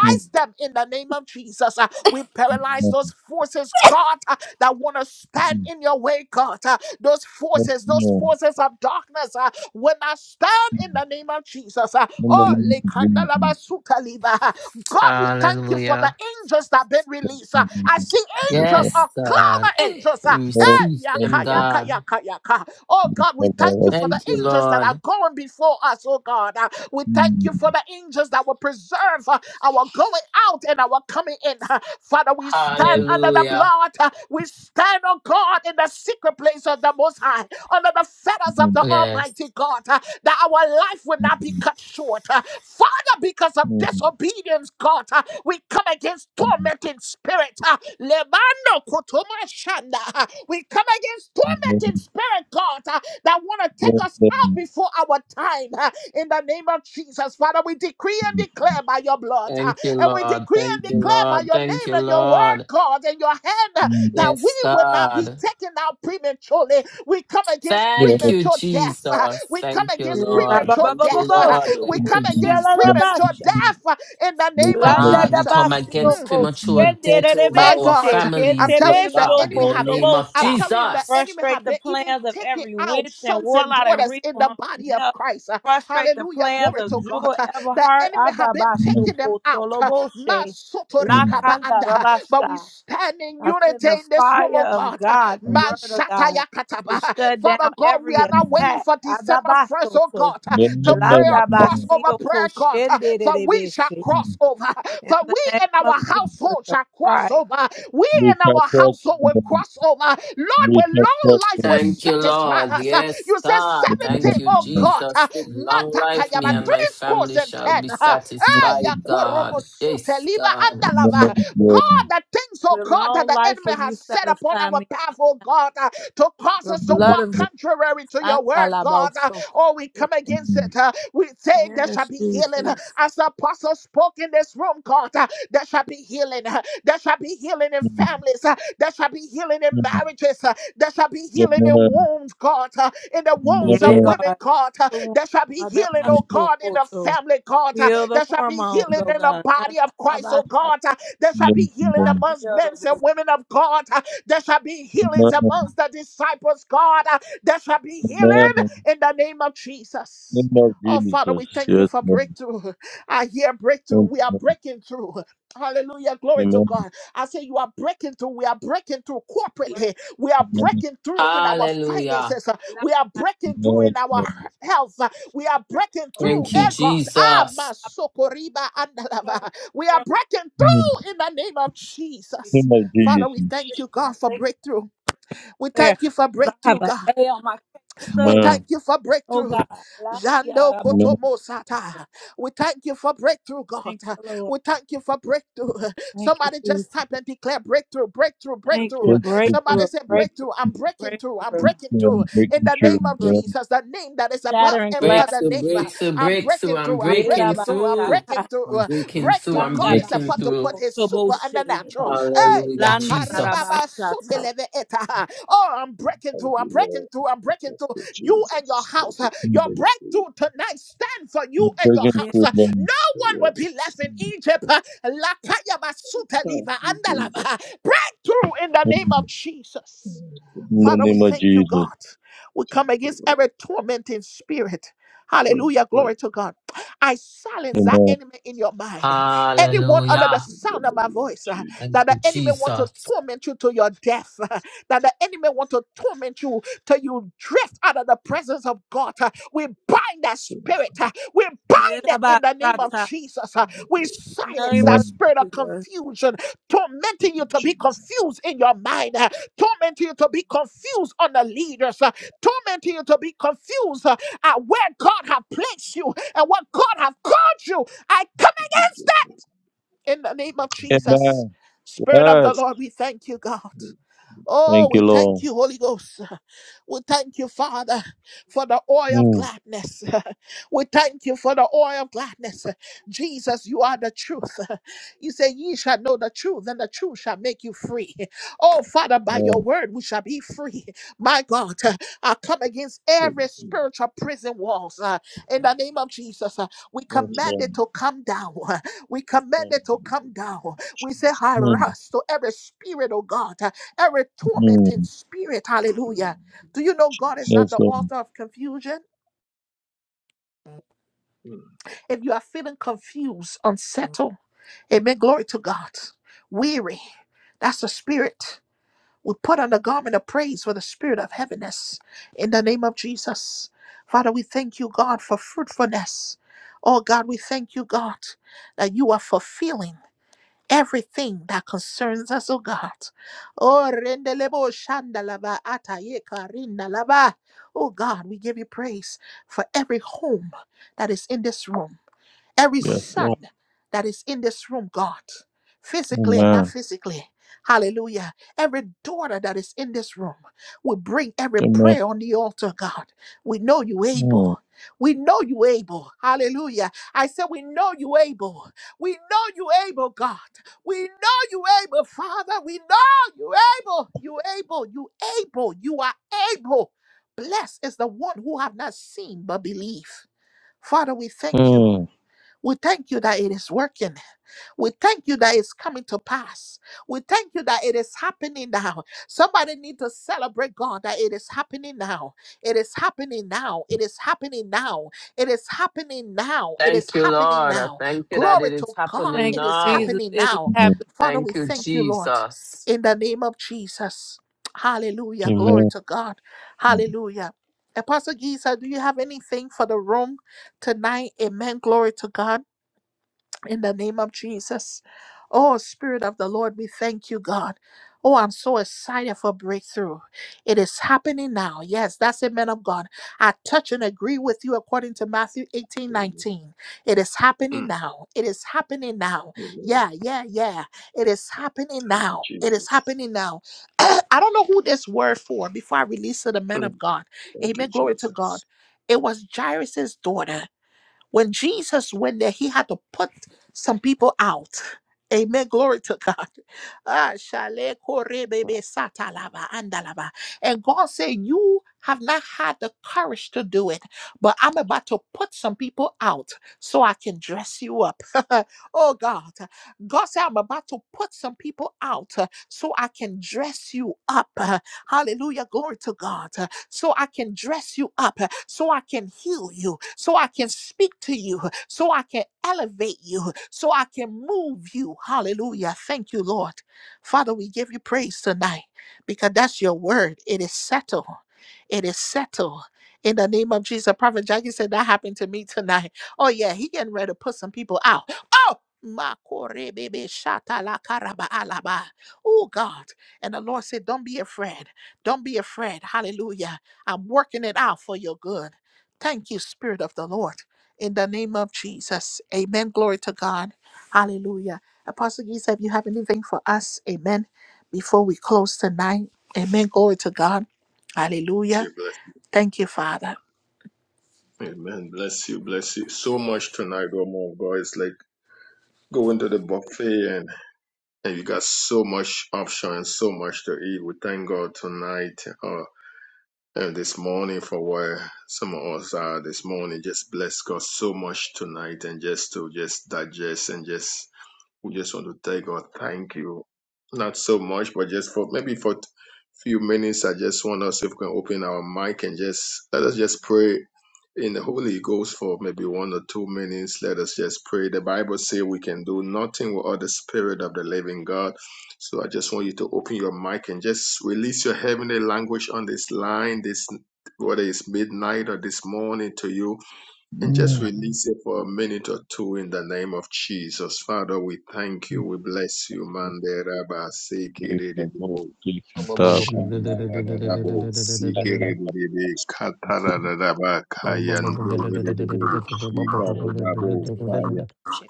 mm, them in the name of Jesus. uh. We paralyze mm, those forces, God, uh, that want to stand mm. in your way, God. Uh, those Yes, forces, those Lord. forces of darkness, uh, when I stand in Mm. the name of Jesus, uh, In the oh, name of Jesus. lekandalabasukaliva, uh, God, we thank you for Hallelujah. the angels that have been released. Uh, Mm, mm, I mm. see Yes, angels Lord. Yes, or cloud God. of Hey, angels. Uh, we Lord. eh, receive Mm, them, yaka, yaka, God. yaka, yaka. Oh God, we thank you for the Thank you, angels that are Lord. going before us, oh God. Uh, we thank you for the angels that will preserve uh, our going out and our coming in. Uh, Father, we stand yes, under the Hallelujah. blood. Uh, we stand, oh God, in the secret place of the Most High under the mm, fetters of mm, the Bless. Almighty God, uh, that our life will not be mm, cut short. uh, Father, because of mm, disobedience, God, uh, we come against mm. tormenting spirit. uh, Lemano kotoma shanda, uh, We come against Yes, Lord Jesus. Mm, mm. Yes, mm. Yes, mm. tormenting spirit, God, uh, that want to take us out before our time. uh, In the name of Jesus, Father, we decree and declare by your blood, uh, Thank you, and we Lord. decree Thank and you, declare by Lord. your Thank name you, and your word, Lord. God, and your hand uh, that we Yes, will not be God. taken out prematurely we come against Thank you, premature death. uh, Jesus. We come Thank you, against Eh, ba- Lord. ba- ba- premature ba- Thank you, ba- death. ba- uh, Lord. We Thank come you, shukuria against Jesus. premature death uh, in the They name come of like Landa God, this. da we come Jesus. Mm, basio against Mm, ko yes, mm, premature shendere death over my our God, rebeshe I'm families, dear telling you, the God, ketebesho enemy in ko the have been, name of I'm tobosa. telling you, the Jesus. enemy Frustrate have the been even plans of taking every out witch and sons and warlock and daughters real in the harm body and of help. Christ. uh, Frustrate the Hallelujah. plans Glory of to mm, God. Jewel uh, The Everhart. enemy have been Adabasho taking them ko out. uh, toloboshe. La mm, kanda Masotorikapaanda, But we rabasha. stand in I send unity the in this room, fire oh of God. Uh, God, the Man mm, word of God, shataya to kataba. shut down Father God, we every are not mm. waiting attack. for December 1st, Adabaso oh to. God, Yes, to pray Lord. a Landa basio crossover ko prayer, God. shendere For we shall rebeshe. cross Mm, over. In For the we name and of our mm. Jesus household of shall cross Christ, over. We We and shall our trust household in will you. cross over. Lord, We where shall long trust life in will Thank you, satisfy Lord. us. Yes, You said you. The name God. of 70, Thank you, the oh God. Jesus. With long life, me Mantakayama, and my three scores family and shall be ten ya satisfied, korobo God. sute Yes, liba God. andalava. Lord. God, the things, oh with God, that long the life enemy will you has set upon satisfy our me. path, oh God, uh, to cause The The us to name blood of walk of the Lord. contrary to your word, God. Uh, Andalaboso. oh, we come The against name it. Uh, we say there shall Yes, be healing. Uh, Jesus. As the apostle spoke in this room, home, God. Uh, There shall be healing. uh, There shall be healing in of the Lord. families. uh, There shall be healing in The marriages. uh, There shall be healing in wombs, God. uh, In the name of wombs the Yeah, of women, God. God. uh, The wound, There shall be healing, Lord. oh God, in the Adabashokoto. family, God. uh, Heal the There shall be hormones, healing oh in the God. body of Christ, oh Andalabasa, God. uh, There shall Yes, be healing Lord. amongst men and Dandielabo. women of God. uh, There shall be The Lord, healings I'm name a amongst the disciples, God. uh, There shall be the healing moment, in the name of Jesus. name of Oh, Father, we Jesus. thank you Yes, for Lord. breakthrough. I hear breakthrough. Thank you, We are Lord. breaking through. blood Hallelujah. The Glory to God. I say, You are breaking through. We are breaking through break, corporately. We are name breaking through in our Hallelujah. finances. blood We are I of Amen. breaking through Amen. in our health. the We are break breaking of the- through. Thank you, Amen. Eh, God. Ah, Jesus. I'm masokoriba a cover I the andalava. We care are of breaking Amen. the Lord. through in the name of Jesus. Name of Father, we thank Jesus. you, I God, for Thank you, breakthrough. We there. thank you for But I have breakthrough, an God. A on my case We study. thank Amen. you for Oh breakthrough. God. Lakia Jando Rabote. Amen. Kotomosata. We thank you for breakthrough, God. Thank you, Lord. We thank you for breakthrough. Thank you, Somebody just Jesus. type and declare breakthrough, breakthrough, Thank breakthrough. you. Thank you. Somebody Breakthrough, say breakthrough, breakthrough. Jesus. I'm breaking through. I'm breakthrough, breaking through in Making the sure, name of breakthrough. man. Jesus, the name that is above Shattering every glass. other Breakthrough, name. breakthrough, I'm breakthrough. breaking I'm through. I'm breaking breaking through. I'm through. breaking Yerabashata. through. I'm breaking through. Breakthrough. I'm God Landa is breaking about to basu put through. his super and the kotoboshe. natural. Hey, Hallelujah, ya Landa Jesus. karibaba rabashata. sundeleve eta. Oh, I'm breaking through. I'm breaking through. I'm breaking through you and your house. uh, Your breakthrough tonight stand for you and your Breaking Ye- house. through uh, them No one will be left in Egypt. uh, Lakaya basuta liva andalava. Breakthrough in the name of in Jesus. the Father, we name of thank you, Jesus. God. We come against every tormenting spirit. Hallelujah. Glory to God. I silence that Amen. enemy in your mind. Anyone under the Hallelujah. sound of my voice uh, Thank that the you, enemy want to Jesus. torment you to your death, uh, that the enemy want to torment you till you drift out of the presence of God. uh, we bind that spirit. uh, we bind it in the name of Yerabashata. Jesus. uh, we In the silence name that of Amen. spirit of Jesus. confusion tormenting you to be confused in your mind. uh, Tormenting you to be confused on the leaders, uh, tormenting you to be confused uh, at where God have placed you and what God have called you. I come Jesus, against that in the name of Jesus. Amen. Spirit of the Yes. Lord, we thank you, God. Oh, Thank you, we thank Lord. you, Holy Ghost. We thank you, Father, for the oil of Mm. gladness. We thank you for the oil of gladness. Jesus, you are the truth. You say, Ye shall know the truth, and the truth shall make you free. Oh, Father, by your Yeah. word, we shall be free. My God, uh, I come against Thank every spiritual prison walls uh, in the name of Jesus. uh, We Yes, you, command Lord. it to come down. We command it to come down. We say, Mm. harass to every spirit, oh God. uh, every tormenting Mm. spirit. Hallelujah. Do you know God is Yes, not Jesus. the Lord. author of confusion? Mm, If you are feeling confused, unsettled, amen. Glory to God. Weary. That's the spirit. We put on the garment of praise for the spirit of heaviness in the name of Jesus. Father, we thank you, God, for fruitfulness. Oh, God, we thank you, God, that you are fulfilling. everything that concerns us, oh God. Oh, rendelebo shandalaba atayeka rindalaba. Oh God, we give you praise for every home that is in this room every Yes, son Lord. that is in this room, God, physically and not Amen. physically. Hallelujah. Every daughter that is in this room, we bring every Amen. prayer on the altar, God. We know you Mm. able. We know you able. Hallelujah. I said, We know you able. We know you able, God. We know you able, Father. We know you able. You able. You able. You are able. Blessed is the one who have not seen but believe. Father, we thank you Mm. we thank you that it is working. We thank you that it's coming to pass. We thank you that it is happening now. Somebody need to celebrate God that it is happening now. It is happening now. It is happening now. It is happening now. It is Thank you, happening Lord. I now. thank you that Glory it is to God. happening Thank It is you, now. Jesus. happening It is now. Mm. happening. Father, we Thank you, thank you, Lord, Jesus. in the name of Jesus. Hallelujah. Glory Amen. to God. Mm. Hallelujah. Apostle Giza, do you have anything for the room tonight? Amen. Glory to God in the name of Jesus. Oh, Spirit of the Lord, we thank you, God. Oh, I'm so excited for breakthrough. It is happening now. Yes, that's it, man of God. I touch and agree with you according to Matthew 18:19. Amen. It is happening Mm, now. It is happening now. Amen. Yeah, yeah, yeah. It is happening Thank you, now. It is Jesus. happening now. I don't know who this word for before I release to the men Mm, of God. Thank you, Amen. Glory to God. Jesus. It was Jairus's daughter. When Jesus went there, he had to put some people out. Amen. Glory to God. Ah, shale kore bebe satalaba andalaba. And God said, You have not had the courage to do it, but I'm about to put some people out so I can dress you up. oh, God. God said, I'm about to put some people out uh, so I can dress you up. Uh, Hallelujah. Glory to God so I can dress you up, so I can heal you, so I can speak to you, so I can elevate you, so I can move you. Hallelujah. Thank you, Lord. Father, we give you praise tonight because that's your word. It is settled. It is settled. In the name of Jesus, Prophet Jackie said that happened to me tonight. Oh, yeah, he getting ready to put some people out. Oh, Makore bebe shata la karaba alaba. Oh God. And the Lord said, Don't be afraid. Don't be afraid. Hallelujah. I'm working it out for your good. Thank you, Spirit of the Lord. In the name of Jesus. Amen. Glory to God. Hallelujah. Apostle Giza, if you have anything for us, amen. Before we close tonight, amen. Glory to God. Bless Hallelujah. you, bless Thank you, Father. you. Amen. Bless you, bless you. So much tonight, oh like go in, and you got so much of so much. We thank God tonight uh, and this morning for where some of us are this morning. Just bless God so much tonight, and just to just digest and just we just want to thank God. Thank you. Not so much, but just for maybe for few minutes, I just want us if we can open our mic and just let us just pray in the Holy Ghost for maybe one or two minutes. Let us just pray. The Bible says we can do nothing without the Spirit of the Living God. So I just want you to open your mic and just release your heavenly language on this line, this whether it's midnight or this morning to you, and just Mm. release it for a minute or two in the name of Jesus. Father, we thank you. We bless you, Let's man. pray for more faith and talk. Hallelujah, Shandarabo, Let's have Sikeredebe, a- Katararaba, Kayantorebe, Shikaredabo,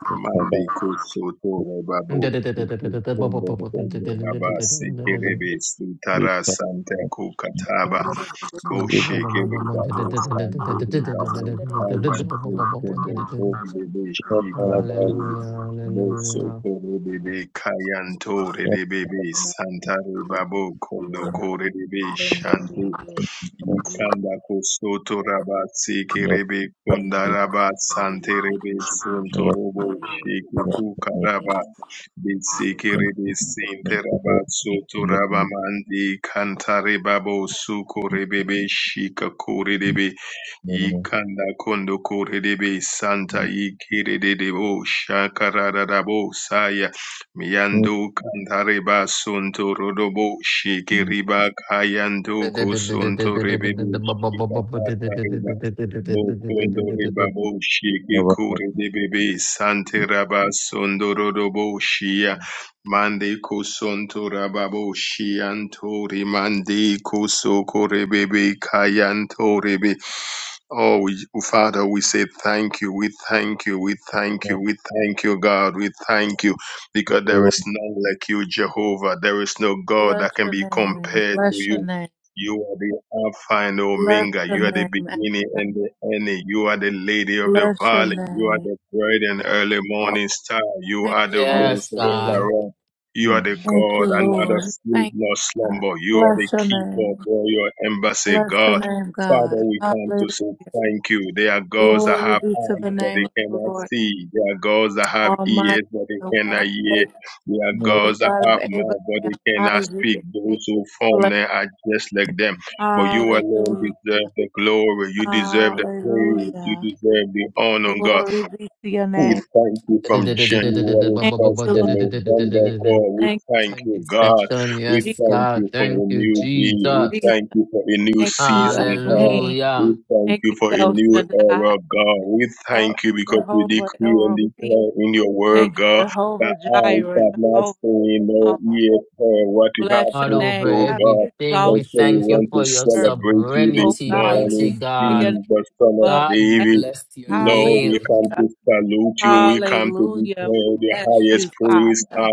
let's have Mande a- kusoto let's babu kukumbe kumbe baba have sekerebe sutara santa a- let's have In kukataba bo a- shekere babo sankere babo kayan kukumbe kumbe be Yes, shikan Lord. kore bo hallelujah. sokore bebe kayan tore de bebe santare babo kondo kore de be shante Ikanda kusoto rabat siki ribi kunda Ikandako sotoraba sekerebe kondaraba the santerebe sontorobo sheke kukaraba besekerebe soto sotoraba mandi kantareba bo sukorebebe shikakorebe Yikanda kondo korerebe santa yikererebo shakararabo saya miyando kandareba sonto rodobo shikiriba kayando kosonto rebebe shikatareba bokondo rebabo shikikorerebe sante raba sondo rodobo shia Mandi kusonto rababo shiantori, Mandi kusoko rebebe kayanto rebe. Oh, Father, we say thank you. We thank you. We thank you. We thank you, God. We thank you because there is none like you, Jehovah. There is no God Bless that can your be name. compared to Bless your you. You are the Alpha and name. Omega. Bless your name. You are the beginning Adonai. and the end. You are the Lady of the Bless your Valley. You are name. the bright and early Oh, morning star. You thank are the you, Holy Rose Yes, of God. Spirit. Sharon. You are the Thank you, God, another Lord. sleep Thank nor you, God. slumber. You are the Bless your keeper of name. all your embassy, Bless your God. name, Father, God. we come to say Hallelujah. thank you. There are gods that Glory have be to eyes, the but name they of the cannot Lord see. There are gods that have Almighty, ears, but the they one cannot of hear. Jacob, There are the gods that God of have mouth, but Abraham, they cannot Isaac, speak. and Jacob. Those who form Bless. them are just like them. But you alone Hallelujah. deserve the glory. You deserve the praise. You Hallelujah. deserve the honor, God. Glory be to your We name. thank you from January Thank 1st you, to Lord. November, God. We Thank you, thank Father. you, God. 22nd, We yes, Jesus, thank God. you for Thank a you, new day. We Jesus. thank Jesus. you for a new Thank you, season, God. Elohim. We Hallelujah. thank Thank you you, for a El new Shaddai, era, God. We thank El you because we Jehovah, El decree and Rafi. declare in your word, Thank you, God, that Jehovah eyes Jireh, have not Jehovah. seen, no Jireh. ears heard what you have Bless your God, in name. over store, God, we God. everything, exalt And we so you we thank above you want to for your the earth. celebrate you this Oh sovereignty, God, we morning, mighty sing your God. name Jesus, Son of above the God, we heaven. David. bless your Lord, we name. come Hallelujah. to salute you. We come to Hallelujah. declare We the bless you, highest praise. Father.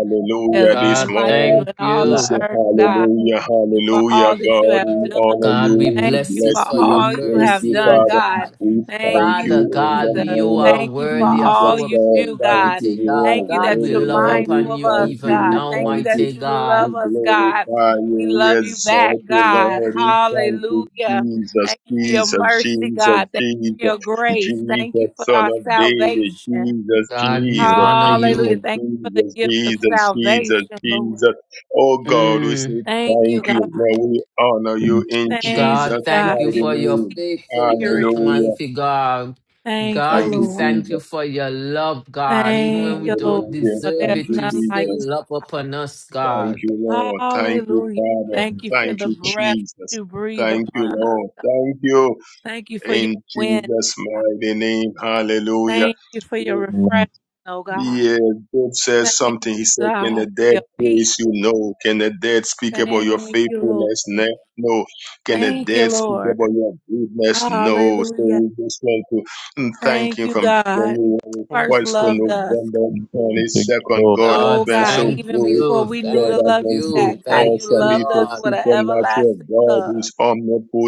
There's This none God, like you morning, thank in all we the you. say earth, God. hallelujah, you for hallelujah. all that you God, have we done. honor God, you. we Thank We you bless you bless for for you. your We all you praise have you, mercy, oh done, Father. God. God. We Thank thank you, Father you in the God, we Jesus. you name of are Thank you for worthy of all Jesus, our you God. do, praise, Thank God. you. mighty You God. Thank are you God, that we you're worthy, love Lord. mindful upon We of you us, thank you. even We God. now, Thank you thank that you. mighty you We God. love us, God. glorify We you. We love you back, exalt you, God. Lord. We thank you, Hallelujah. Jesus, Thank you for your Jesus, mercy, Jesus, God. Thank you for Jesus. your grace. Thank you Jesus, for Son our of David, salvation. Jesus, God, we Jesus, honor Hallelujah. Jesus, you. Thank you for the Jesus, gift of Jesus, Jesus, salvation, Lord. Jesus. Oh God, we Mm. say Thank you, thank you. God. Now we honor you in Thank God, you, Jesus' God, thank you for mighty your for your sweet name. faithfulness, spirit. Hallelujah. mighty God. Thank you, God, Thank we you, Lord. thank you Jesus. for your love, God. Even Thank when we you, Lord. don't Hallelujah. For deserve Thank there's it, you, you none like still Jesus. you. love upon us, Thank God. you, Father. Lord. Thank you, Hallelujah. Father. Thank you for Thank the you, breath Jesus. you breathe Thank you, upon us. Lord. God. Thank you Thank you for your in wind. Jesus' God. mighty name. Hallelujah. Thank you for your refreshment, oh God. Yeah, God says Thank something. He you, said, Can God, the for dead your peace. praise you? No. Can the dead speak about your Thank you, faithfulness? Lord. Ne- No. Can the Thank you, dead speak Lord. about your goodness? No. So Hallelujah. we just want to mm, thank Thank him you, from God. genuine Thank First you, What's the Father. loved us. November 22nd? God has Oh God, been God, so thank even good. before you, we knew God to thank has love been you back, you, so God, thank you you, awesome. He's loved a us Lord. with an supernatural everlasting God love. who's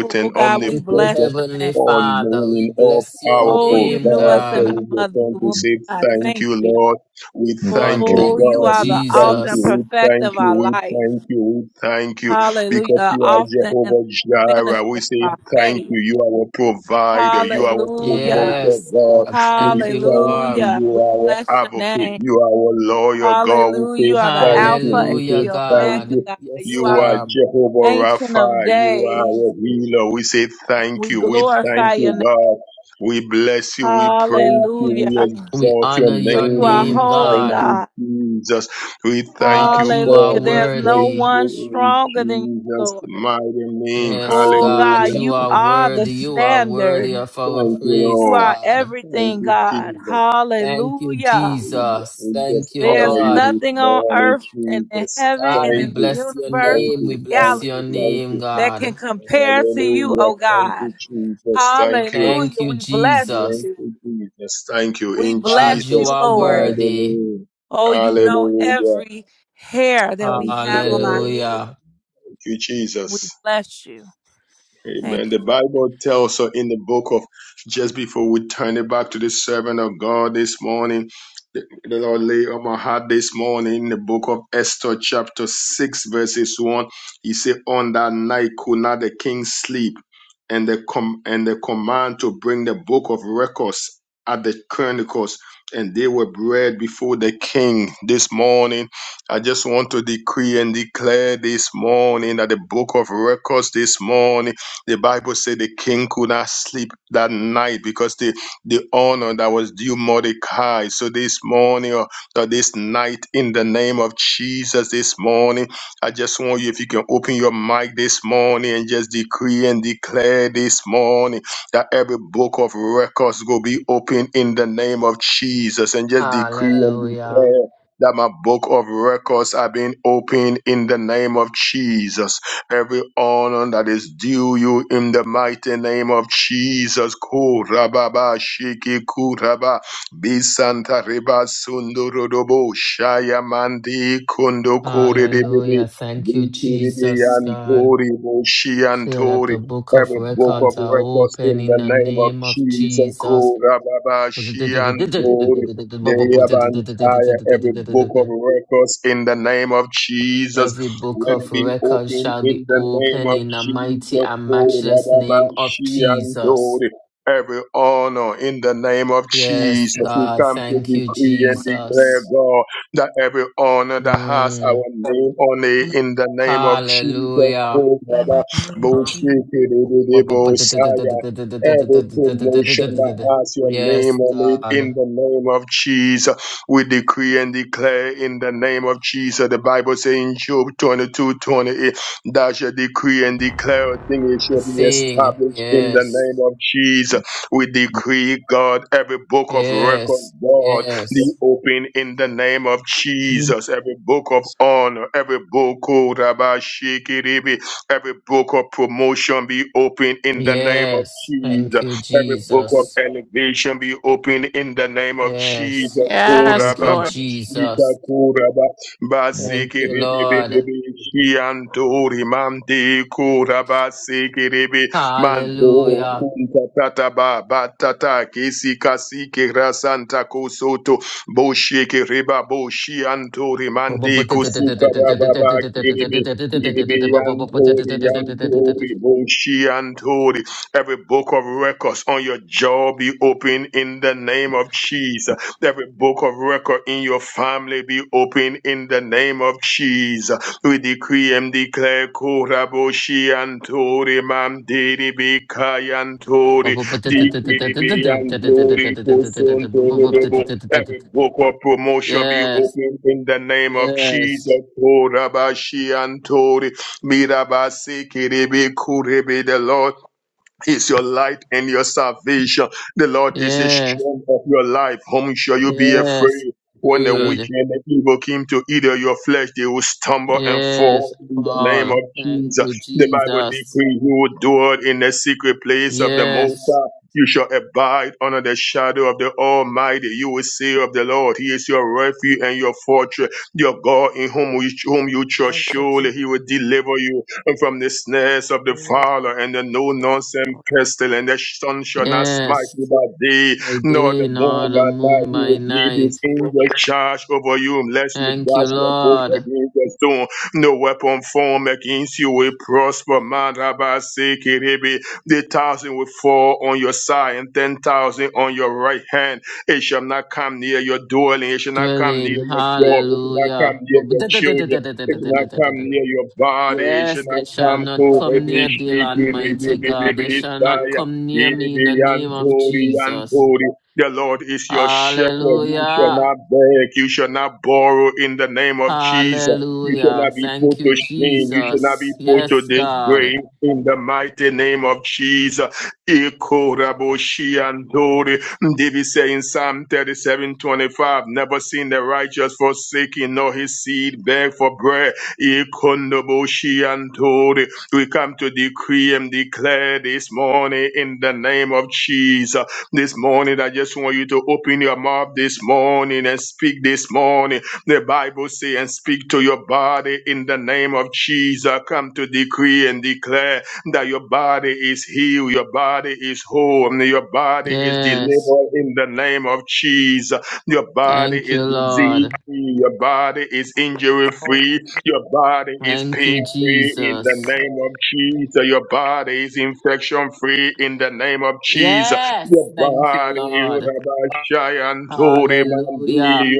Oh God, we Thank you, bless omnipresent, your Heavenly name. all Father. We knowing, all bless your Oh, powerful you name, knew us God. in God. our So we just mother's want to womb. say God, thank thank you, you. Lord. We Lord, thank you, Oh, thank you you, God. are the We thank author and you. Jesus. We perfect thank of you. our We life. thank you. We thank you. Hallelujah. Because The you are Author and Jehovah finisher Jireh. We of say our thank faith. you. You are our provider. You are our Hallelujah. promoter, Yes, God. God, We thank you, thank you. Lord. Hallelujah. You We are our bless your advocate. name. You are our lawyer, God. We Hallelujah. say You are the thank Alpha you. and We Hallelujah, the say thank Omega, God. you. God. Yes, You You are are the God. Jehovah Ancient of Rapha. You are days, our healer. We say thank we you. We thank glorify your you, name. God. We bless you. We praise you. We Hallelujah. We exalt your honor For your you name. are We name, holy, thank God. you, God. Jesus. We thank God, you, you are Hallelujah. God. We There's no thank worthy. one you in stronger than you, Jesus' Lord. mighty name. Yes, Oh, God, God, Hallelujah. you you are are the worthy. You are worthy standard. of our Thank you, praise, You Lord. are God. Thank everything, you, God. Jesus. Thank you, Hallelujah. Hallelujah. Jesus. We just Thank you, There's honor you Lord. this nothing on morning, earth and in Jesus. heaven God, and we Thank in the you. bless your universe Thank or name. We the you. bless Thank your you. galaxy Thank name, you. that can God. compare to you, Hallelujah. oh Thank God. you, Jesus. Thank you. Thank Hallelujah. you, We bless Jesus. Thank you. you, Jesus. Thank you. We In God, bless you Jesus' you, are Lord. mighty worthy. name. Oh, you know Hallelujah. every hair that we Thank you, have on our Lord. head. Hallelujah. Thank you, We Jesus. bless you. Thank Amen. The you. Bible tells us in the book of just before we turn it back to the servant of God this morning, the the Lord lay on my heart this morning in the book of Esther, chapter 6, verses 1. He said, On that night could not the king sleep, and the com- and the command to bring the book of records at the chronicles, and they were read before the king this morning. I just want to decree and declare this morning that the book of records this morning the Bible said the king could not sleep that night because the, the honor that was due Mordecai. So this morning or, or this night, in the name of Jesus, this morning, I just want you, if you can open your mic this morning and just decree and declare this morning that every book of records will be open in the name of Jesus and just decree and Hallelujah. declare that my book of records are being opened in the name of Jesus every honor that is due you in the mighty name of Jesus. Kurababa shiki kuraba bisanta reba sundurudobo shayamandi kundo kuridibi Hallelujah. Thank you, vikiribi Jesus, God. antori boshi clear that antori. the book of Every book of records are records open in in the the name of name of Jesus. Jesus. Kurababa shiantori. They have entire every book of records in the name of Jesus. Every book Let it of be records open shall in be the name open of in the mighty Jesus. and Lord. matchless name of Jesus. Rababashiantore. Every honor in the name of Yes, Jesus. We God, come to thank you, decree and declare, Jesus. God, that every honor that has Mm, our name on it in the name of Jesus. Oh, hallelujah. Lord. name of Jesus. Rababashikidididibosaya. Every promotion that has your Yes, name on it in God. the name of Jesus. We decree and declare in the name of Jesus. The Bible says in Job twenty-two twenty-eight. 28, thou shalt decree and declare a thing, it A shall be thing. established in the Yes. name of Jesus. We decree, God, every book of record, Yes, God, be yes, open in the name of Jesus. Every book of honor, every book, oh, Rabbi Shikiribi, every book of promotion be open in the name of yes. Jesus. Thank you, Every book of Jesus. elevation be opened in the name of Jesus. Yes. Yes, Thank you, Korababa, Lord. Shika, Jesus. Koraba, Basiki, Thank you, Ribi, Bibi, Lord. Bibi, Shianto, Rimante, Koraba, Siki, Ribi, Mando, Hallelujah. Kunta, Tata, Baba, Tata, Kisi, Kasiki, Rasanta, Kosoto, Boshiki, Riba, Boshianto, Rimante, Kusuka, Baba, Kiribi, Kiribi, Yantori, Yantori, Boshiantori, Every book of records on your jaw be open in the name of Jesus. Every book of record in your family be open in the name of Jesus. We decree and declare Koraboshi Antori Mandiri Bikayantori Dikiribi Antori Kosontori. Every book of promotion be Yes, open in the name of Jesus. yes, Korabashi Antori Mirabasi Kiribi Kuribi the Lord is your light and your salvation. The Lord is the yes, strength of your life. Whom shall you be yes. afraid? When the Breathe. wicked and the evil came to eat of your flesh, they will stumble and Yes, fall in the name of Paul. Thank Jesus. you, The Bible Jesus. decrees you will dwell in the secret place of the Most Yes, High. You shall abide under the shadow of the Almighty. You will say of the Lord, He is your refuge and your fortress, your God in whom, we, whom you trust. Thank you, Surely Jesus. He will deliver you from the snares of the Mm, fowler and the no nonsense Lord, pestle, and the sun shall not smite yes. you by day, By nor the day, nor moon the by night. moon He by will give his night. angels charge over you, lest you Thank you, dash your foot Lord. against the stone. No weapon formed against you will prosper. Man, Rabbi, say, Kiribi, the thousand will fall on your side, and ten thousand on your right hand. It shall not come near your dwelling. It shall not come near Dwelling, your job. It shall not come hallelujah. Bu- near bu- your da- da- da- da- children. da- da- da- da- It should da- not da- da- come da- da. near your body. It should Yes, not they shall come not close. come be near thee, shaky, it be- Almighty it be- God. They be shall not tired. come near It me in the be name of antori, Jesus. antori. The Lord is your shepherd. You shall Hallelujah. not beg. You shall not borrow in the name of Jesus. You shall Hallelujah. not be put Thank to you, shame. You shall not be Jesus. put to Yes, God. disgrace in the mighty name of Jesus. Ikoraboshi andori Mm, David said in Psalm 37 25, Never seen the righteous forsaken, nor his seed beg for bread. Ikonoboshiantori. We come to decree and declare this morning in the name of Jesus. This morning, I just want you to open your mouth this morning and speak this morning. The Bible says, and speak to your body in the name of Jesus. Come to decree and declare that your body is healed, your body is whole, and your body is Yes. delivered in the name of Jesus. Your body Thank is you, disease Lord. free, your body is I'm holy, injury free, holy. your body is Thank pain you, free in the Jesus. name Mm. of Jesus. Your body is infection free in the name of Jesus. Yes. Your Thank you, body, Lord. Rabashayantori Hallelujah.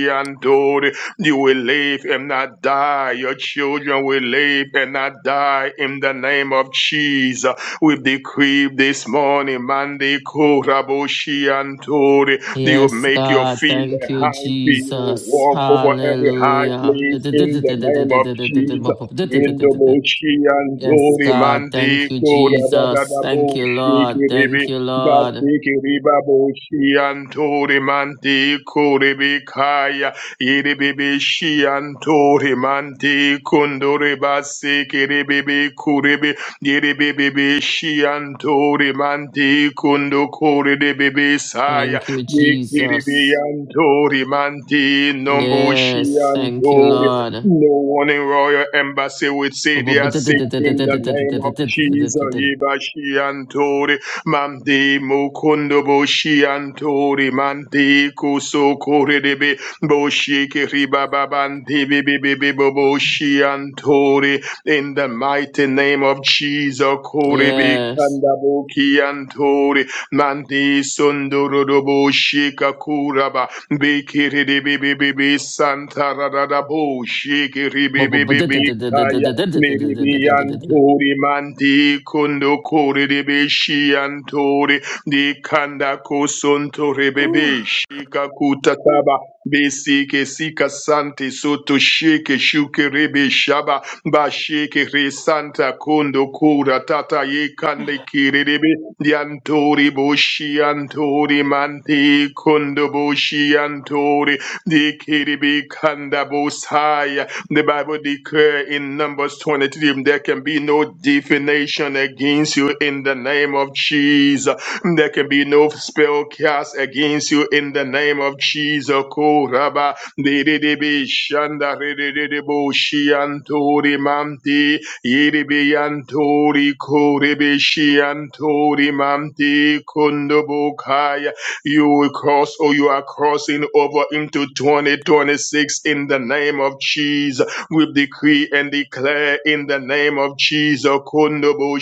Mandiyon you will live and not die. Your children will live and not die in the name of Jesus. We decree this morning, Mandi Kurabushi Antori. You Yes, make your God. feet Thank like you, high feet. You will Jesus. walk over every high Hallelujah. place in the name of Jesus. In the Bushi Yes, Antori, God. Mandi Thank you, Jesus. Thank you, Kurabushi Lord. Kiribi. Thank you, Lord. Basiki riba boshi antori mandi kuri bika Yiribibi Shiantori Manti Kunduriba Sikiribibi Kuribi Yiribibi Shiantori Manti Kundukuri de Bibi Saya Thank you, Yikiribi Jesus. Antori Manti Nombu Yes. Thank you, Shiantori Lord. no one in royal embassy would say they are sick in the name of Jesus. Yibashi Antori, Mamdi Mukundobo Shiantori, Manti Kusukuri Boshiki riba babanti bibi bibi boboshi antori. In the mighty name of Jesus, kori bi Yes. kandaboki antori. mandi sunduru doboshi kakuraba. Bikiri bibi bibi bi santa radada boshi kiri bibi bibi kaya. Miri bi antori manti kundo kori bibi shi antori. Nikanda kosonto Ooh. rebebe shika kutataba besike sika sante soto sheke shuke rebe shaba ba sheke re santa kondo kura tata ye kande kirebe diantori boshi antori manti kondo boshi antori de kirebe kanda bosaya the Bible declare in Numbers 23 there can be no defamation against you in the name of Jesus. There can be no spell cast against you in the name of Jesus. Koraba dededebe shanda rededebo shiantori mamti yedebe yantori korebe shiantori mamti kundobokaya. You will cross or you are crossing over into 2026 in the name of Jesus we decree and declare in the name of Jesus. Kundobo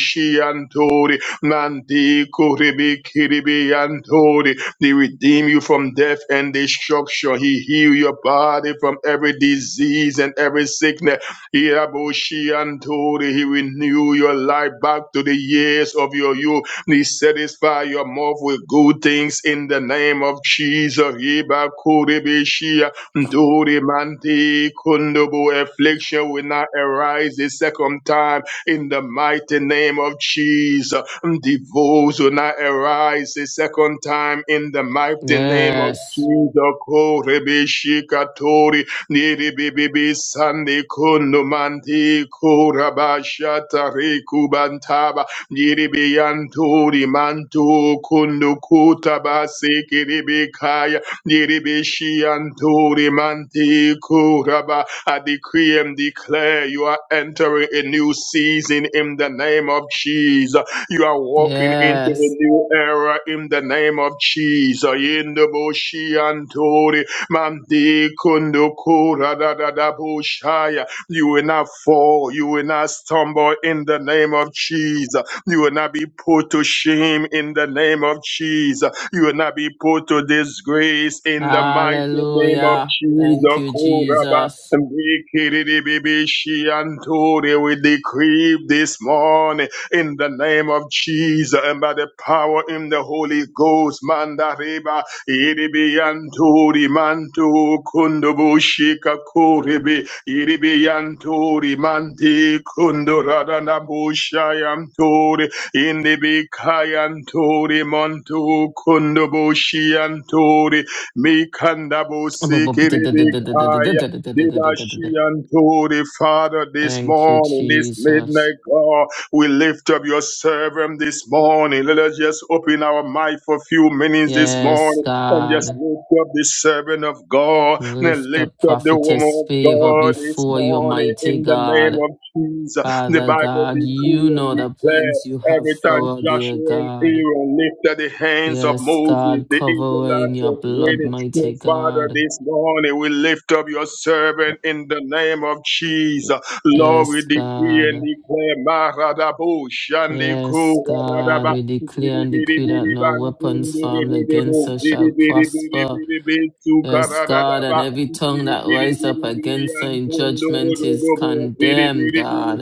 Nandi Kuribi Kiribi Andori. He redeemed you from death and destruction. He healed your body from every disease and every sickness. He Aboshi Andori. He renewed your life back to the years of your youth. He satisfy your mouth with good things in the name of Jesus. Iba Kuribi Shia Andori Mandi Kundubu. Affliction will not arise the second time in the mighty name of Jesus. Divorce will not arise a second time in the mighty name of Jesus. Yes. Korebishikatori, niribibibi sandi kunumanti kurabashata rekubantaba, niribiyanturi mantu kundukutabasi kiribikaya, niribishianturi manti kuraba, I decree and declare you are entering a new season in the name of Jesus. You are walking into a Yes. new era in the name of Jesus. In the Boshi Antori, Mandi Kundukura da da da Bushaya. You will not fall, you will not stumble in the name of Jesus. You will not be put to shame in the name of Jesus. You will not be put to disgrace in the mighty name of Hallelujah. Thank Jesus. you, Kura ba Jesus. Mikiribibishianturi, We decree this morning in the name of Jesus and by the power in the Holy Ghost. Mandariba iribianturi mantu kundubushika kuribi iribianturi manti kunduradanabushayanturi indibikayanturi mantu kundubushianturi mikandabusikiribikaya did she unto the Father this Thank you, morning, this Jesus. midnight, God? We lift up your servant this morning. Let us just open our mind for a few minutes this Yes, morning and just God. lift up the servant of God and Lift up lift up the prophetess woman of favor God this before your morning mighty in the name God. of Jesus. The Father Bible God, decree you and know the declare plans you have every time for her, dear Joshua and God. Aaron lifted the hands of Yes, Moses, God, the cover her in Israelites your was blood, waiting so, mighty Father, God. this morning we lift up your servant in the name of Jesus. Lord, we Yes, decree and God. declare Maradabu Yes, Shandiku God, Radaba we declare and decree that no weapons formed Bidibidibidibantunduruduru against her shall prosper. Bidibidibidibidibitsu Yes, God, Karadadaba and every tongue that rises up against her in judgment is Bidibidibidibidibantunduruduru condemned, God.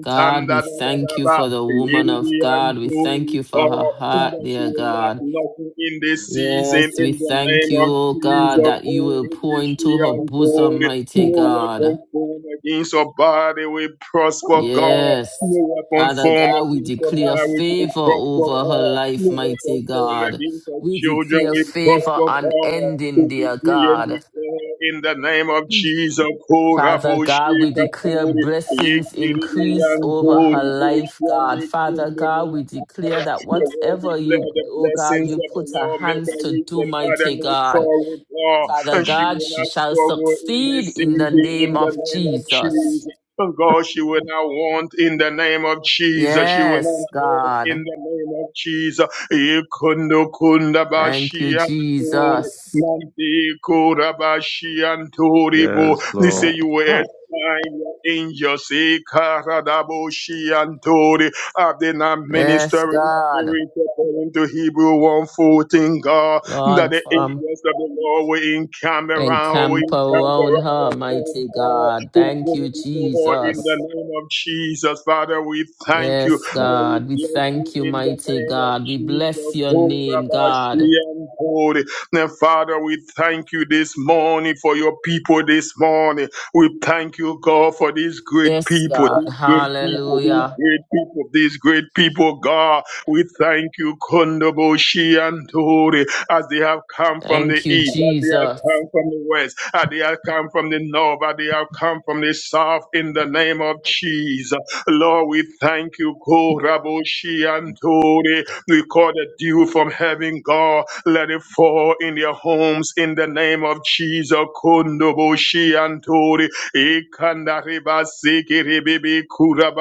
God, we thank you for the woman of God. We Yidibianturi thank you for God, her heart, that you dear will lack God. nothing in this season Yes, we in the thank name you, of O God, Jesus. that you Oh, will pour into her bosom, Ribishi mighty no weapon God. formed against our body will prosper, God. Yes. No weapon Father formed God, we against our declare marriage will favor prosper, over her God. life, No weapon mighty formed God. against our We children declare will favor prosper, God. We unending, dear decree and God. declare in the name of Jesus. Father God, we Koraboshika declare Kori, blessings Yikiri increase over her Yandori, life, Boshwande God. Father God, we declare Kundobaya. that Your word whatever declare you, the oh God, blessings you of the put her Lord make hands a to rich do, and add mighty no God. sorrow, God Father and she God, will she not shall struggle in this succeed in season the in name the of name of Jesus. Jesus. And God, she will not want in the name of Jesus. She will not Yes, want in God. the name of Jesus. Ikundo kunda Thank you, bashi anturi, Jesus. manti kura bashi anturi bo. They say you will assign your angels, ikarabo shi anturi. Have they not Yes, ministering God. spirit according to Hebrew 1:14, God? that Lord, the from angels of the Lord will encamp around, will encamp camp encamp around around her, her, oh mighty God, God. who go Thank you, before her in the Jesus. name of Jesus. Father, we thank you. Yes, Lord, we God. We bless you thank you, in the mighty name of God. We Jesus. bless your Oh, name, Rabbi, she God. and holy. Now, Father, we thank you this morning for your people this morning. We thank you, God, for these great Yes, people, God. these great people, these Hallelujah. great people, these great people, God. We thank you, Kondobo Shiantori as they have come from the Thank you, east, as they have Jesus. come from the west, as they have come from the north, as they have come from the south, in the name of Jesus. Lord, we thank you, Koraboshi Antore. We call the dew from heaven, God. Let it fall in their homes in the name of Jesus. Kondoboshi Antore. Ikanda reba siki ribibi kura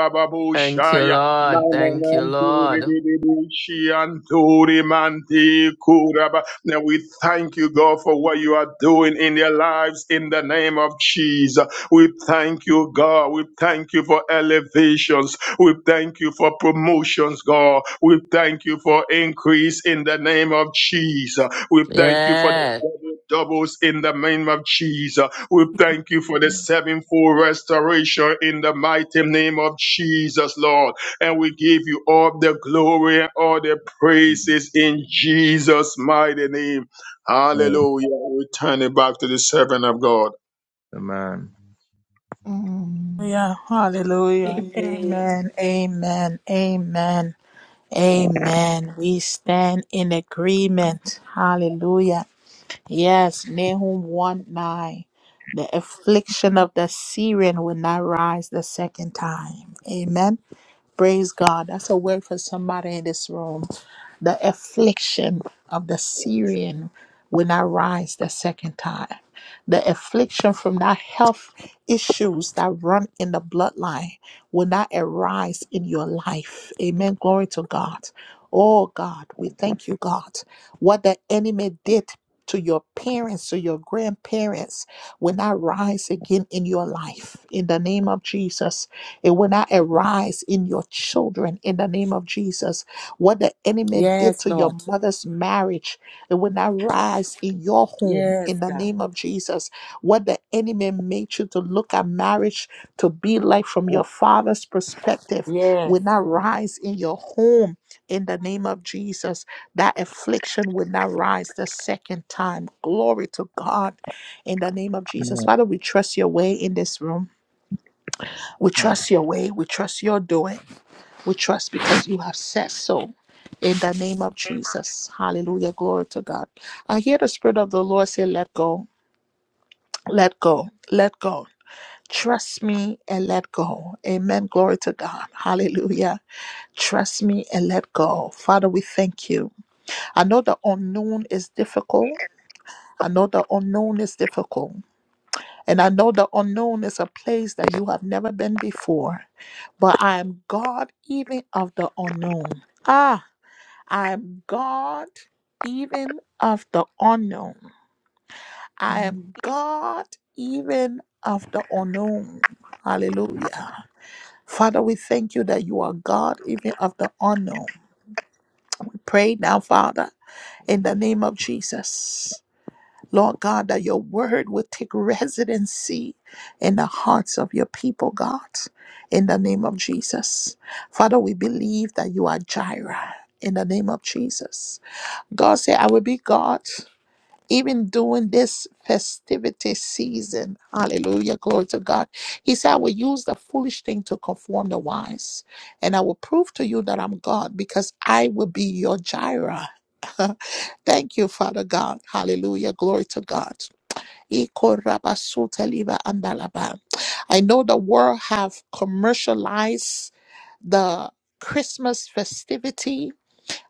Thank you, now Lord. we Thank you, thank Lord. you, God, for what you are doing in their lives in the name of Jesus. We thank you, God. We thank you for elevations. We thank you for promotions, God. We thank you for increase in the name of Jesus. We thank you for the Yes. double doubles in the name of Jesus. We thank you for the sevenfold restoration in the mighty name of Jesus, Lord. And we give you all the glory and all the praises in Jesus' mighty name. Hallelujah. We turn it back to the servant of God. Hallelujah. Hallelujah. Amen. Amen. Amen. Amen. Amen. We stand in agreement. Hallelujah. Yes, Nahum 1 9. The affliction of the Syrian will not rise the second time. Amen. Praise God. That's a word for somebody in this room the affliction of the Syrian will not rise the second time. The affliction from that health issues that run in the bloodline will not arise in your life. Amen. Glory to God. Oh God, we thank you, God. What the enemy did to your parents, to your grandparents, will not rise again in your life. In the name of Jesus, it will not arise in your children. In the name of Jesus, what the enemy did Yes, to your Lord. mother's marriage, it will not rise in your home Yes, in the God. name of Jesus. What the enemy made you to look at marriage to be like from your father's perspective Yes, will not Lord. rise in your home in the name of Jesus. That affliction will not rise the second time. Glory to God in the name of Jesus. Father, we trust your way in this room. We trust your way. We trust your doing. We trust because you have said so. In the name of Jesus. Hallelujah. Glory to God. I hear the Spirit of the Lord say, Let go, let go, let go. Trust me and let go. Amen. Glory to God. Hallelujah. Trust me and let go. Father, we thank you. I know the unknown is difficult. I know the unknown is difficult. And I know the unknown is a place that you have never been before. But I am God even of the unknown. Ah, I am God even of the unknown. I Mm. am God even of the unknown. Hallelujah. Father, we thank you that you are God even of the unknown. Pray now, Father, in the name of Jesus. Lord God, that your word will take residency in the hearts of your people, God, in the name of Jesus. Father, we believe that you are Jireh in the name of Jesus. God said, I will be God even during this festivity season. Hallelujah. Glory to God. He said, I will use the foolish thing to conform the wise, and I will prove to you that I'm God because I will be your Jireh. Thank you, Father God. Hallelujah. Glory to God. I know the world have commercialized the Christmas festivity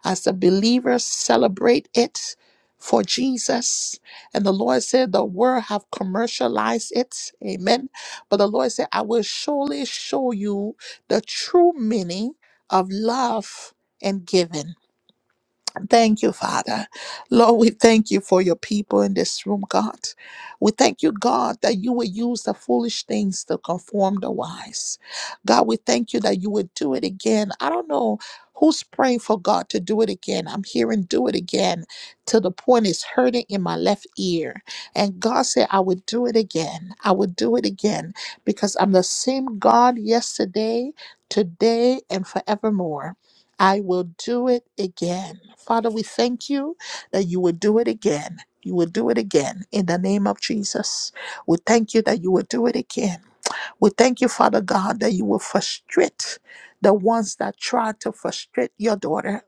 as a believer, celebrate it for Jesus. And the Lord said, the world have commercialized it. Amen. But the Lord said, I will surely show you the true meaning of love and giving. Thank you, Father. Lord, we thank you for your people in this room, God. We thank you, God, that you will use the foolish things to conform the wise. God, we thank you that you would do it again. I don't know who's praying for God to do it again. I'm hearing do it again to the point it's hurting in my left ear. And God said, I would do it again. I would do it again because I'm the same God yesterday, today, and forevermore. I will do it again. Father, we thank you that you will do it again. You will do it again in the name of Jesus. We thank you that you will do it again we thank you, Father God, that you will frustrate the ones that try to frustrate your daughter.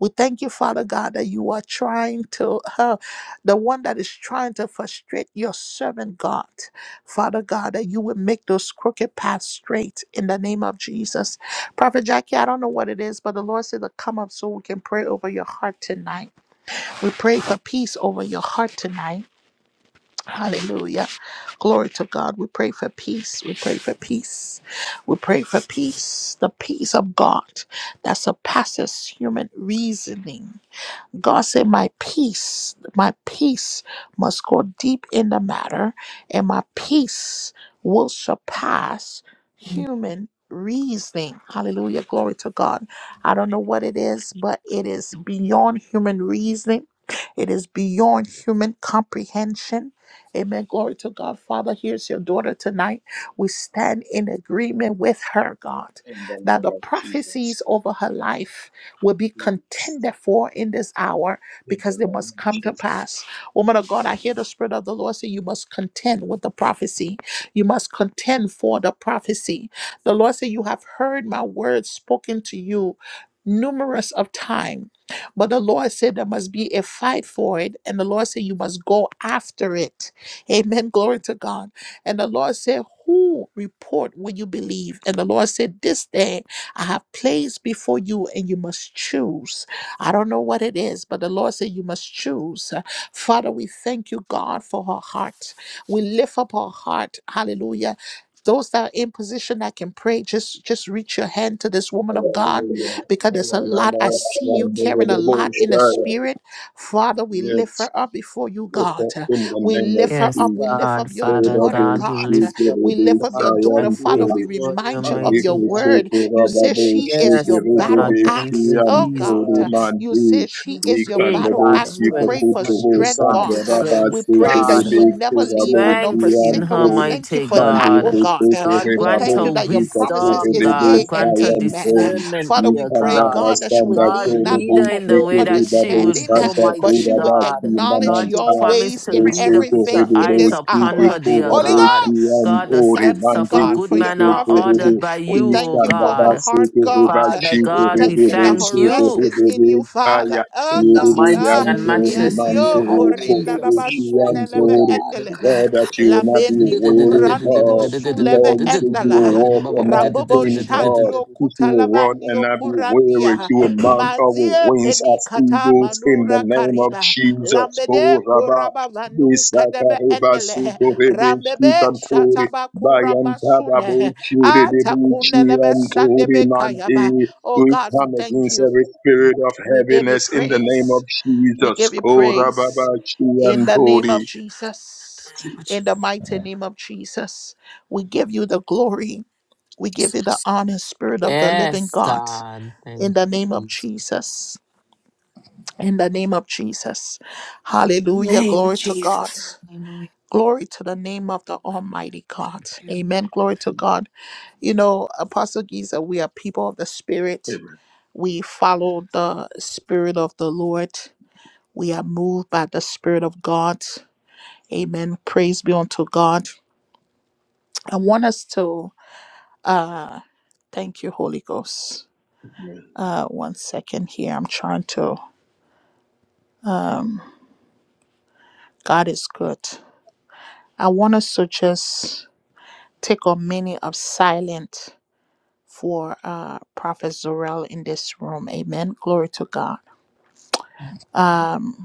We thank you, Father God, that you are trying to, uh, the one that is trying to frustrate your servant, God. Father God, that you will make those crooked paths straight in the name of Jesus. Prophet Jackie, I don't know what it is, but the Lord said to come up so we can pray over your heart tonight. We pray for peace over your heart tonight. Hallelujah. Glory to God. We pray for peace. We pray for peace. We pray for peace. The peace of God that surpasses human reasoning. God said, My peace, my peace must go deep in the matter, and my peace will surpass human reasoning. Hallelujah. Glory to God. I don't know what it is, but it is beyond human reasoning. It is beyond human comprehension. Amen. Glory to God. Father, here's your daughter tonight. We stand in agreement with her, God, In the that name the of Jesus. prophecies over her life will be In contended for in this hour because the they name must of come to Jesus. pass. Woman of God, I hear the Spirit of the Lord say, You must contend with the prophecy. You must contend for the prophecy. The Lord said, You have heard my words spoken to you numerous of time but the lord said there must be a fight for it and the lord said you must go after it amen glory to god and the lord said who report will you believe and the lord said this day I have placed before you, and you must choose. I don't know what it is, but the Lord said you must choose. Father, we thank you, God, for her heart. We lift up her heart. Hallelujah. Those that are in position that can pray, just just reach your hand to this woman of God, Hallelujah. because there's a lot. I see you Hallelujah. carrying a lot in the spirit. Father, we lift Yes. her up before you, Lift God. up in the We name of lift her Yes, up. We Jesus. lift up God, your Father daughter, Borabo God, we God. lift up We your shikerebe lift up your daughter daughter, Jackie Father. We sayantore. before you, remind you Mande of mighty your God. word kusoko you say rababo she is your Yes, battle God, shikerebe thank axe. you, Oh God, shiantore Uh, Jesus. you mande. say she is your Hey, battle Ikandabo God, axe. We Hallelujah. pray strength, for shikakutobo mighty strength, God, santo God. Yes, Uh, raba We strength, Lord. pray that Yes, you God, Lord. In the shikerebe will never leave kurabo her nor strength in forsake her. her, We shiantore. thank you mighty for that, Mande oh God. God. Uh, kusoko God, We grant thank you her rebabo that your promises wisdom, is shikakurebe yea God, and grant her amen. Uh, sayantore. discernment, Father, we dear pray, Nikanda God. God, that she will Rastanda God, lean Kuru not lead on her her in the own way Shikiri that she Babu understanding, would uh, go, Santa but mighty she Kura will God. Baki acknowledge Lord, you your Mamanta promise ways to in lead her Bosuku with your everything Hibi in eyes this upon Boshiki hour. her, dear Kura Holy God. Boshi Ghost, God, the we Antori thank steps you, of a Bandi God, good for your man are Kusuku prophet. ordered Hibi by We you, O thank you Ikanda for her God. heart, Basuku God. Hiba Father We Shiku God, we thank Hibi you that her thank Bosuku rest you. is in you, Hibi Father. Kaya Oh, In name of the God. Yiri Jesus. mighty Ah, and Yantori matchless name yanio of Manto korinda Hallelujah. Kuru Jesus, laba we Boshi thank you, suneleme Antori God. endeleme. God that you will not be Lambendi weary kurandi bo God suleve Lord you said you will endala. walk and not Rambobo Amen. faint God shandio she will run and kutalavandio not be weary. kurandia. She will mount up with Manzie wings as penikata eagles in the manura name of kariba. Jesus. Lambede Go, Rabba. kuraba vanu Bisaka kadebe Reba endele. Suko Rebe Rambebe Shikantori. shataba kurama Bayantaba Chiri Debuchi Antori Atakunelemesandebekayaba. Manti. Oh We God, we come thank against you. every spirit of We give you heaviness in the name of praise. We Jesus. give you Go, Rabba praise in the name of Chiantori. Jesus. In the mighty name of Jesus, we give you the glory. We give you the Jesus. honor, Spirit of the living Yes, God. God. In Thank the name of you, Jesus. Jesus. In the name of Jesus. In the Hallelujah. name of Glory to Jesus. God. Hallelujah. Glory to the name of the Almighty God. Thank you. Amen. Glory to God. You know, Apostle Giza, we are people of the Spirit. We follow the Spirit of the Lord. We are moved by the Spirit of God. Amen. Praise be unto God. I want us to uh thank you, Holy Ghost. Uh one second here. I'm trying to God is good. I want us to just take a minute of silence for uh Prophet Zorel in this room. Amen. Glory to God. Um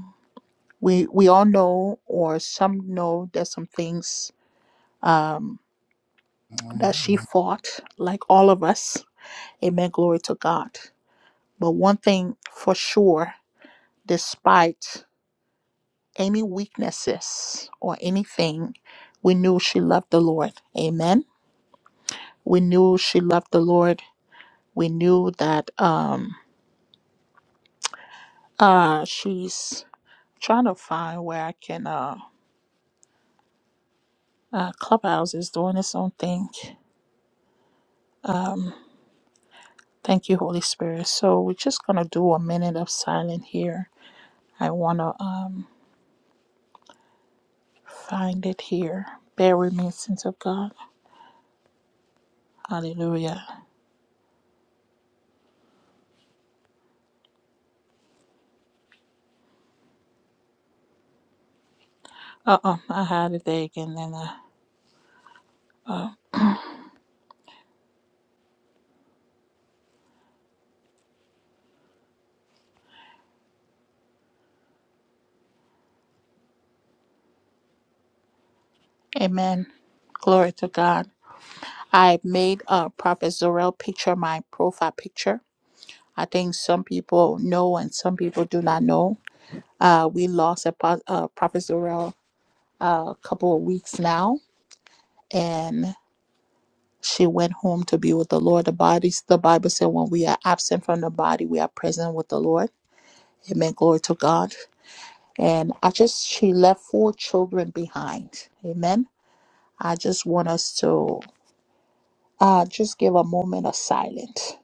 we we all know or some know there's some things um, that she fought like all of us amen glory to god but one thing for sure despite any weaknesses or anything we knew she loved the lord amen we knew she loved the lord we knew that um uh she's trying to find where i can uh uh clubhouse is doing its own thing Thank you, Holy Spirit. So we're just going to do a minute of silence here. I want to um, find it here. Bear with me, saints of God. Hallelujah. Uh-oh, I had it there again. Then, uh, amen. Glory to God. I made a uh, Prophet Zorel picture my profile picture. I think some people know and some people do not know. Uh, we lost a, pro- uh Prophet Zorel uh, a couple of weeks now, and She went home to be with the Lord. The bodies, the Bible said, when we are absent from the body, we are present with the Lord. Amen. Glory to God. And I just, she left four children behind. Amen. I just want us to uh, just give a moment of silence.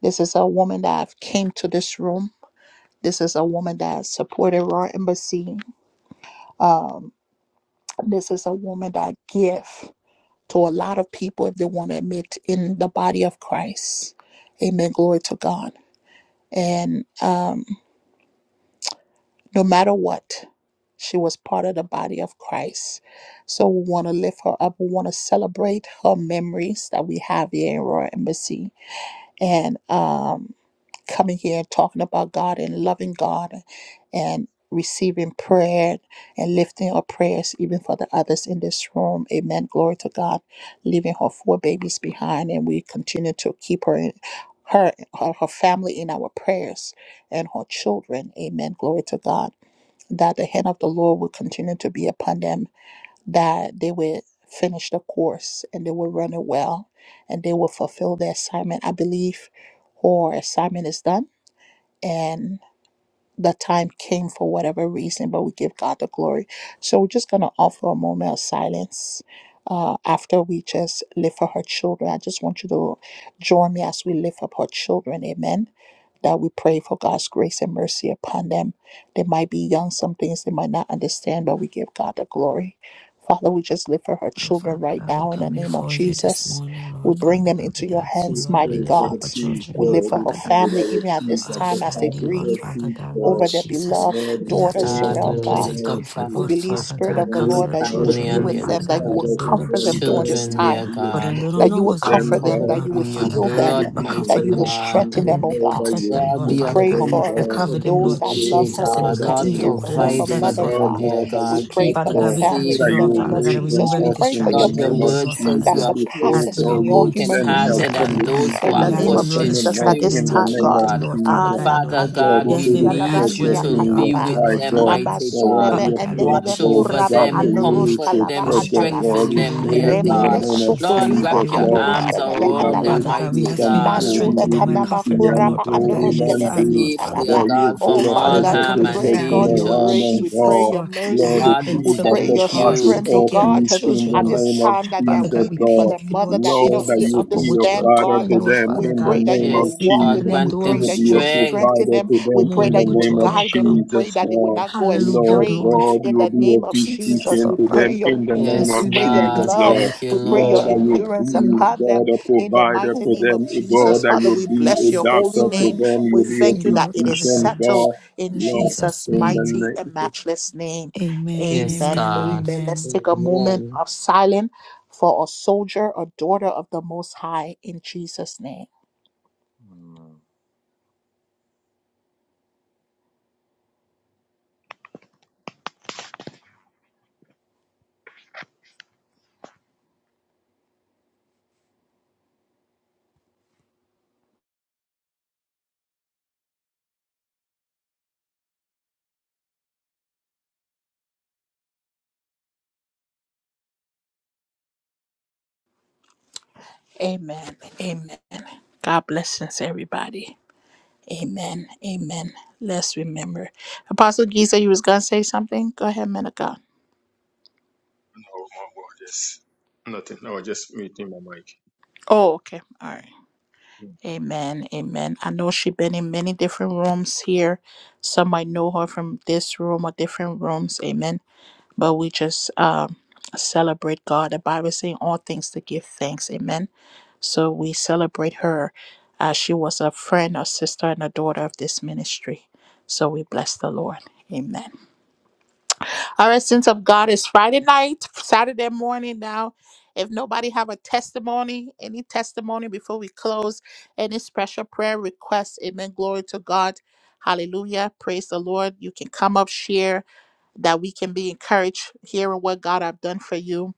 This is a woman that came to this room. This is a woman that supported our embassy. Um, this is a woman that give to a lot of people if they want to admit in the body of Christ. Amen. Glory to God. And um, no matter what, she was part of the body of Christ. So we want to lift her up. We want to celebrate her memories that we have here in Royal Embassy. And um, coming here and talking about God and loving God and receiving prayer and lifting our prayers even for the others in this room. Amen. Glory to God. Leaving her four babies behind and we continue to keep her in her her, her family in our prayers and her children. Amen. Glory to God. That the hand of the Lord will continue to be upon them, that they will finish the course and they will run it well and they will fulfill their assignment. I believe her assignment is done and the time came for whatever reason, but we give God the glory. So we're just going to offer a moment of silence uh, after we just lift for her children. I just want you to join me as we lift up her children. Amen. That we pray for God's grace and mercy upon them. They might be young, some things they might not understand, but we give God the glory. Father, we just lift for her Oh, children Father right God, we now in the come name of before you this Jesus. morning, We Lord bring Father them God. into We your ask you, Who hands, Lord, to mighty says lift that God. up a our tree children, We grow? Lord lift for This her Father God. year family, that was even at trees this our that time the as they family, fastest Lord of grieve Father trees God, Thank Lord over grow. their you. Jesus. beloved Lord, we We ask daughter, you to praise give God, we them Sorrel your peace God. and lift up Lord, comfort, We please. Lord Prophet believe, Father Spirit That God. of the Cover Petros' you, Lord, their that you God, would family children, be will and Lord with their be a Father them, that God, you by ch- the father would to blood of comfort them them, during God. this Jesus. children, You will dear time, be a for them. God. They mother don't that know you to would what's God, going them, comfort on them, right cover God. that now, them you would Lord in your We Father heal God. them, pray blood, But in the that mighty comfort you them would name of and, God. pro- strengthen and, Jesus, them, and- oh and Lord, God. that protect you them, Lord, Lord We be a Father answer pray God. them, And for comfort God. to cover them, them, We those Lord that pray, love mighty her, Jesus. And God, God. those that that Lord, continue in to care this for order their her, her provide for steps, season, mother, Lord God, them, God. Father dear God. Lord, that We you God. pray have Keep for Father the them God, God we family ask you, safe, that in you the Lord name Father will of God, to mighty raise them remove Jesus. We every God. up pray in for the your Lord, distraction your from name of them, peace word Lord Father says that you Jesus. God, are We pray, as close surpasses to they the are God, beyond going you will to human send school, Lord help brokenhearted reasoning Father from and the God. those east, who in from the are We the name ask you, west, of crushed Lord, from to in the Jesus that north, strengthen spirit, this them in the and dear time, name keep of God. them, God. Lord Father Ah, Jesus. God, la in a Father way. God, God, you candelebo we Yes, say they shia this will need ask you precious lavandia whether to they in are, be your kataba. Mother, with sight, Lord them, Father God. Lamba God. mighty For one God. of sulebe Father your God, things, Lord endeleve Watch oh over Jesus, kurama God, them, for you hallelujah. is comfort androshka so lava them, Father God, precious, we God. andalava. ask strengthen you, We Lord, them, pray in dear the in the name Rembebe of God. name of Jesus, to Lord, have sukuriba Jesus, wrap your way your with Lord. them, arms androshka Lord. leve They around them, bubble, Father andalava. God, we see, mighty ask you, Lord, to God control, he Mazule strengthen them did and this, kanama see, comfort them, and Lord, kuraba Father and God, holy at keep androshka this them man, leve time, do. Lord, safe, Father dear God, God. italava. you will God, Oh, from build a Father Father all hedge God, God, of we cover harm the and pray, protection God, family, your Lord danger. around grace. us, We pray Jesus, God. your Lord, that Lord, the have mercy. God, been we peace We that took pray your thank charge surpasses to you. strength, oh take all care of the God. peace in children, the At Lord. this name of time that they are Father Jesus, God, we weeping for their Lord. thank you, mother, Lord that they Lord, don't that even Jesus, you Lord, will for be a what you're understand, father God. to doing, Lord, them We Father in the God. pray that you name of will Yes, We've been walk with Lord, Jesus. them. We grant You pray them will that you be will a strength. strengthen provider them. to We them pray in morning, that the you but will name joy of will guide them. We come. pray Jesus, that they will Lord. not go Hallelujah. Lord astray. Glory to God, In you God, the Lord will name of be a Jesus, Jesus, physician we Lord to pray Father them your God. in the We name peace. ask We Yes, of you, pray Lord your Father God, Jesus, love. Lord. thank you, We God, pray that your Lord, your that Lord. you will be endurance done, be, Lord upon them. Father God, a God. In the provider mighty Oh, for name of them. Papa, Jesus, God, that Father, you we be a bless your Jesus, holy doctor for name. Lord. them. We You Bless be a thank thee, you that Lord it is Father physician, God. settled God. in In Lord, Jesus' Jesus' in the name. mighty and name. of matchless name. Amen, Yes, Amen. amen, and God. Amen. Let's amen. take a moment Amen. of silence for a soldier, a daughter of the Most High, in Jesus' name. Amen. Amen. God blessings, everybody. Amen. Amen. Let's remember. Apostle Giza, you was gonna say something? Go ahead, man of God. Yes. Nothing. I was just muting my mic. Oh, okay. All right. Amen. Amen. I know she been in many different rooms here. Some might know her from this room or different rooms. Amen. but we just um, celebrate God. The Bible is saying all things to give thanks. Amen. So we celebrate her as she was a friend, a sister, and a daughter of this ministry. So we bless the Lord. Amen. All right, since of God is Friday night, Saturday morning now. If nobody have a testimony, any testimony before we close, any special prayer request, amen. Glory to God. Hallelujah. Praise the Lord. You can come up, share that we can be encouraged hearing what God have done for you.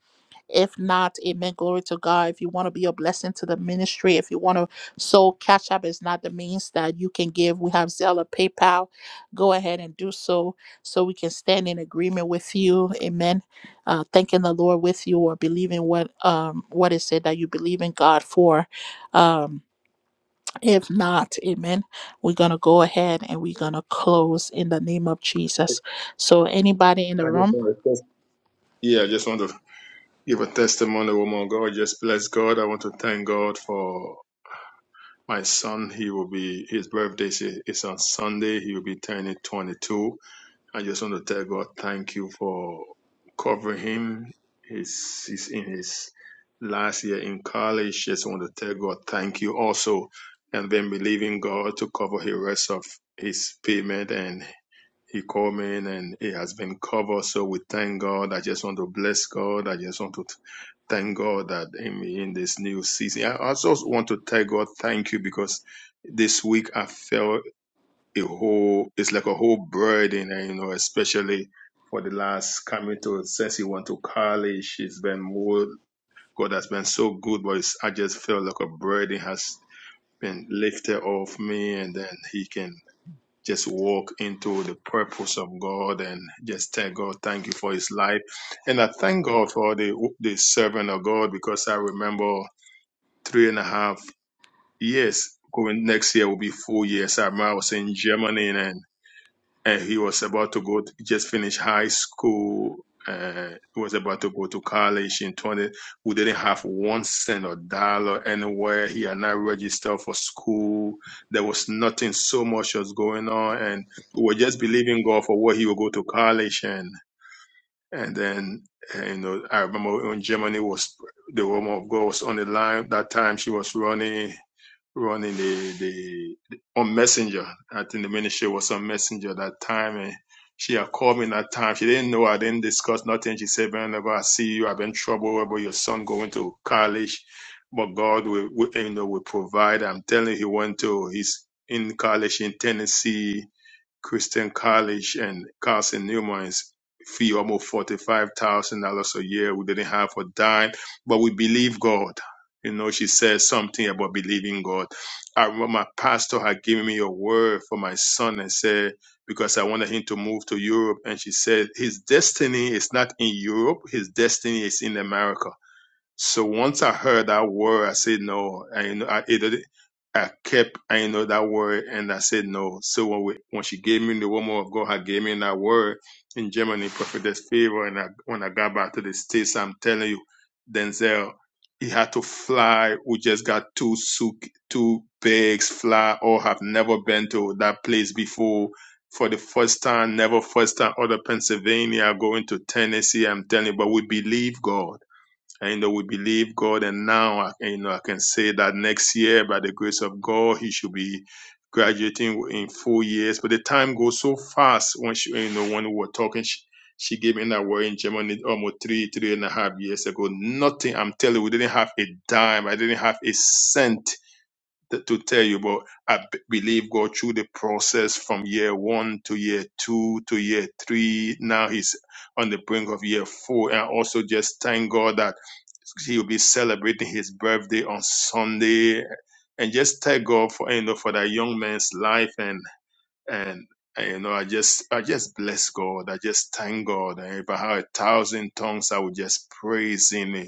If not, amen. Glory to God. If you want to be a blessing to the ministry, if you want to so Cash App is not the means that you can give. We have Zelle, PayPal. Go ahead and do so so we can stand in agreement with you. Amen. Uh, thanking the Lord with you or believing what um what is it that you believe in God for. Um if not, amen. We're gonna go ahead and we're gonna close in the name of Jesus. So anybody in the I just room want to test. Yeah, I just want to give a testimony, woman. of God, just bless God. I want to thank God for my son. He will be his birthday is is on Sunday. He will be turning 22. I just want to tell God thank you for covering him. He's he's in his last year in college. Just want to tell God thank you also, and then believing God to cover the rest of his payment and He called me in and it has been covered. So we thank God. I just want to bless God. I just want to thank God that in, in this new season, I also want to tell God thank you because this week I felt a whole, it's like a whole burden, and, you know, especially for the last coming to, since he went to college, it's been more, God has been so good, but it's, I just felt like a burden has been lifted off me and then he can just walk into the purpose of God and just tell God, thank you for his life. And I thank God for the, the servant of God because I remember three and a half years. Going next year will be four years. I remember I was in Germany and and he was about to go to, just finish high school uh he was about to go to college in 20 We didn't have one cent or dollar anywhere he had not registered for school there was nothing so much was going on and we were just believing god for where he would go to college and and then uh, you know i remember when germany was the woman of god was on the line that time she was running running the, the, the on Messenger. I think the ministry was on Messenger that time, and she had called me that time. She didn't know. I didn't discuss nothing. She said, "Whenever I see you, I've been in trouble about your son going to college, but God will, will you know will provide." I'm telling you, he went to he's in college in Tennessee Christian College and Carson Newman's fee almost forty five thousand dollars a year. We didn't have a dime, but we believe God. You know, she said something about believing God. I remember my pastor had given me a word for my son and said, because I wanted him to move to Europe. And she said, his destiny is not in Europe. His destiny is in America so once I heard that word, I said no. I you know I it, I kept I you know that word and I said no. So when we, when she gave me the woman of God, had gave me that word in Germany, prophetess favor, and I, when I got back to the states, I'm telling you, Denzel, he had to fly. We just got two suit, two bags, fly. Or have never been to that place before. For the first time, never first time, out of Pennsylvania, going to Tennessee. I'm telling you, but we believe God and you know, we believe God, and now I can, you know I can say that next year, by the grace of God, he should be graduating in four years. But the time goes so fast. When she, you know, when we were talking, she, she gave me that word in Germany almost three, three and a half years ago. Nothing. I'm telling you, we didn't have a dime. I didn't have a cent to, to tell you, but I b- believe God through the process from year one to year two to year three. Now he's on the brink of year four, and I also just thank God that he will be celebrating his birthday on Sunday. And just thank God for you know for that young man's life and and uh, you know i just i just bless god i just thank god and if i had a thousand tongues i would just praise him eh,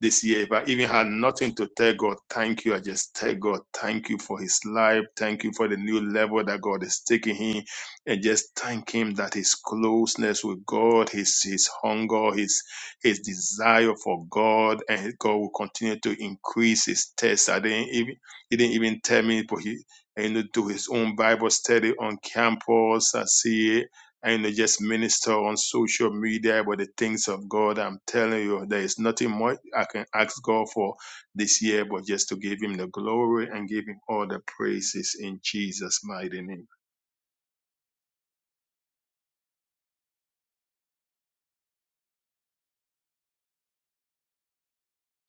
this year if i even had nothing to tell god thank you i just tell god thank you for his life thank you for the new level that god is taking him and just thank him that his closeness with god his his hunger his his desire for god and god will continue to increase his test i didn't even he didn't even tell me, but he and to do his own Bible study on campus. I see it. And just minister on social media about the things of God. I'm telling you, there is nothing more I can ask God for this year, but just to give him the glory and give him all the praises in Jesus' mighty name.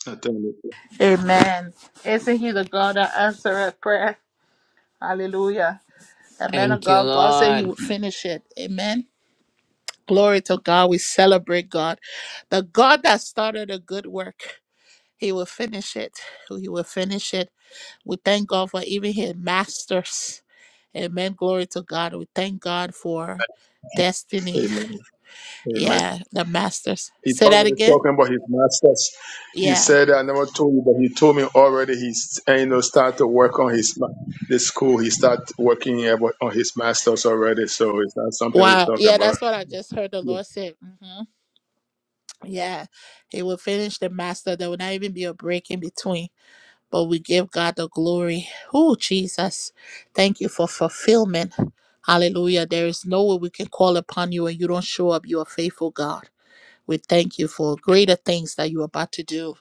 I thank you. Amen. Isn't he the God that answereth prayer? Hallelujah. The man of Thank you, God, God said he Lord. would finish it. Amen. Glory to God. We celebrate God. The God that started a good work, he will finish it. He will finish it. We thank God for even his masters. Amen. Glory to God. We thank God for destiny. Amen. Amen. Yeah, the masters. He Say that probably again. talking about his masters. You Yeah. said I never told you, but he told me already. He's and, you know start to work on his ma- the school. He start working about- on his masters already. So it's not something we're Wow. talking Yeah, about. that's what I just heard the Yeah. Lord say. Mhm. Yeah, he will finish the master. There will not even be a break in between. But we give God the glory. Oh, Jesus, thank you for fulfillment. Hallelujah. There is no way we can call upon you and you don't show up. You are faithful, God. We thank you for greater things that you are about to do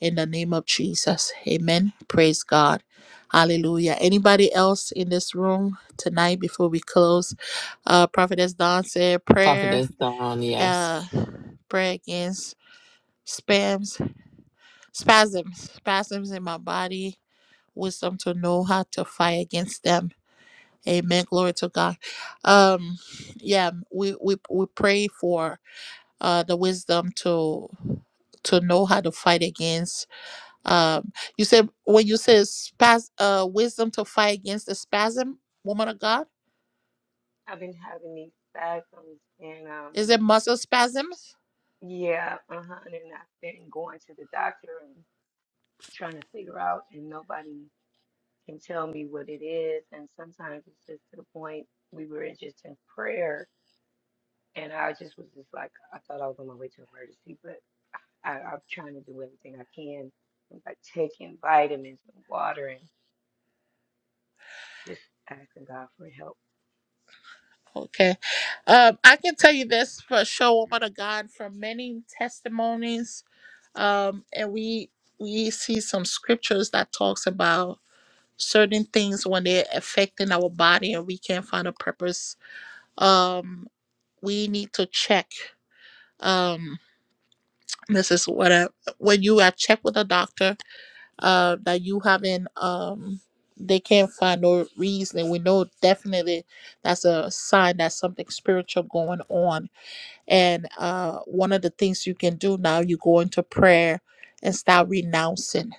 in the name of Jesus. Amen. Praise God. Hallelujah. Anybody else in this room tonight before we close? Uh, Prophetess Don said Prophet prayer, is down, yes. uh, prayer against spams spasms spasms in my body wisdom to know how to fight against them amen glory to god um yeah we we, we pray for uh the wisdom to to know how to fight against um you said when you said spas uh wisdom to fight against the spasm woman of god is it muscle spasm Okay. Um, I can tell you this for sure, woman of God, from many testimonies, um, and we we see some scriptures that talks about certain things when they're affecting our body and we can't find a purpose. Um, we need to check. Um, this is what I, when you are checked with a doctor, uh, that you haven't um they can't find no reason. We know definitely that's a sign that something spiritual going on And uh, one of the things you can do now, you go into prayer and start renouncing.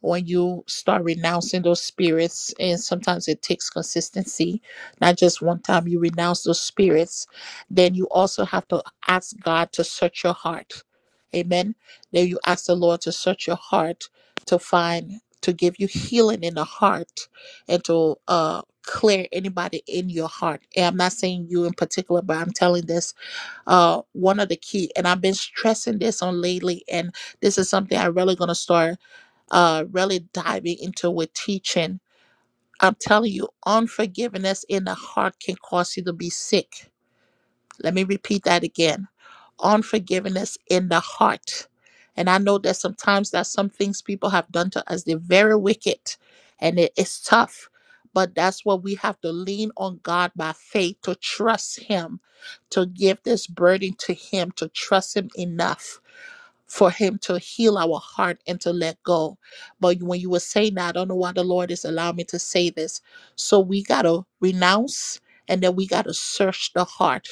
When you start renouncing those spirits, and sometimes it takes consistency, not just one time, you renounce those spirits, then you also have to ask God to search your heart. Amen. Then you ask the Lord to search your heart to find, to give you healing in the heart and to uh, clear anybody in your heart. And I'm not saying you in particular, but I'm telling this uh one of the key and i've been stressing this on lately and this is something i'm really going to start uh really diving into with teaching i'm telling you unforgiveness in the heart can cause you to be sick let me repeat that again. Unforgiveness in the heart. And I know that sometimes that's some things people have done to us. They're very wicked and it is tough. But that's what we have to lean on God by faith to trust Him, to give this burden to Him, to trust Him enough for Him to heal our heart and to let go. But when you were saying that, I don't know why the Lord is allowing me to say this. So we got to renounce and then we got to search the heart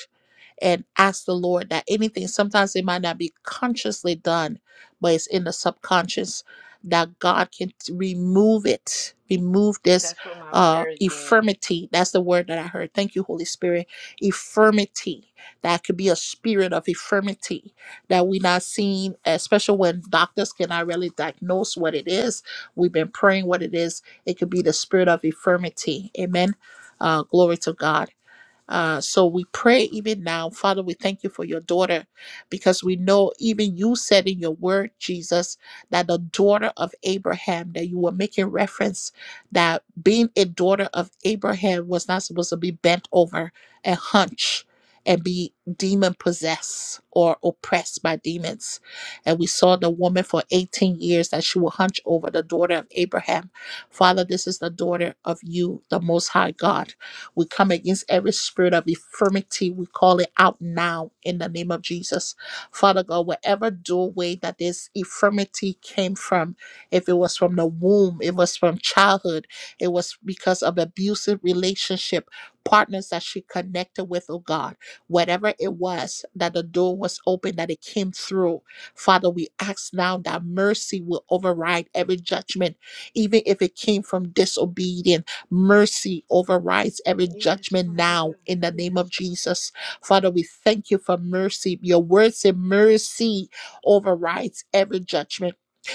and ask the Lord that anything, sometimes it might not be consciously done, but it's in the subconscious that God can t- remove it, remove this uh infirmity. That's the word that I heard. Thank you, Holy Spirit. Infirmity. That could be a spirit of infirmity that we're not seeing, especially when doctors cannot really diagnose what it is. We've been praying what it is. It could be the spirit of infirmity. Amen. Uh, glory to God. Uh, so we pray even now, Father, we thank you for your daughter because we know even you said in your word, Jesus, that the daughter of Abraham, that you were making reference that being a daughter of Abraham was not supposed to be bent over and hunch and be demon possessed or oppressed by demons. And we saw the woman for 18 years that she will hunch over the daughter of Abraham. Father, this is the daughter of you, the Most High God. We come against every spirit of infirmity. We call it out now in the name of Jesus. Father God, whatever doorway that this infirmity came from, if it was from the womb, it was from childhood, it was because of abusive relationship, partners that she connected with, oh God, whatever it was that the door was open, that it came through. Father, we ask now that mercy will override every judgment, even if it came from disobedience Mercy overrides every judgment now in the name of Jesus. Father, we thank you for mercy. Your word say mercy overrides every judgment.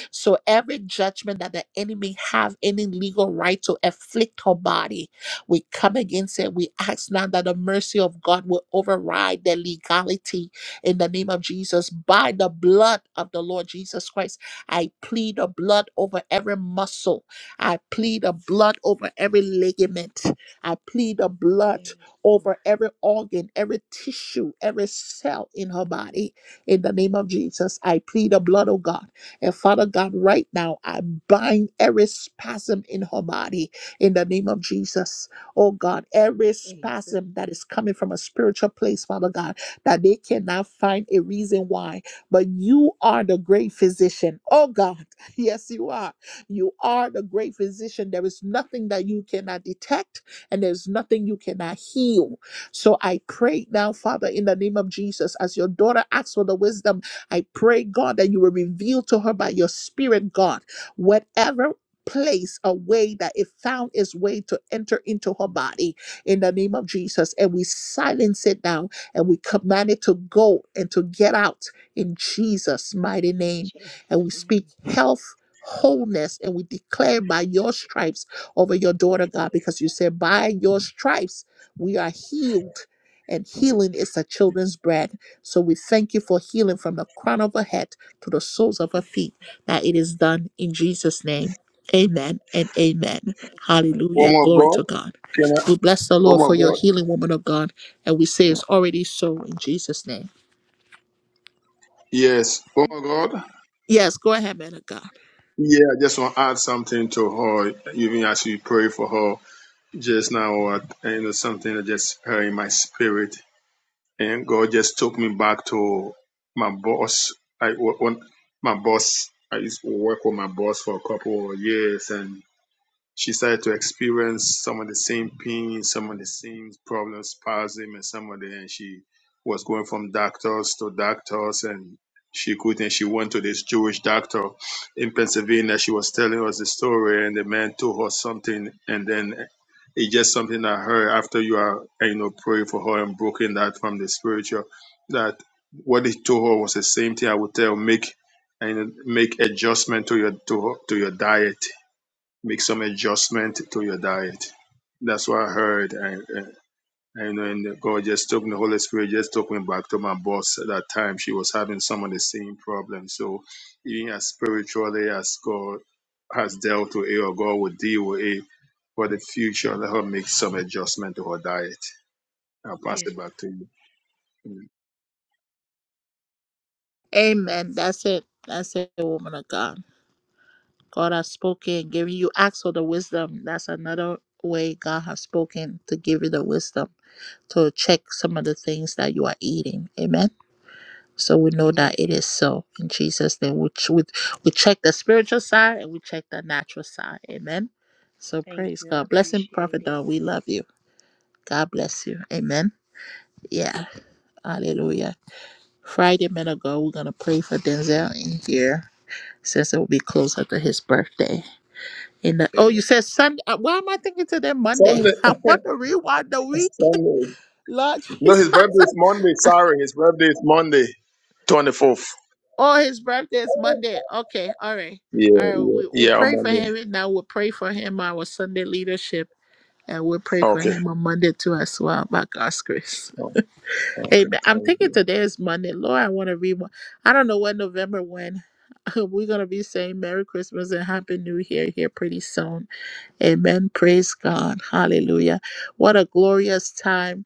So every judgment that the enemy have any legal right to afflict her body, we come against it. We ask now that the mercy of God will override the legality in the name of Jesus. By the blood of the Lord Jesus Christ, I plead the blood over every muscle I plead the blood over every ligament. I plead the blood over every organ, every tissue, every cell in her body. In the name of Jesus, I plead the blood of God. And Father God, right now, I bind every spasm in her body. In the name of Jesus, oh God, every spasm that is coming from a spiritual place, Father God, that they cannot find a reason why. But you are the great physician. Oh God, yes, you are. You are the great physician. There is nothing that you cannot detect, and there's nothing you cannot heal. So I pray now, Father, in the name of Jesus, as your daughter asks for the wisdom, I pray, God, that you will reveal to her by your spirit, God, whatever. Place a way that it found its way to enter into her body in the name of Jesus. And we silence it now and we command it to go and to get out in Jesus' mighty name. And we speak health wholeness. And we declare by your stripes over your daughter, God, because you said, by your stripes, we are healed. And healing is the children's bread. So we thank you for healing from the crown of her head to the soles of her feet. That it is done in Jesus' name. Amen and amen. Hallelujah. Woman of Glory to God, God. can I? We bless the Lord Woman for of your God, healing, woman of God. And we say it's already so in Jesus' name. yes. Woman of God, Yes, go ahead, man of God. yeah. I just want to add something to her. Even as you pray for her just now, or you know something that just her in my spirit. and God just took me back to my boss. I wo- when my boss I used to work with my boss for a couple of years, and she started to experience some of the same pain, some of the same problems, spasm, and some of the, and she was going from doctors to doctors, and she couldn't. She went to this Jewish doctor in Pennsylvania. She was telling us the story, and the man told her something, and then it's just something that her after you are, you know, praying for her and broken that from the spiritual, that what he told her was the same thing I would tell make and make adjustment to your to, to your diet make some adjustment to your diet. That's what I heard. And, and and God just took me, the Holy Spirit just took me back to my boss at that time. She was having some of the same problems. So, even as spiritually as God has dealt with it, or God will deal with it for the future, let her make some adjustment to her diet. I'll pass it back to you. Amen. That's it. That's it, woman of God. God has spoken, giving you acts for the wisdom. That's another way God has spoken to give you the wisdom to check some of the things that you are eating. Amen. So we know that it is so in Jesus' name. We, ch- we, we check the spiritual side and we check the natural side. Amen. So praise God. Blessing, Prophet Don. We love you. God bless you. Amen. Yeah. Hallelujah. Friday, men of God, we're going to pray for Denzel in here since it will be closer to his birthday. In the, oh, you Amen. said Sunday. uh, Why am I thinking today Monday? Sunday. I want to rewind the week. Sunday. Lord No, Jesus. his birthday is Monday. Sorry, his birthday is Monday, 24th. Oh, his birthday is Monday. Okay, all right. Yeah, All right, yeah, we, we'll yeah, on pray for Monday. him right now. We'll pray for him, our Sunday leadership, and we'll pray for Okay. him on Monday too as well, by God's grace. Okay, Amen. I'm thank you. thinking today is Monday. Lord, I want to read one. I don't know when November when. We're going to be saying Merry Christmas and Happy New Year here pretty soon. Amen. Praise God. Hallelujah. What a glorious time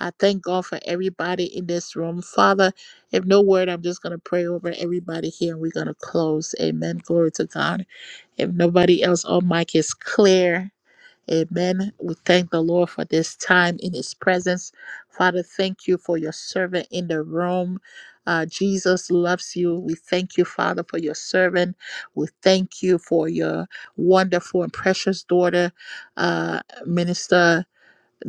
I thank God for everybody in this room. Father, if no word, I'm just going to pray over everybody here and we're going to close. Amen. Glory to God. If nobody else on mic is clear, amen. We thank the Lord for this time in his presence. Father, thank you for your servant in the room. Uh, Jesus loves you. We thank you, Father, for your servant. We thank you for your wonderful and precious daughter, uh, Minister.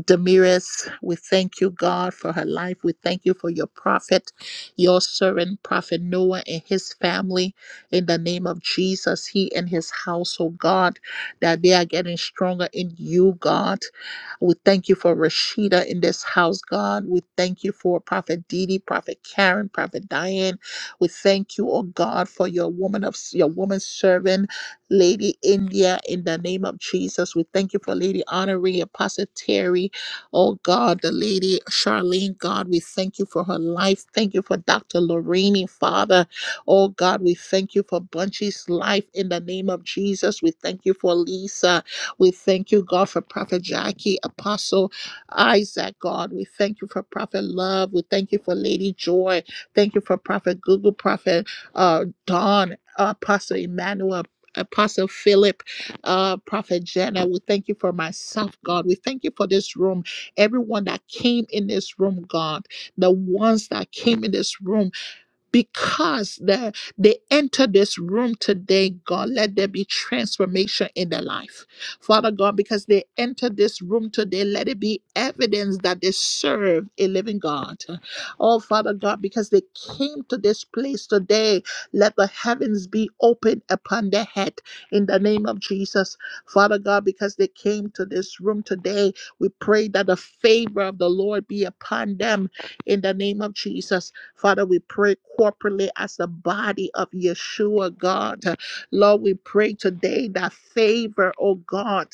Damiris, we thank you, God, for her life. We thank you for your prophet, your servant, Prophet Noah, and his family. In the name of Jesus, he and his household, God, that they are getting stronger in you, God. We thank you for Rashida in this house, God. We thank you for Prophet Didi, Prophet Karen, Prophet Diane. We thank you, oh God, for your woman of your woman servant, Lady India, in the name of Jesus. We thank you for Lady Honoree, Apostle Terry, Oh God, the lady Charlene, God, we thank you for her life. Thank you for Dr. Lorraine, Father. Oh God, we thank you for Bunchy's life in the name of Jesus. We thank you for Lisa. We thank you, God, for Prophet Jackie, Apostle Isaac, God. We thank you for Prophet Love. We thank you for Lady Joy. Thank you for Prophet Google, Prophet uh, Dawn, uh, Apostle Emmanuel. Apostle Philip, uh, Prophet Jenna, we thank you for myself, God. We thank you for this room. Everyone that came in this room, God, the ones that came in this room because the, they enter this room today, God, let there be transformation in their life. Father God, because they enter this room today, let it be evidence that they serve a living God. Oh, Father God, because they came to this place today, let the heavens be open upon their head in the name of Jesus. Father God, because they came to this room today, we pray that the favor of the Lord be upon them in the name of Jesus. Father, we pray corporately as the body of Yeshua, God. Lord, we pray today that favor, oh God,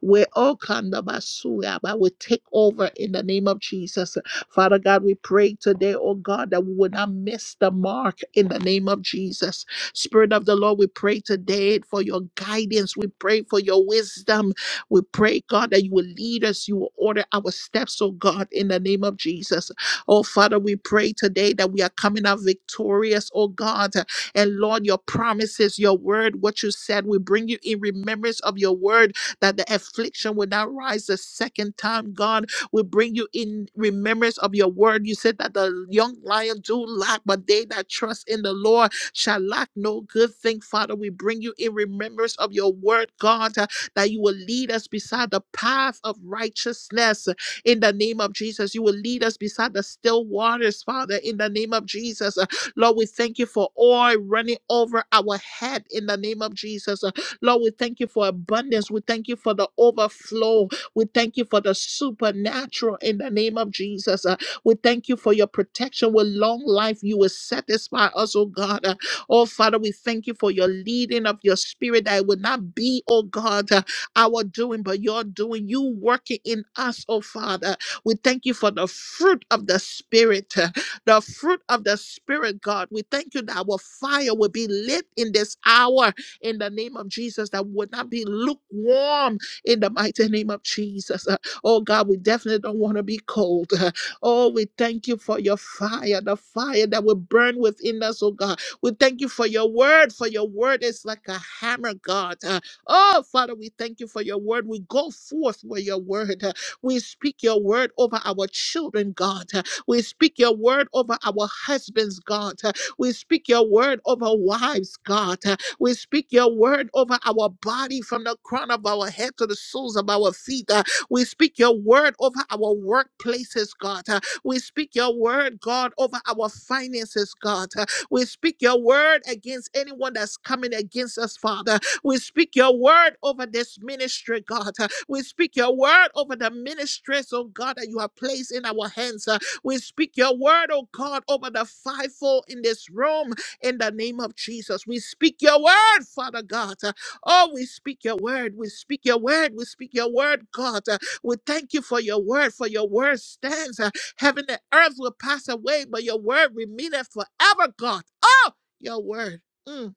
will all come the Basuya, but will take over in the name of Jesus. Father God, we pray today, oh God, that we would not miss the mark in the name of Jesus. Spirit of the Lord, we pray today for your guidance. We pray for your wisdom. We pray, God, that you will lead us, you will order our steps, oh God, in the name of Jesus. Oh, Father, we pray today that we are coming out victorious, oh God. And Lord, your promises, your word, what you said, we bring you in remembrance of your word that the affliction will not rise the second time, God. We bring you in remembrance of your word. You said that the young lion do lack, but they that trust in the Lord shall lack no good thing, Father. We bring you in remembrance of your word, God, uh, that you will lead us beside the path of righteousness in the name of Jesus. You will lead us beside the still waters, Father, in the name of Jesus. Uh, Lord, we thank you for oil running over our head in the name of Jesus. Uh, Lord, we thank you for abundance. We thank you for the overflow. We thank you for the supernatural in the name of Jesus. Uh, we thank you for your protection with long life. You will satisfy us, oh God. Uh, oh Father, we thank you for your leading of your spirit that it would not be, oh God. uh, our doing, but your doing, you working in us, oh Father. We thank you for the fruit of the Spirit, uh, the fruit of the Spirit, God. We thank you that our fire will be lit in this hour in the name of Jesus, that we will not be lukewarm in the mighty name of Jesus. Uh, Oh God, we definitely don't want to be cold. Uh, Oh, we thank you for your fire, the fire that will burn within us, oh God. We thank you for your word, for your word is like a hammer, God. Uh, Oh, Father, we thank you for your word. We go forth with your word. We speak your word over our children, God. We speak your word over our husbands, God. We speak your word over wives, God. We speak your word over our body from the crown of our head to the soles of our feet. We speak your word over our workplaces, God. We speak your word, God, over our finances, God. We speak your word against anyone that's coming against us, Father. We speak your word over this ministry, God. Uh, We speak your word over the ministries, oh God, that you have placed in our hands. Uh, We speak your word, oh God, over the fivefold in this room in the name of Jesus. We speak your word, Father God. Uh, Oh, we speak your word. We speak your word. We speak your word, God. Uh, We thank you for your word, for your word stands. Uh, Heaven and earth will pass away, but your word remaineth forever, God. Oh, your word. Mm.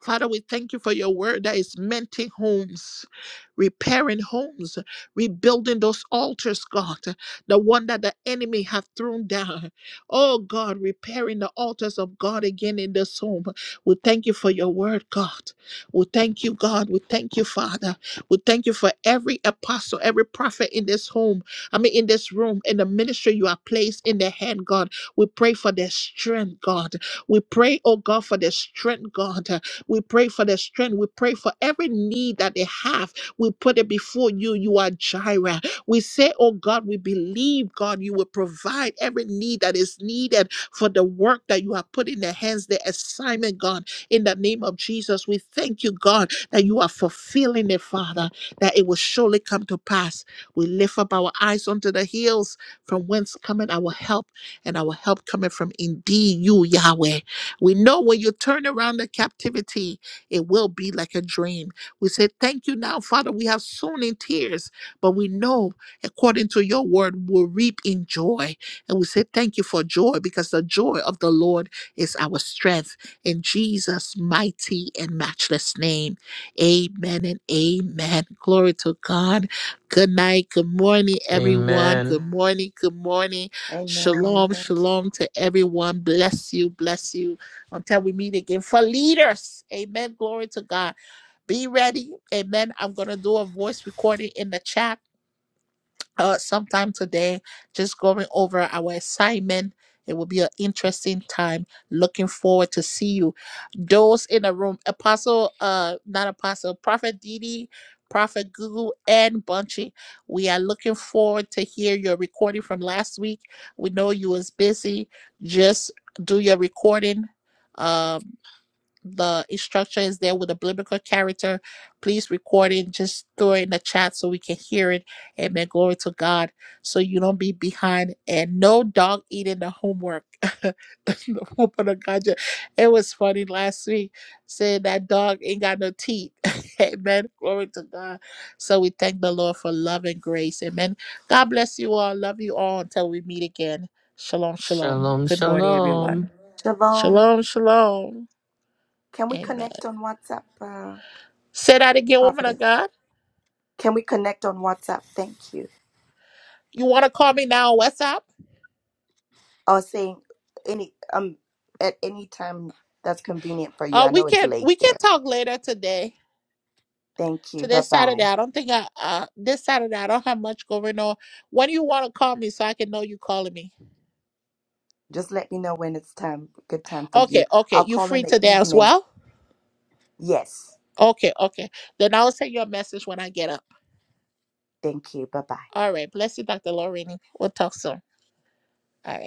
Father, we thank you for your word that is mending homes, repairing homes, rebuilding those altars, God, the one that the enemy have thrown down. Oh God, repairing the altars of God again in this home. We thank you for your word, God. We thank you, God. We thank you, Father. We thank you for every apostle, every prophet in this home. I mean, in this room, in the ministry you are placed in their hand, God. We pray for their strength, God. We pray, oh God, for their strength, God. We pray for their strength. We pray for every need that they have. We put it before you. You are Jireh. We say, Oh God, we believe, God, you will provide every need that is needed for the work that you have put in their hands, the assignment, God. In the name of Jesus, we thank you, God, that you are fulfilling it, Father, that it will surely come to pass. We lift up our eyes unto the hills from whence cometh our help, and our help cometh from indeed you, Yahweh. We know when you turn around the captivity, it will be like a dream. We say, Thank you now, Father. We have sown in tears, but we know according to your word, we'll reap in joy. And we say, Thank you for joy because the joy of the Lord is our strength. In Jesus' mighty and matchless name, amen and amen. Glory to God. Good night. Good morning, everyone. Amen. Good morning. Good morning. Shalom. Shalom to everyone. Bless you. Bless you until we meet again for leaders. Amen. Glory to God. Be ready. Amen. I'm going to do a voice recording in the chat uh, sometime today, just going over our assignment. It will be an interesting time. Looking forward to see you. Those in the room, Apostle, uh, not Apostle, Prophet Didi, Prophet Google, and Bunchy. We are looking forward to hear your recording from last week. We know you was busy. Just do your recording. Um, the instruction is there with a biblical character. Please record it. Just throw it in the chat so we can hear it. Amen. Glory to God. So you don't be behind and no dog eating the homework. the woman of God. ju- It was funny last week saying that dog ain't got no teeth. Amen. Glory to God. So we thank the Lord for love and grace. Amen. God bless you all. Love you all until we meet again. Shalom, shalom. Shalom, Good morning, shalom. everyone. Shalom. Shalom, shalom. Can we Amen. connect on WhatsApp, uh, Say that again, woman Prophetess? of God. Can we connect on WhatsApp? Thank you. You want to call me now on WhatsApp? I was saying any um at any time that's convenient for you. Uh, I we know it's can late we can there. talk later today. Thank you. Today Bye Saturday. bye. I don't think I uh this Saturday I don't have much going on. When you want to call me so I can know you calling me. Just let me know when it's time. Good time for you. Okay, okay. I'll You call in free the today as evening. well? Yes. Okay, okay. Then I'll send you a message when I get up. Thank you. Bye bye. All right. Bless you, Dr. Lorraine. We'll talk soon. All right.